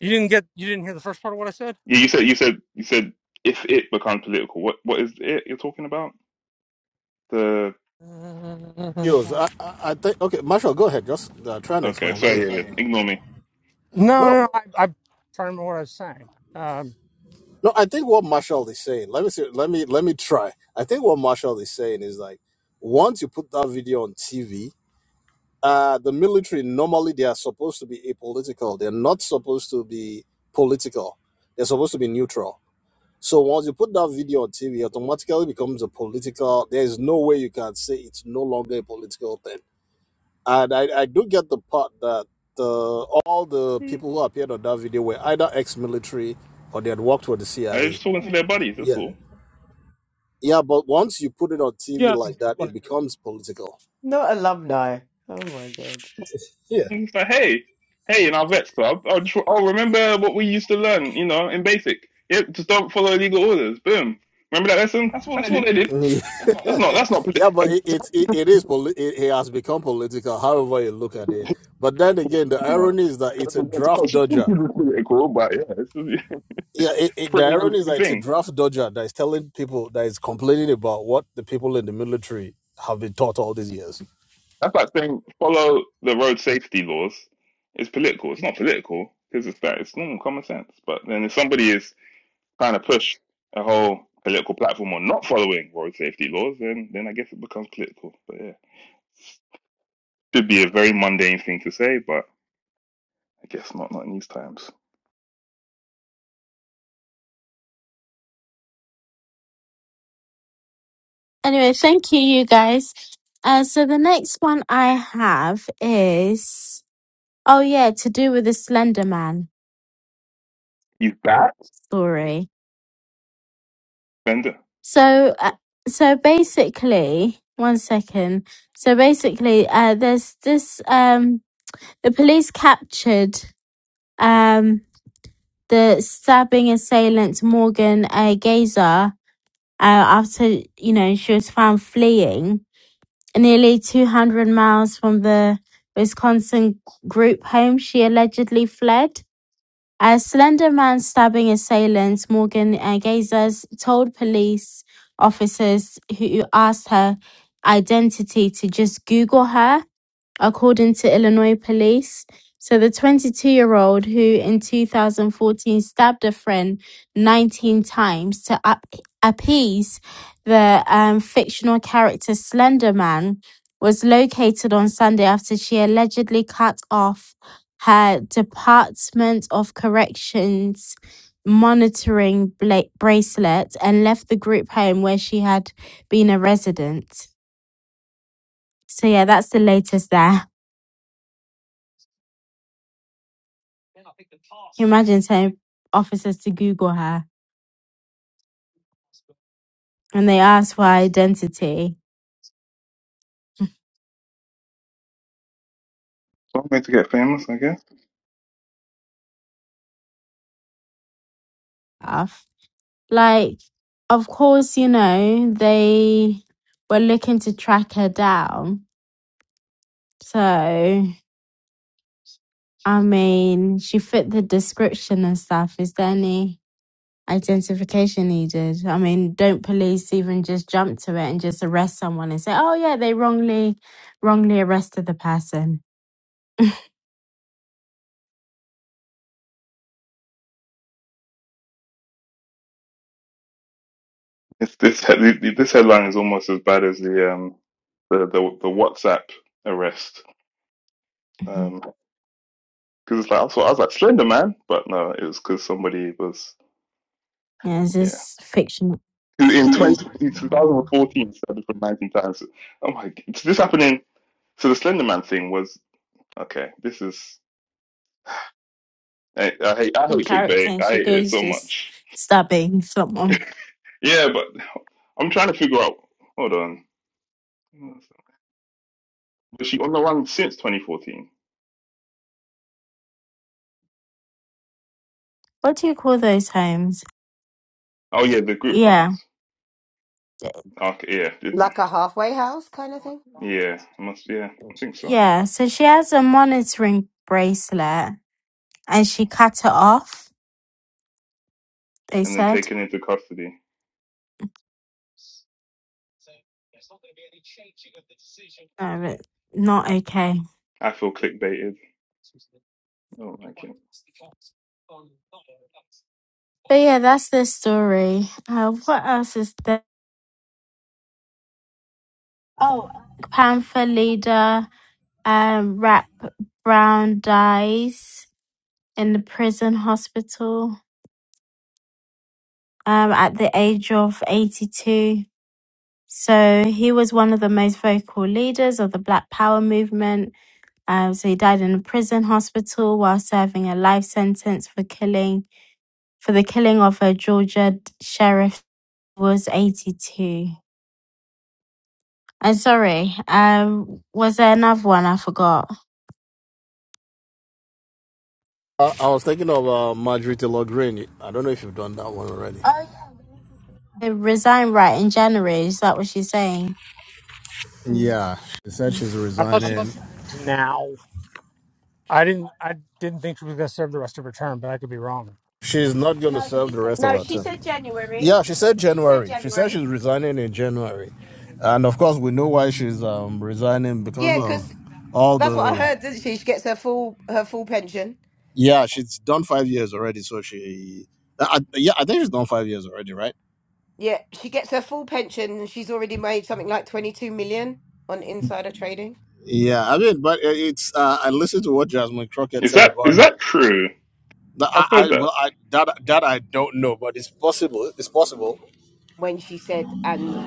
[SPEAKER 13] you didn't get you didn't hear the first part of what I said?
[SPEAKER 8] Yeah, you said you said you said if it becomes political, what what is it you're talking about? The
[SPEAKER 12] Yes, I, I, I think. Okay, Marshall, go ahead. Just uh, try and
[SPEAKER 8] okay,
[SPEAKER 12] explain. Let
[SPEAKER 8] sorry, yeah, yeah.
[SPEAKER 12] me.
[SPEAKER 8] ignore
[SPEAKER 13] No, no,
[SPEAKER 12] No,
[SPEAKER 13] no I, I'm trying to remember what I was saying. Um,
[SPEAKER 12] no. I think what Marshall is saying. Let me see. Let me let me try. I think what Marshall is saying is like once you put that video on TV, uh, the military normally they are supposed to be apolitical. They're not supposed to be political. They're supposed to be neutral. So once you put that video on TV, it automatically becomes a political. There is no way you can say it's no longer a political thing. And I, I do get the part that the, all the
[SPEAKER 8] me.
[SPEAKER 12] people who appeared on that video were either ex-military or they had worked for the
[SPEAKER 8] I was
[SPEAKER 12] CIA.
[SPEAKER 8] just talking to their buddies. That's
[SPEAKER 12] Yeah,
[SPEAKER 8] all.
[SPEAKER 12] yeah. But once you put it on
[SPEAKER 13] yeah,
[SPEAKER 12] TV
[SPEAKER 13] that's
[SPEAKER 12] like
[SPEAKER 13] exactly
[SPEAKER 12] that,
[SPEAKER 13] what
[SPEAKER 12] it
[SPEAKER 13] I meant.
[SPEAKER 12] becomes political.
[SPEAKER 11] Not alumni. Oh my god.
[SPEAKER 12] Yeah.
[SPEAKER 8] And like, hey, hey, in our vets club, I'll just oh remember what we used to learn, you know, in basic. Yep, just don't follow illegal orders. Boom. Remember that lesson? That's what they did. That's not.
[SPEAKER 12] Politi-
[SPEAKER 8] That's not. politi-
[SPEAKER 12] yeah, but it
[SPEAKER 8] It's not
[SPEAKER 12] it, it, it is poli- it, it has become political. However you look at
[SPEAKER 8] political,
[SPEAKER 12] it, but then again, the
[SPEAKER 8] you know,
[SPEAKER 12] irony is that it's a
[SPEAKER 8] it's
[SPEAKER 12] draft dodger.
[SPEAKER 8] political, but yeah, it's,
[SPEAKER 12] Yeah,
[SPEAKER 8] it's
[SPEAKER 12] it,
[SPEAKER 8] a
[SPEAKER 12] it, the
[SPEAKER 8] pretty
[SPEAKER 12] irony is
[SPEAKER 8] mundane
[SPEAKER 12] that it's a
[SPEAKER 8] thing.
[SPEAKER 12] draft dodger that is telling people that is complaining about what the people in the military have been taught all these years.
[SPEAKER 8] That's like saying follow the road safety laws. It's political. It's not political because it's that. It's normal common sense. But then if somebody is kind of push a whole political platform on not following road safety laws, then then I guess it becomes political. But yeah, should be a very mundane thing to say, but I guess not not in these times.
[SPEAKER 1] Anyway, thank you, you guys. Uh, so the next one I have is oh yeah, to do with the Slender Man
[SPEAKER 8] You back,
[SPEAKER 1] story.
[SPEAKER 8] Bender?
[SPEAKER 1] So uh, so basically, one second. So basically, uh, there's this um the police captured um the stabbing assailant Morgan uh, Gazer uh, after you know she was found fleeing nearly 200 miles from the Wisconsin group home she allegedly fled. A slender man stabbing assailants, Morgan uh, Gazers, told police officers who asked her identity to just Google her according to Illinois police. So the 22 year old who in 2014 stabbed a friend 19 times to up- appease the um, fictional character Slender Man was located on Sunday after she allegedly cut off her Department of Corrections monitoring bla- bracelet and left the group home where she had been a resident. So yeah, that's the latest there. Imagine telling officers to Google her and they ask for her identity.
[SPEAKER 8] Some way to get famous, I guess.
[SPEAKER 1] Stuff. Like, of course, you know, they were looking to track her down. So, I mean, she fit the description and stuff. Is there any identification needed. I mean, don't police even just jump to it and just arrest someone and say, "Oh yeah, they wrongly wrongly arrested the person."
[SPEAKER 8] It's this he- this headline is almost as bad as the um the the, the WhatsApp arrest.
[SPEAKER 1] Mhm.
[SPEAKER 8] Um, because it's like I was, I was like Slender Man, but no, it was because somebody was
[SPEAKER 1] yeah, it's
[SPEAKER 8] yeah.
[SPEAKER 1] just fictional
[SPEAKER 8] In
[SPEAKER 12] I,
[SPEAKER 8] 20, 2014, started for 19 times. Oh my! Is this happening? So the Slender Man thing was okay. This is I, I hate I hate
[SPEAKER 1] character,
[SPEAKER 8] clickbait.
[SPEAKER 1] and
[SPEAKER 8] I
[SPEAKER 1] she
[SPEAKER 8] hate it
[SPEAKER 1] goes
[SPEAKER 8] so
[SPEAKER 1] just
[SPEAKER 8] much.
[SPEAKER 1] stabbing someone.
[SPEAKER 8] Yeah, but I'm trying to figure out. Hold on, was she on the run since 2014?
[SPEAKER 1] What do you call those homes?
[SPEAKER 8] Oh yeah, the group homes.
[SPEAKER 1] Yeah,
[SPEAKER 8] Okay, yeah, it-
[SPEAKER 11] Like a halfway house kind of thing.
[SPEAKER 8] yeah, must yeah, I think so.
[SPEAKER 1] Yeah, so she has a monitoring bracelet and she cut it off, they
[SPEAKER 8] And then
[SPEAKER 1] said.
[SPEAKER 8] taken into custody.
[SPEAKER 1] No, but not okay.
[SPEAKER 8] I feel clickbaited. I don't like it.
[SPEAKER 1] But yeah, that's the story. Uh, what else is there? Panther leader, um, Rap Brown dies in the prison hospital um, at the age of 82. So he was one of the most vocal leaders of the Black Power movement Um, so he died in a prison hospital while serving a life sentence for killing for the killing of a Georgia sheriff. who Was eighty two. I'm sorry. Um, was there another one I forgot?
[SPEAKER 12] I was thinking of uh, Marjorie Taylor Greene. I don't know if you've done that one already.
[SPEAKER 1] They resigned right in January. Is that what she's saying? Mm.
[SPEAKER 12] Yeah, she said she's
[SPEAKER 13] I thought she
[SPEAKER 12] resigning.
[SPEAKER 13] resigned now. I didn't I didn't think she was going to serve the rest of her term, but I could be wrong.
[SPEAKER 12] She's not going to serve the rest of
[SPEAKER 11] No,
[SPEAKER 12] her
[SPEAKER 11] she
[SPEAKER 12] term.
[SPEAKER 11] said January.
[SPEAKER 12] Yeah, she said
[SPEAKER 11] She said
[SPEAKER 12] January. She said
[SPEAKER 11] January.
[SPEAKER 12] she's resigning in January. And of course, we know why she's um, resigning because
[SPEAKER 11] Yeah, 'cause
[SPEAKER 12] of all
[SPEAKER 11] That's what I
[SPEAKER 12] the.
[SPEAKER 11] heard, didn't she? She gets her full her full pension.
[SPEAKER 12] Yeah, she's done five years already. So she. I, yeah, I think she's done five years already, right?
[SPEAKER 11] Yeah, she gets her full pension and she's already made something like 22 million on insider trading
[SPEAKER 12] Yeah, I mean, but it's. Uh, I listened to what Jasmine Crockett
[SPEAKER 8] Is
[SPEAKER 12] said
[SPEAKER 8] that
[SPEAKER 12] about
[SPEAKER 8] is
[SPEAKER 12] her.
[SPEAKER 8] that true?
[SPEAKER 12] That
[SPEAKER 8] I've
[SPEAKER 12] I,
[SPEAKER 8] heard
[SPEAKER 12] I,
[SPEAKER 8] that.
[SPEAKER 12] well, I, that, that I don't know, but it's possible. It's possible.
[SPEAKER 11] when she said and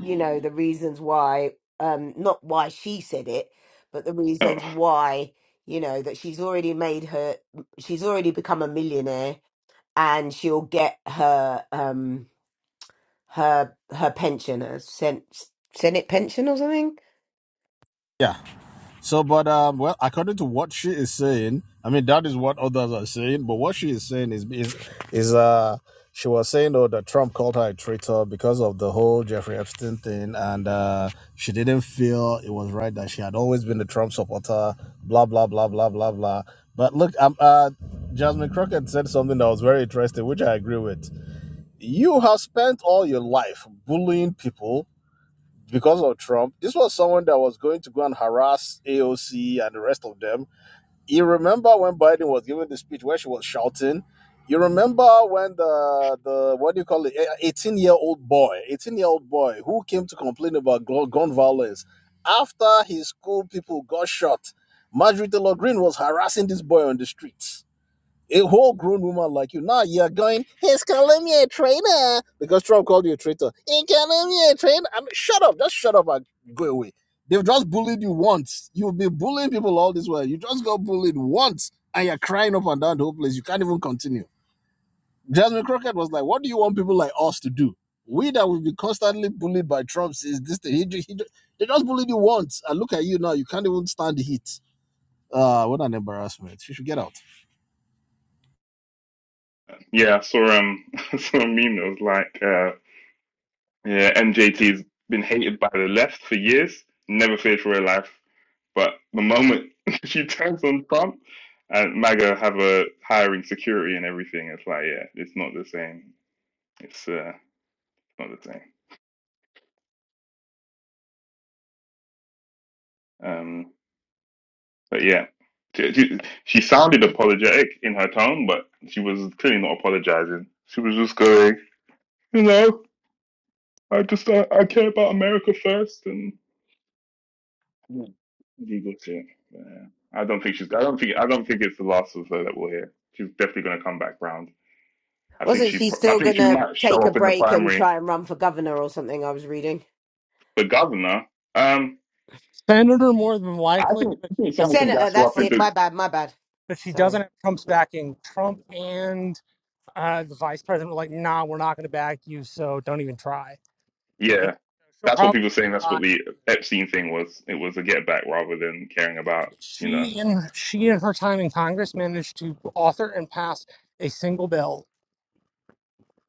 [SPEAKER 11] you know the reasons why um not why she said it, but the
[SPEAKER 8] Oh
[SPEAKER 11] reasons why you know that she's already made her she's already become a millionaire and she'll get her um her her pension, a sen- Senate pension or something
[SPEAKER 12] Yeah. So, but um, well, according to what she is saying, I mean that is what others are saying. But what she is saying is is is uh she was saying though that Trump called her a traitor because of the whole Jeffrey Epstein thing, and uh, she didn't feel it was right that she had always been a Trump supporter. Blah blah blah blah blah blah. But look, um, uh, Jasmine Crockett said something that was very interesting, which I agree with. You have spent all your life bullying people because of Trump. This was someone that was going to go and harass AOC and the rest of them. You remember when Biden was giving the speech where she was shouting? You remember when the the what do you call it? Eighteen year old boy, eighteen year old boy who came to complain about gun violence after his school people got shot. Marjorie Taylor Greene was harassing this boy on the streets a whole grown woman like you. Now you're going, he's calling me a traitor because Trump called you a traitor. He calling me a traitor. I mean, shut up, just shut up and go away. They've just bullied you once. You've been bullying people all this while. You just got bullied once and you're crying up and down the whole place. You can't even continue. Jasmine Crockett was like, What do you want people like us to do? We that will be constantly bullied by Trump since this thing. He, he, they just bullied you once. And look at you now. You can't even stand the heat. Uh, what an embarrassment. You should get out.
[SPEAKER 8] yeah, I saw um I saw a meme that was like. uh, Yeah, MJT's been hated by the left for years, never feared for her life. But the moment she turns on Trump and MAGA have a hiring security and everything, it's like, yeah, it's not the same. It's uh, not the same. Um, but yeah, she, she, she sounded apologetic in her tone, but she was clearly not apologizing. She was just going, you know, I just, I, I care about America first. and. Mm. Legal shit. Yeah. I don't think she's. I don't think. I don't think it's the last of her that we'll hear. She's definitely going to come back round. I think
[SPEAKER 11] Wasn't
[SPEAKER 8] she.
[SPEAKER 11] she
[SPEAKER 8] pro- I
[SPEAKER 11] still
[SPEAKER 8] think she
[SPEAKER 11] gonna
[SPEAKER 8] might show
[SPEAKER 11] take a
[SPEAKER 8] up in the
[SPEAKER 11] break and
[SPEAKER 8] primary
[SPEAKER 11] try and run for governor or something? I was reading.
[SPEAKER 8] for governor. Um,
[SPEAKER 13] Senator more than
[SPEAKER 8] I
[SPEAKER 13] likely,
[SPEAKER 8] think.
[SPEAKER 13] but
[SPEAKER 8] I
[SPEAKER 13] she
[SPEAKER 8] think
[SPEAKER 13] doesn't.
[SPEAKER 8] someone can
[SPEAKER 11] Senator,
[SPEAKER 8] gas her
[SPEAKER 11] that's
[SPEAKER 8] up
[SPEAKER 11] it.
[SPEAKER 8] into.
[SPEAKER 11] My bad, my bad.
[SPEAKER 13] But she
[SPEAKER 11] Sorry.
[SPEAKER 13] doesn't have Trump's backing. Trump and uh, the vice president were like, "Nah, we're not going to back you, so don't even try." And
[SPEAKER 8] Yeah,
[SPEAKER 13] she'll
[SPEAKER 8] that's what
[SPEAKER 13] probably
[SPEAKER 8] people were saying. That's
[SPEAKER 13] try
[SPEAKER 8] what
[SPEAKER 13] and
[SPEAKER 8] the
[SPEAKER 13] lose.
[SPEAKER 8] Epstein thing was. It was a get back rather than caring about. You know,
[SPEAKER 13] she and she and her time in Congress managed to author and pass a single bill.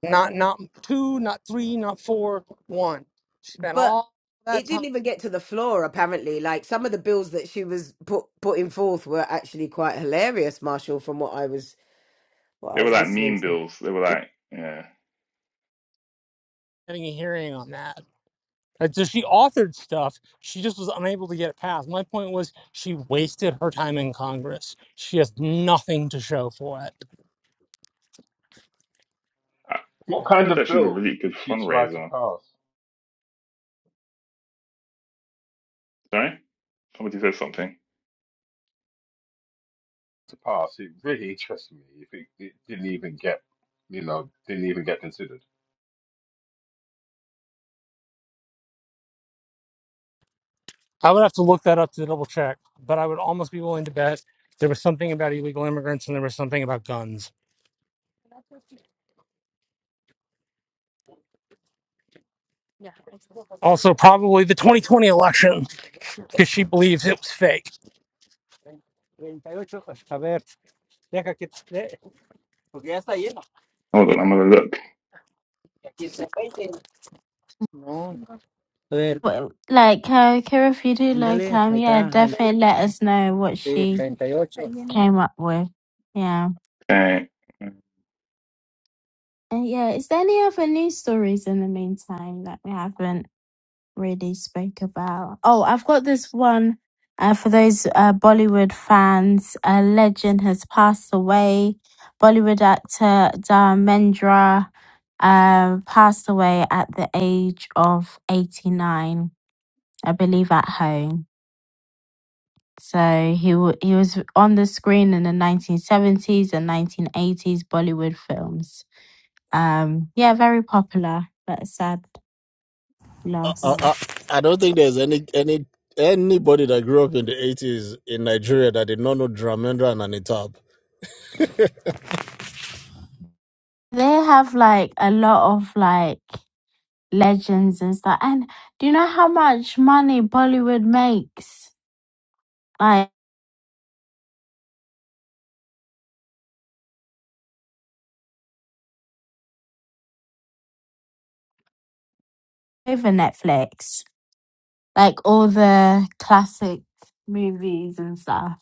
[SPEAKER 13] Not not two, not three, not four, one. She spent
[SPEAKER 11] But
[SPEAKER 13] all that
[SPEAKER 11] it
[SPEAKER 13] time
[SPEAKER 11] didn't even get to the floor, apparently. Like some of the bills that she was put putting forth were actually quite hilarious, Marshall, from what I was Well, I
[SPEAKER 8] they were
[SPEAKER 11] was
[SPEAKER 8] like
[SPEAKER 11] listening
[SPEAKER 8] meme
[SPEAKER 11] to.
[SPEAKER 8] bills. They were like, yeah.
[SPEAKER 13] having a hearing on that. And so she authored stuff. She just was unable to get it passed. My point was she wasted her time in Congress. She has nothing to show for it.
[SPEAKER 8] I,
[SPEAKER 10] What
[SPEAKER 8] I
[SPEAKER 10] kind
[SPEAKER 8] heard
[SPEAKER 10] of
[SPEAKER 8] that she's a
[SPEAKER 10] bill
[SPEAKER 8] really good
[SPEAKER 10] did she try to
[SPEAKER 8] fundraiser.
[SPEAKER 10] pass?
[SPEAKER 8] Sorry, somebody said something.
[SPEAKER 10] To pass, it really interested me. If it, it didn't even get, you know, didn't even get considered.
[SPEAKER 13] I would have to look that up to double check, but I would almost be willing to bet there was something about illegal immigrants and there was something about guns. Also, probably the 2020 election. because she believes it was fake. Yeah, 'cause
[SPEAKER 8] Hold on, I'm gonna look.
[SPEAKER 1] Well, Like, uh, Kira, if you do like, um, yeah, definitely let us know what she came up with. Yeah.
[SPEAKER 8] Okay.
[SPEAKER 1] And yeah, is there any other news stories in the meantime that we haven't? really spoke about. Oh, I've got this one uh, for those uh, Bollywood fans. A legend has passed away. Bollywood actor Dharmendra uh, passed away at the age of 89, I believe, at home. So he w- he was on the screen in the 1970s and 1980s Bollywood films. Um, yeah, very popular, but sad
[SPEAKER 12] I,
[SPEAKER 1] loss.
[SPEAKER 12] I, I don't think there's any any anybody that grew up in the eighties in Nigeria that did not know Dramendra and Anitab.
[SPEAKER 1] They have like a lot of like legends and stuff. And do you know how much money Bollywood makes? Like over Netflix, like all the classic movies and stuff.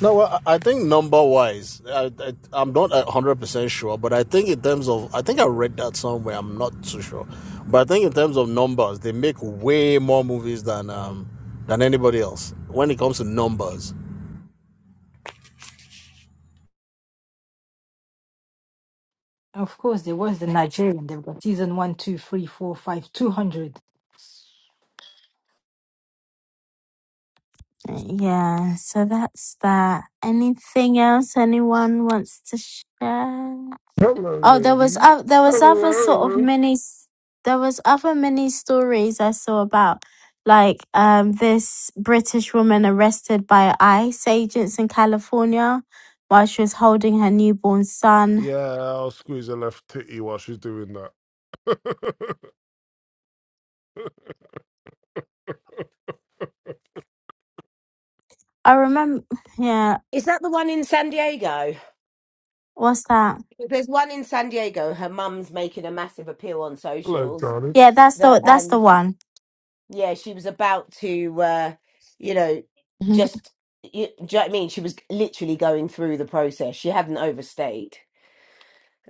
[SPEAKER 12] No, well, I I think number wise, I, I, I'm not a hundred percent sure, but I think in terms of, I think I read that somewhere. I'm not too sure, but I think in terms of numbers, they make way more movies than um than anybody else when it comes to numbers.
[SPEAKER 5] Of course, there was the Nigerian. They've got season one, two, three, four, five, two hundred.
[SPEAKER 1] Yeah, so that's that. Anything else anyone wants to share?
[SPEAKER 7] Hello,
[SPEAKER 1] Oh, there was
[SPEAKER 7] ladies.
[SPEAKER 1] uh, there was other sort of
[SPEAKER 7] Hello.
[SPEAKER 1] mini s- there was other mini stories I saw about like um this British woman arrested by ICE agents in California while she was holding her newborn son.
[SPEAKER 7] Yeah, I'll squeeze her left titty while she's doing that.
[SPEAKER 1] I remember yeah,
[SPEAKER 11] Is that the one in San Diego?
[SPEAKER 1] what's that?
[SPEAKER 11] There's one in San Diego. Her mum's making a massive appeal on
[SPEAKER 7] Hello,
[SPEAKER 11] socials
[SPEAKER 7] darling.
[SPEAKER 1] Yeah, that's
[SPEAKER 11] that
[SPEAKER 1] the that's
[SPEAKER 11] um
[SPEAKER 1] the one.
[SPEAKER 11] yeah, she was about to, uh, you know, just, you, do you know what I mean? She was literally going through the process. She hadn't overstayed,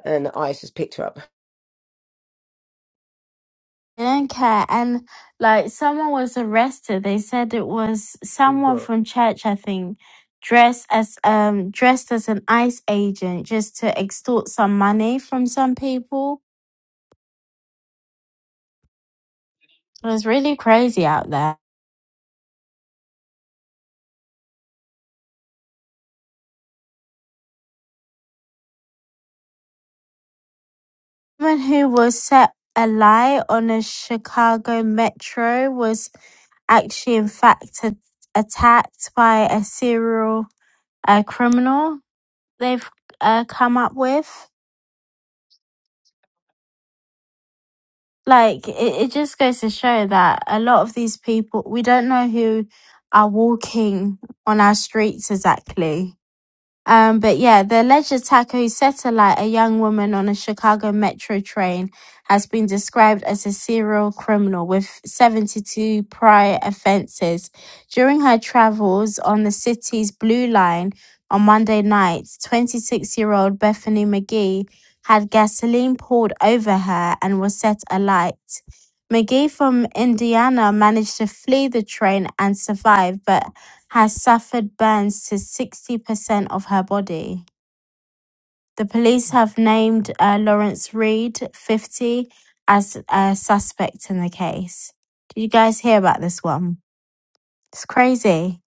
[SPEAKER 11] and ICE has picked her up.
[SPEAKER 1] They do not care. And like someone was arrested. They said it was
[SPEAKER 7] Who's
[SPEAKER 1] someone
[SPEAKER 7] that?
[SPEAKER 1] from church, I think, dressed as um dressed as an ICE agent just to extort some money from some people. It was really crazy out there. Someone who was set a lie on a Chicago metro was actually in fact a- attacked by a serial uh, criminal they've uh, come up with. like it, it just goes to show that a lot of these people we don't know who are walking on our streets exactly um, but yeah, the alleged attacker who set alight a young woman on a Chicago metro train has been described as a serial criminal with 72 prior offenses. During her travels on the city's Blue Line on Monday night, 26 year old Bethany McGee had gasoline poured over her and was set alight. McGee from Indiana managed to flee the train and survive, but has suffered burns to 60% of her body. The police have named uh, Lawrence Reed, 50, as a suspect in the case. Did you guys hear about this one? It's crazy.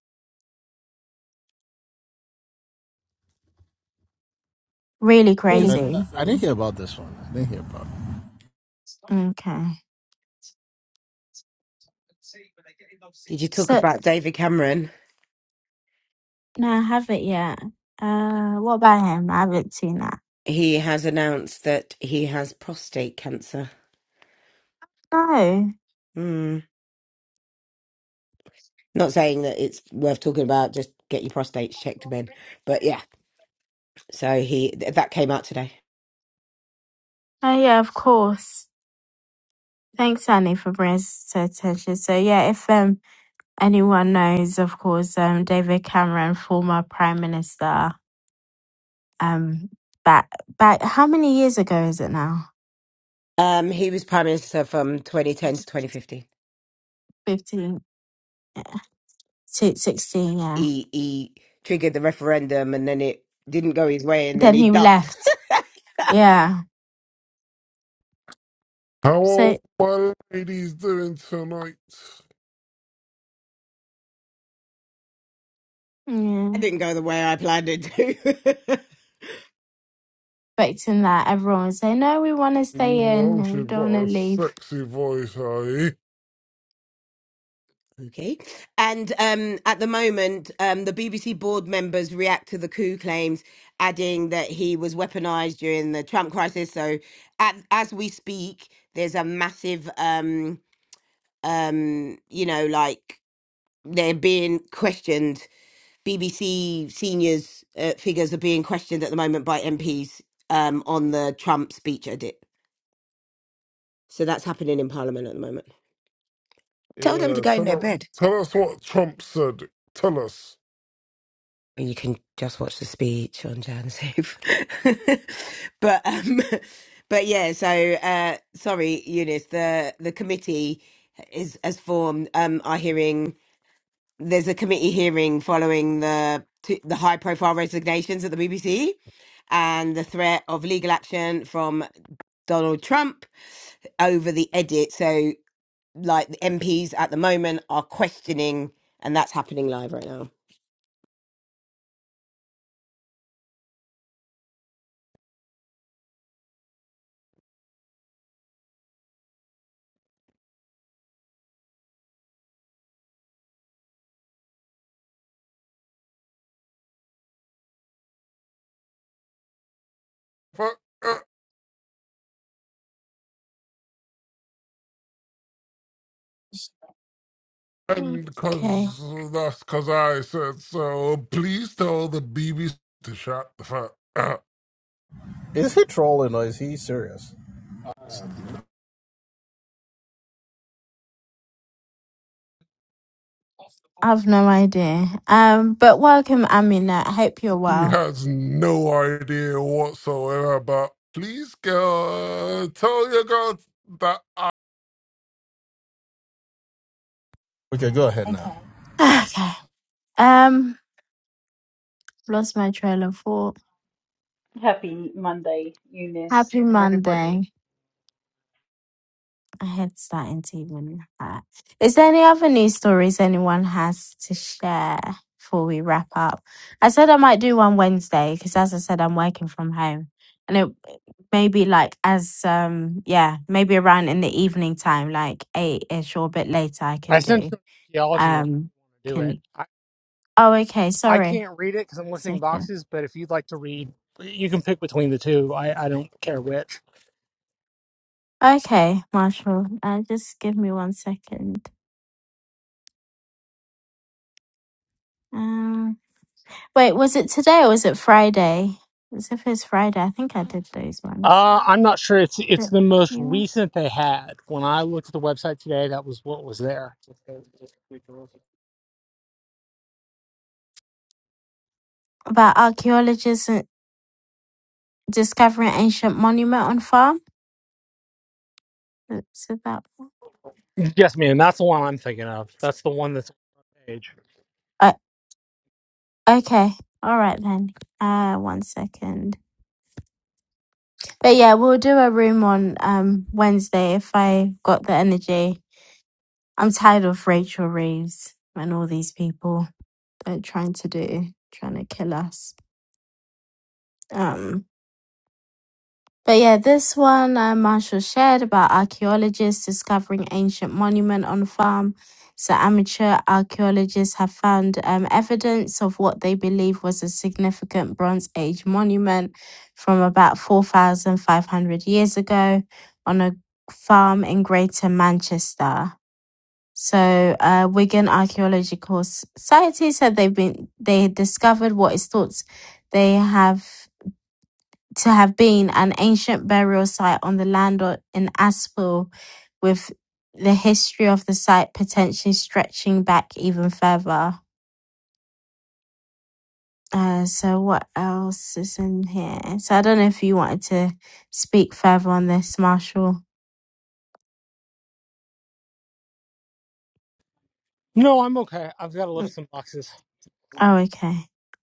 [SPEAKER 1] Really
[SPEAKER 12] I,
[SPEAKER 1] crazy.
[SPEAKER 12] I didn't hear about this one. I didn't hear about
[SPEAKER 1] Okay.
[SPEAKER 11] Did you talk
[SPEAKER 1] So,
[SPEAKER 11] about David Cameron?
[SPEAKER 1] no, I haven't yet. Uh, what about him? I haven't seen that.
[SPEAKER 11] He has announced that he has prostate cancer.
[SPEAKER 1] No.
[SPEAKER 11] Mm. Not saying that it's worth talking about, just get your prostates checked, men. But yeah, so he th- that came out today.
[SPEAKER 1] Oh, yeah, of course. Thanks, Annie, for bringing us to attention. So, yeah, if um Anyone knows, of course, um, David Cameron, former Prime Minister, um, back, back, how many years ago is it now?
[SPEAKER 11] Um, he was prime minister from 2010 to 2015.
[SPEAKER 1] 15, yeah. si- 16, yeah.
[SPEAKER 11] He he triggered the referendum, and then it didn't go his way, and then
[SPEAKER 1] Then
[SPEAKER 11] he
[SPEAKER 1] he
[SPEAKER 11] ducked.
[SPEAKER 1] left. Yeah.
[SPEAKER 7] How
[SPEAKER 1] So,
[SPEAKER 7] old my lady's doing tonight?
[SPEAKER 1] yeah,
[SPEAKER 11] It didn't go the way I planned it to.
[SPEAKER 1] expecting that everyone would say, no, we want to
[SPEAKER 7] You
[SPEAKER 1] stay in
[SPEAKER 7] know
[SPEAKER 1] and we
[SPEAKER 7] she's
[SPEAKER 1] don't
[SPEAKER 7] got
[SPEAKER 1] want
[SPEAKER 7] a
[SPEAKER 1] to leave.
[SPEAKER 7] Sexy voice, eh?
[SPEAKER 11] okay. And um, at the moment, um, the BBC board members react to the coup claims, adding that he was weaponized during the Trump crisis. So, at, as we speak, there's a massive, um, um, you know, like they're being questioned BBC seniors uh, figures are being questioned at the moment by MPs um, on the Trump speech edit. So that's happening in Parliament at the moment. Tell them to
[SPEAKER 7] Yeah,
[SPEAKER 11] go in
[SPEAKER 7] tell
[SPEAKER 11] their
[SPEAKER 7] us,
[SPEAKER 11] bed.
[SPEAKER 7] tell us what Trump said. Tell us.
[SPEAKER 11] And you can just watch the speech on Jan's Eve. but um, but yeah. So uh, sorry, Eunice. The the committee is has formed. Um, are hearing. there's a committee hearing following the t- the high profile resignations at the BBC and the threat of legal action from Donald Trump over the edit. So like the MPs at the moment are questioning and that's happening live right now.
[SPEAKER 7] Fuck, uh,
[SPEAKER 1] Mm.
[SPEAKER 7] And
[SPEAKER 1] Okay.
[SPEAKER 7] because that's because I said so, please tell the BBC to shut the fuck up.
[SPEAKER 12] it. Is he trolling or is he serious?
[SPEAKER 1] I've no idea. Um, but welcome, Amina. I hope you're
[SPEAKER 7] She
[SPEAKER 1] well.
[SPEAKER 7] has no idea whatsoever, but please, girl, tell your girl that.
[SPEAKER 12] Okay, go ahead now.
[SPEAKER 1] Okay. Um, lost my trail of thought.
[SPEAKER 15] Happy Monday, Eunice
[SPEAKER 1] Happy
[SPEAKER 15] and everybody.
[SPEAKER 1] Monday. I had starting to even hurt. Is there any other news stories anyone has to share before we wrap up? I said I might do one Wednesday because, as I said, I'm working from home, and it maybe like as um yeah maybe around in the evening time, like eight ish or a bit later, I
[SPEAKER 13] I
[SPEAKER 1] can
[SPEAKER 13] sent
[SPEAKER 1] do
[SPEAKER 13] you an archaeology one
[SPEAKER 1] um
[SPEAKER 13] if you want to do it.
[SPEAKER 1] can
[SPEAKER 13] I,
[SPEAKER 1] oh okay
[SPEAKER 13] I
[SPEAKER 1] sorry
[SPEAKER 13] can't read it because I'm lifting
[SPEAKER 1] second
[SPEAKER 13] boxes, but if you'd like to read, you can pick between the two. I, I don't care which.
[SPEAKER 1] okay Marshall uh, just give me one second Um. Wait, was it today or was it Friday? It was the first Friday. I think I did those ones.
[SPEAKER 13] Uh, I'm not sure. It's it's
[SPEAKER 1] But-
[SPEAKER 13] the most
[SPEAKER 1] yeah.
[SPEAKER 13] recent they had. When I looked at the website today, that was what was there.
[SPEAKER 1] About archaeologists uh, discovering ancient monument on farm. Is it that one?
[SPEAKER 13] Yes, man, that's the one I'm thinking of. That's the one that's on the page.
[SPEAKER 1] Uh, okay. All right then. Uh, one second. But yeah, we'll do a room on um Wednesday if I got the energy. I'm tired of Rachel Reeves and all these people that are trying to do, trying to kill us. Um. But yeah, this one uh, Marshall shared about archaeologists discovering ancient monument on farm. So amateur archaeologists have found um, evidence of what they believe was a significant Bronze Age monument from about 4,500 years ago on a farm in Greater Manchester. So uh, Wigan Archaeological Society said they've been they discovered what is thought they have to have been an ancient burial site on the land o- in Aspel, with the history of the site potentially stretching back even further. Uh, so what else is in here? So I don't know if you wanted to speak further on this, Marshall.
[SPEAKER 13] No, I'm okay. I've got to lift
[SPEAKER 1] Mm,
[SPEAKER 13] some boxes.
[SPEAKER 1] Oh, okay.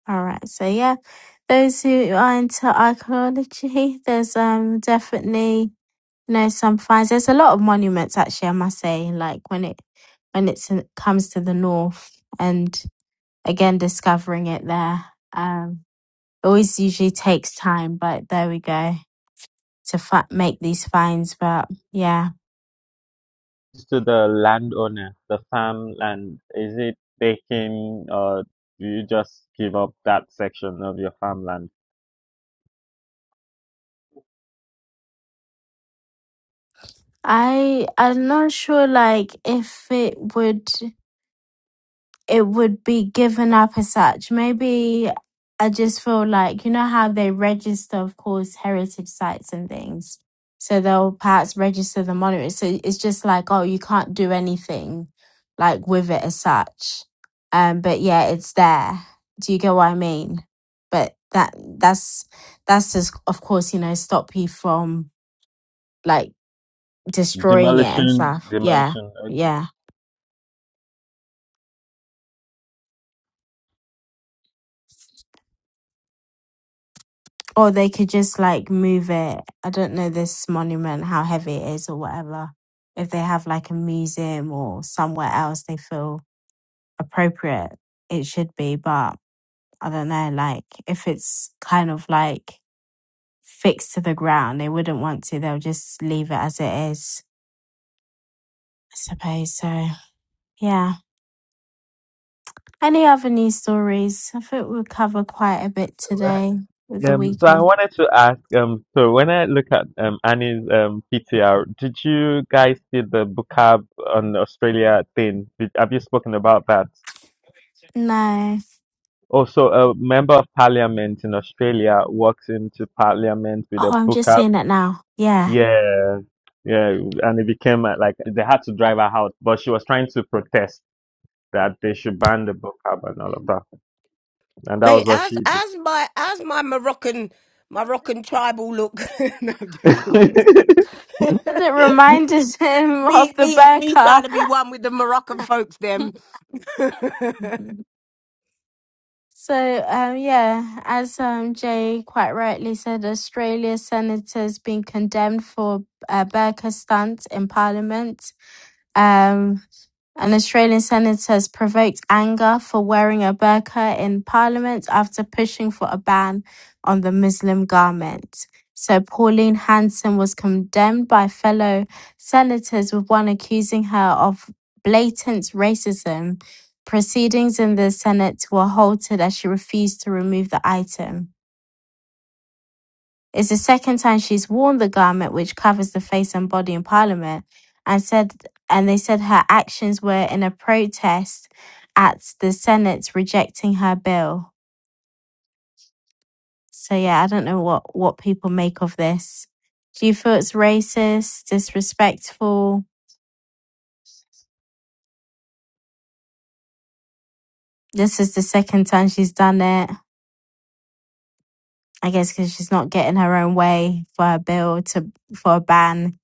[SPEAKER 1] All right. So yeah, those who are into archaeology, there's um definitely No, some finds. There's a lot of monuments actually, I must say, like when it when it's in, comes to the north and again discovering it there. Um it always usually takes time, but there we go to fi- make these finds, but yeah.
[SPEAKER 16] to the landowner, the farmland? Is it taken, or do you just give up that section of your farmland?
[SPEAKER 1] I I'm not sure like if it would it would be given up as such. Maybe I just feel like, you know, how they register, of course, heritage sites and things. So they'll perhaps register the monument. So it's just like, oh, you can't do anything like with it as such. Um, but yeah, it's there. Do you get what I mean? But that that's that's just of course, you know, stop you from like destroying it and
[SPEAKER 16] Demolition,
[SPEAKER 1] stuff. Yeah.
[SPEAKER 16] demolition. Okay.
[SPEAKER 1] yeah. Or they could just like move it. I don't know this monument, how heavy it is or whatever. If they have like a museum or somewhere else they feel appropriate, it should be. But I don't know, like if it's kind of like fixed to the ground, they wouldn't want to. They'll just leave it as it is, I suppose. So, yeah. Any other news stories? I think we'll cover quite a bit
[SPEAKER 16] Uh,
[SPEAKER 1] today with the
[SPEAKER 16] Um, so I
[SPEAKER 1] weekend.
[SPEAKER 16] wanted to ask. Um, so when I look at um, Annie's um, PTR, did you guys see the Bukab on Australia thing? Did, have you spoken about that?
[SPEAKER 1] No.
[SPEAKER 16] Also, a member of parliament in Australia walks into parliament with
[SPEAKER 1] Oh,
[SPEAKER 16] a
[SPEAKER 1] I'm just
[SPEAKER 16] Bukab.
[SPEAKER 1] seeing it now. Yeah.
[SPEAKER 16] Yeah, yeah, and it became uh, like they had to drive her out, but she was trying to protest that they should ban the book club and all of that, and that
[SPEAKER 11] Mate,
[SPEAKER 16] was what
[SPEAKER 11] as
[SPEAKER 16] she did.
[SPEAKER 11] as my as my Moroccan Moroccan tribal look. no, I'm joking.
[SPEAKER 1] said it reminded him of
[SPEAKER 11] me,
[SPEAKER 1] the
[SPEAKER 11] me,
[SPEAKER 1] bear
[SPEAKER 11] me trying
[SPEAKER 1] car.
[SPEAKER 11] to be one with the Moroccan folks, them.
[SPEAKER 1] So, um, yeah, as um, Jay quite rightly said, Australia's senators been condemned for a burqa stunt in Parliament. Um, an Australian senator has provoked anger for wearing a burqa in parliament after pushing for a ban on the Muslim garment. So, Pauline Hanson was condemned by fellow senators, with one accusing her of blatant racism. Proceedings in the Senate were halted as she refused to remove the item. It's the second time she's worn the garment which covers the face and body in Parliament, and said, and they said her actions were in a protest at the Senate rejecting her bill. So yeah, I don't know what what people make of this. Do you feel it's racist, disrespectful? This is the second time she's done it. I guess because she's not getting her own way for her bill to for a ban.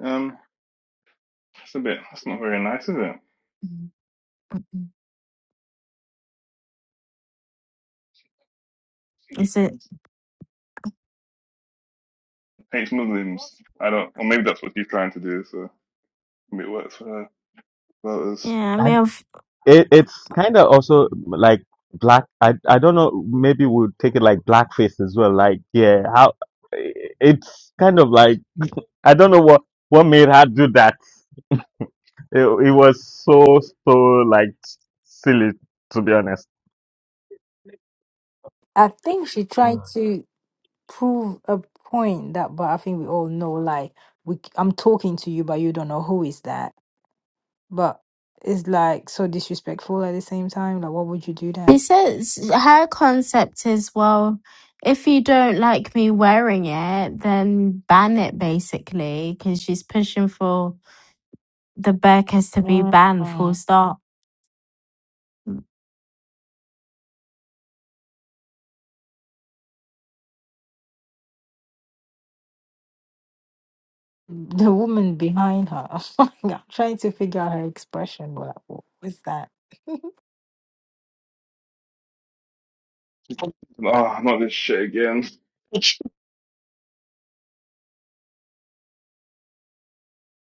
[SPEAKER 8] Um. That's a bit. That's not very nice, is it?
[SPEAKER 1] Is it?
[SPEAKER 8] Hates Muslims. I don't. Or maybe that's what she's trying to do. So maybe it works for her voters.
[SPEAKER 1] Yeah, I mean,
[SPEAKER 16] And
[SPEAKER 1] have
[SPEAKER 16] it, it's kind of also like black. I I don't know. Maybe we'll take it like blackface as well. Like yeah, how it's kind of like I don't know what what made her do that. It, it was so so like silly to be honest.
[SPEAKER 5] I think she
[SPEAKER 16] Mm.
[SPEAKER 5] tried to prove a point that, but I think we all know, like, we, I'm talking to you, but you don't know who is that. But it's like so disrespectful at the same time. Like, why would you do
[SPEAKER 1] He
[SPEAKER 5] that?
[SPEAKER 1] says her concept is well, if you don't like me wearing it, then ban it basically, because she's pushing for the bag has to be banned, full
[SPEAKER 5] Mm.
[SPEAKER 1] stop. Mm.
[SPEAKER 5] The woman behind her, I'm trying to figure out her expression. Like, what's that?
[SPEAKER 8] Ah, not this shit again.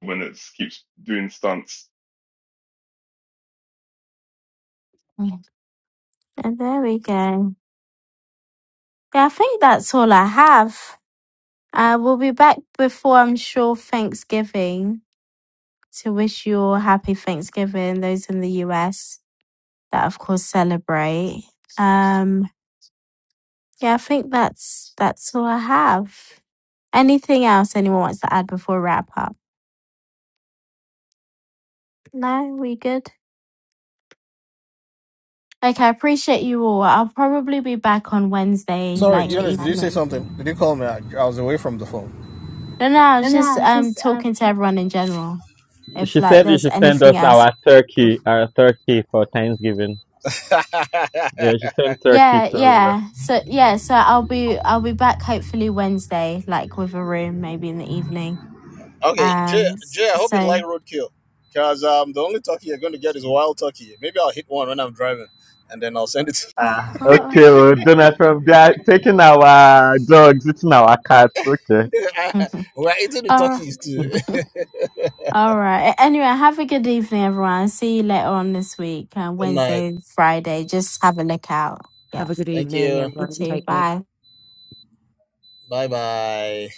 [SPEAKER 8] When it keeps doing stunts.
[SPEAKER 1] Yeah, And there we go. Yeah, I think that's all I have. Uh, we'll be back before I'm sure Thanksgiving to wish you all happy Thanksgiving, those in the US that of course celebrate. Um, yeah, I think that's that's all I have. Anything else anyone wants to add before we wrap up? No, we good? Okay, I appreciate you all. I'll probably be back on Wednesday,
[SPEAKER 12] Sorry,
[SPEAKER 1] like
[SPEAKER 12] Eunice, did you say
[SPEAKER 1] evening.
[SPEAKER 12] something? Did you call me? I, I was away from the phone.
[SPEAKER 1] No, no, I
[SPEAKER 12] No,
[SPEAKER 1] was
[SPEAKER 12] no, I
[SPEAKER 1] just
[SPEAKER 12] was
[SPEAKER 1] um
[SPEAKER 12] just um
[SPEAKER 1] talking to everyone in general. If
[SPEAKER 16] She
[SPEAKER 1] like
[SPEAKER 16] said she
[SPEAKER 1] there's
[SPEAKER 16] sent us
[SPEAKER 1] anything else.
[SPEAKER 16] our
[SPEAKER 1] bef-
[SPEAKER 16] turkey, our turkey for Thanksgiving.
[SPEAKER 12] talking.
[SPEAKER 16] Yeah, she sent turkey
[SPEAKER 1] Yeah,
[SPEAKER 16] to all of us.
[SPEAKER 1] yeah. So yeah, so I'll be I'll be back hopefully Wednesday, like with a room maybe in the evening.
[SPEAKER 12] okay, Jay,
[SPEAKER 1] Um. s-
[SPEAKER 12] Jay, I hope you
[SPEAKER 1] So.
[SPEAKER 12] like roadkill. Because um, the only turkey you're going to get is wild turkey. Maybe I'll hit one when I'm driving and then I'll send it to
[SPEAKER 1] Oh
[SPEAKER 16] Ah, okay.
[SPEAKER 1] gosh.
[SPEAKER 16] Well, Donald Trump, they are taking our dogs, eating our cats. Okay.
[SPEAKER 12] you. We're eating the
[SPEAKER 1] all right.
[SPEAKER 12] turkeys too. Good
[SPEAKER 1] All right. A- Anyway, have a good evening, everyone. See you later on this week, uh,
[SPEAKER 12] night.
[SPEAKER 1] Wednesday, Friday. Just have a look out. Yeah.
[SPEAKER 12] Thank you.
[SPEAKER 1] You too. Bye.
[SPEAKER 12] Bye bye.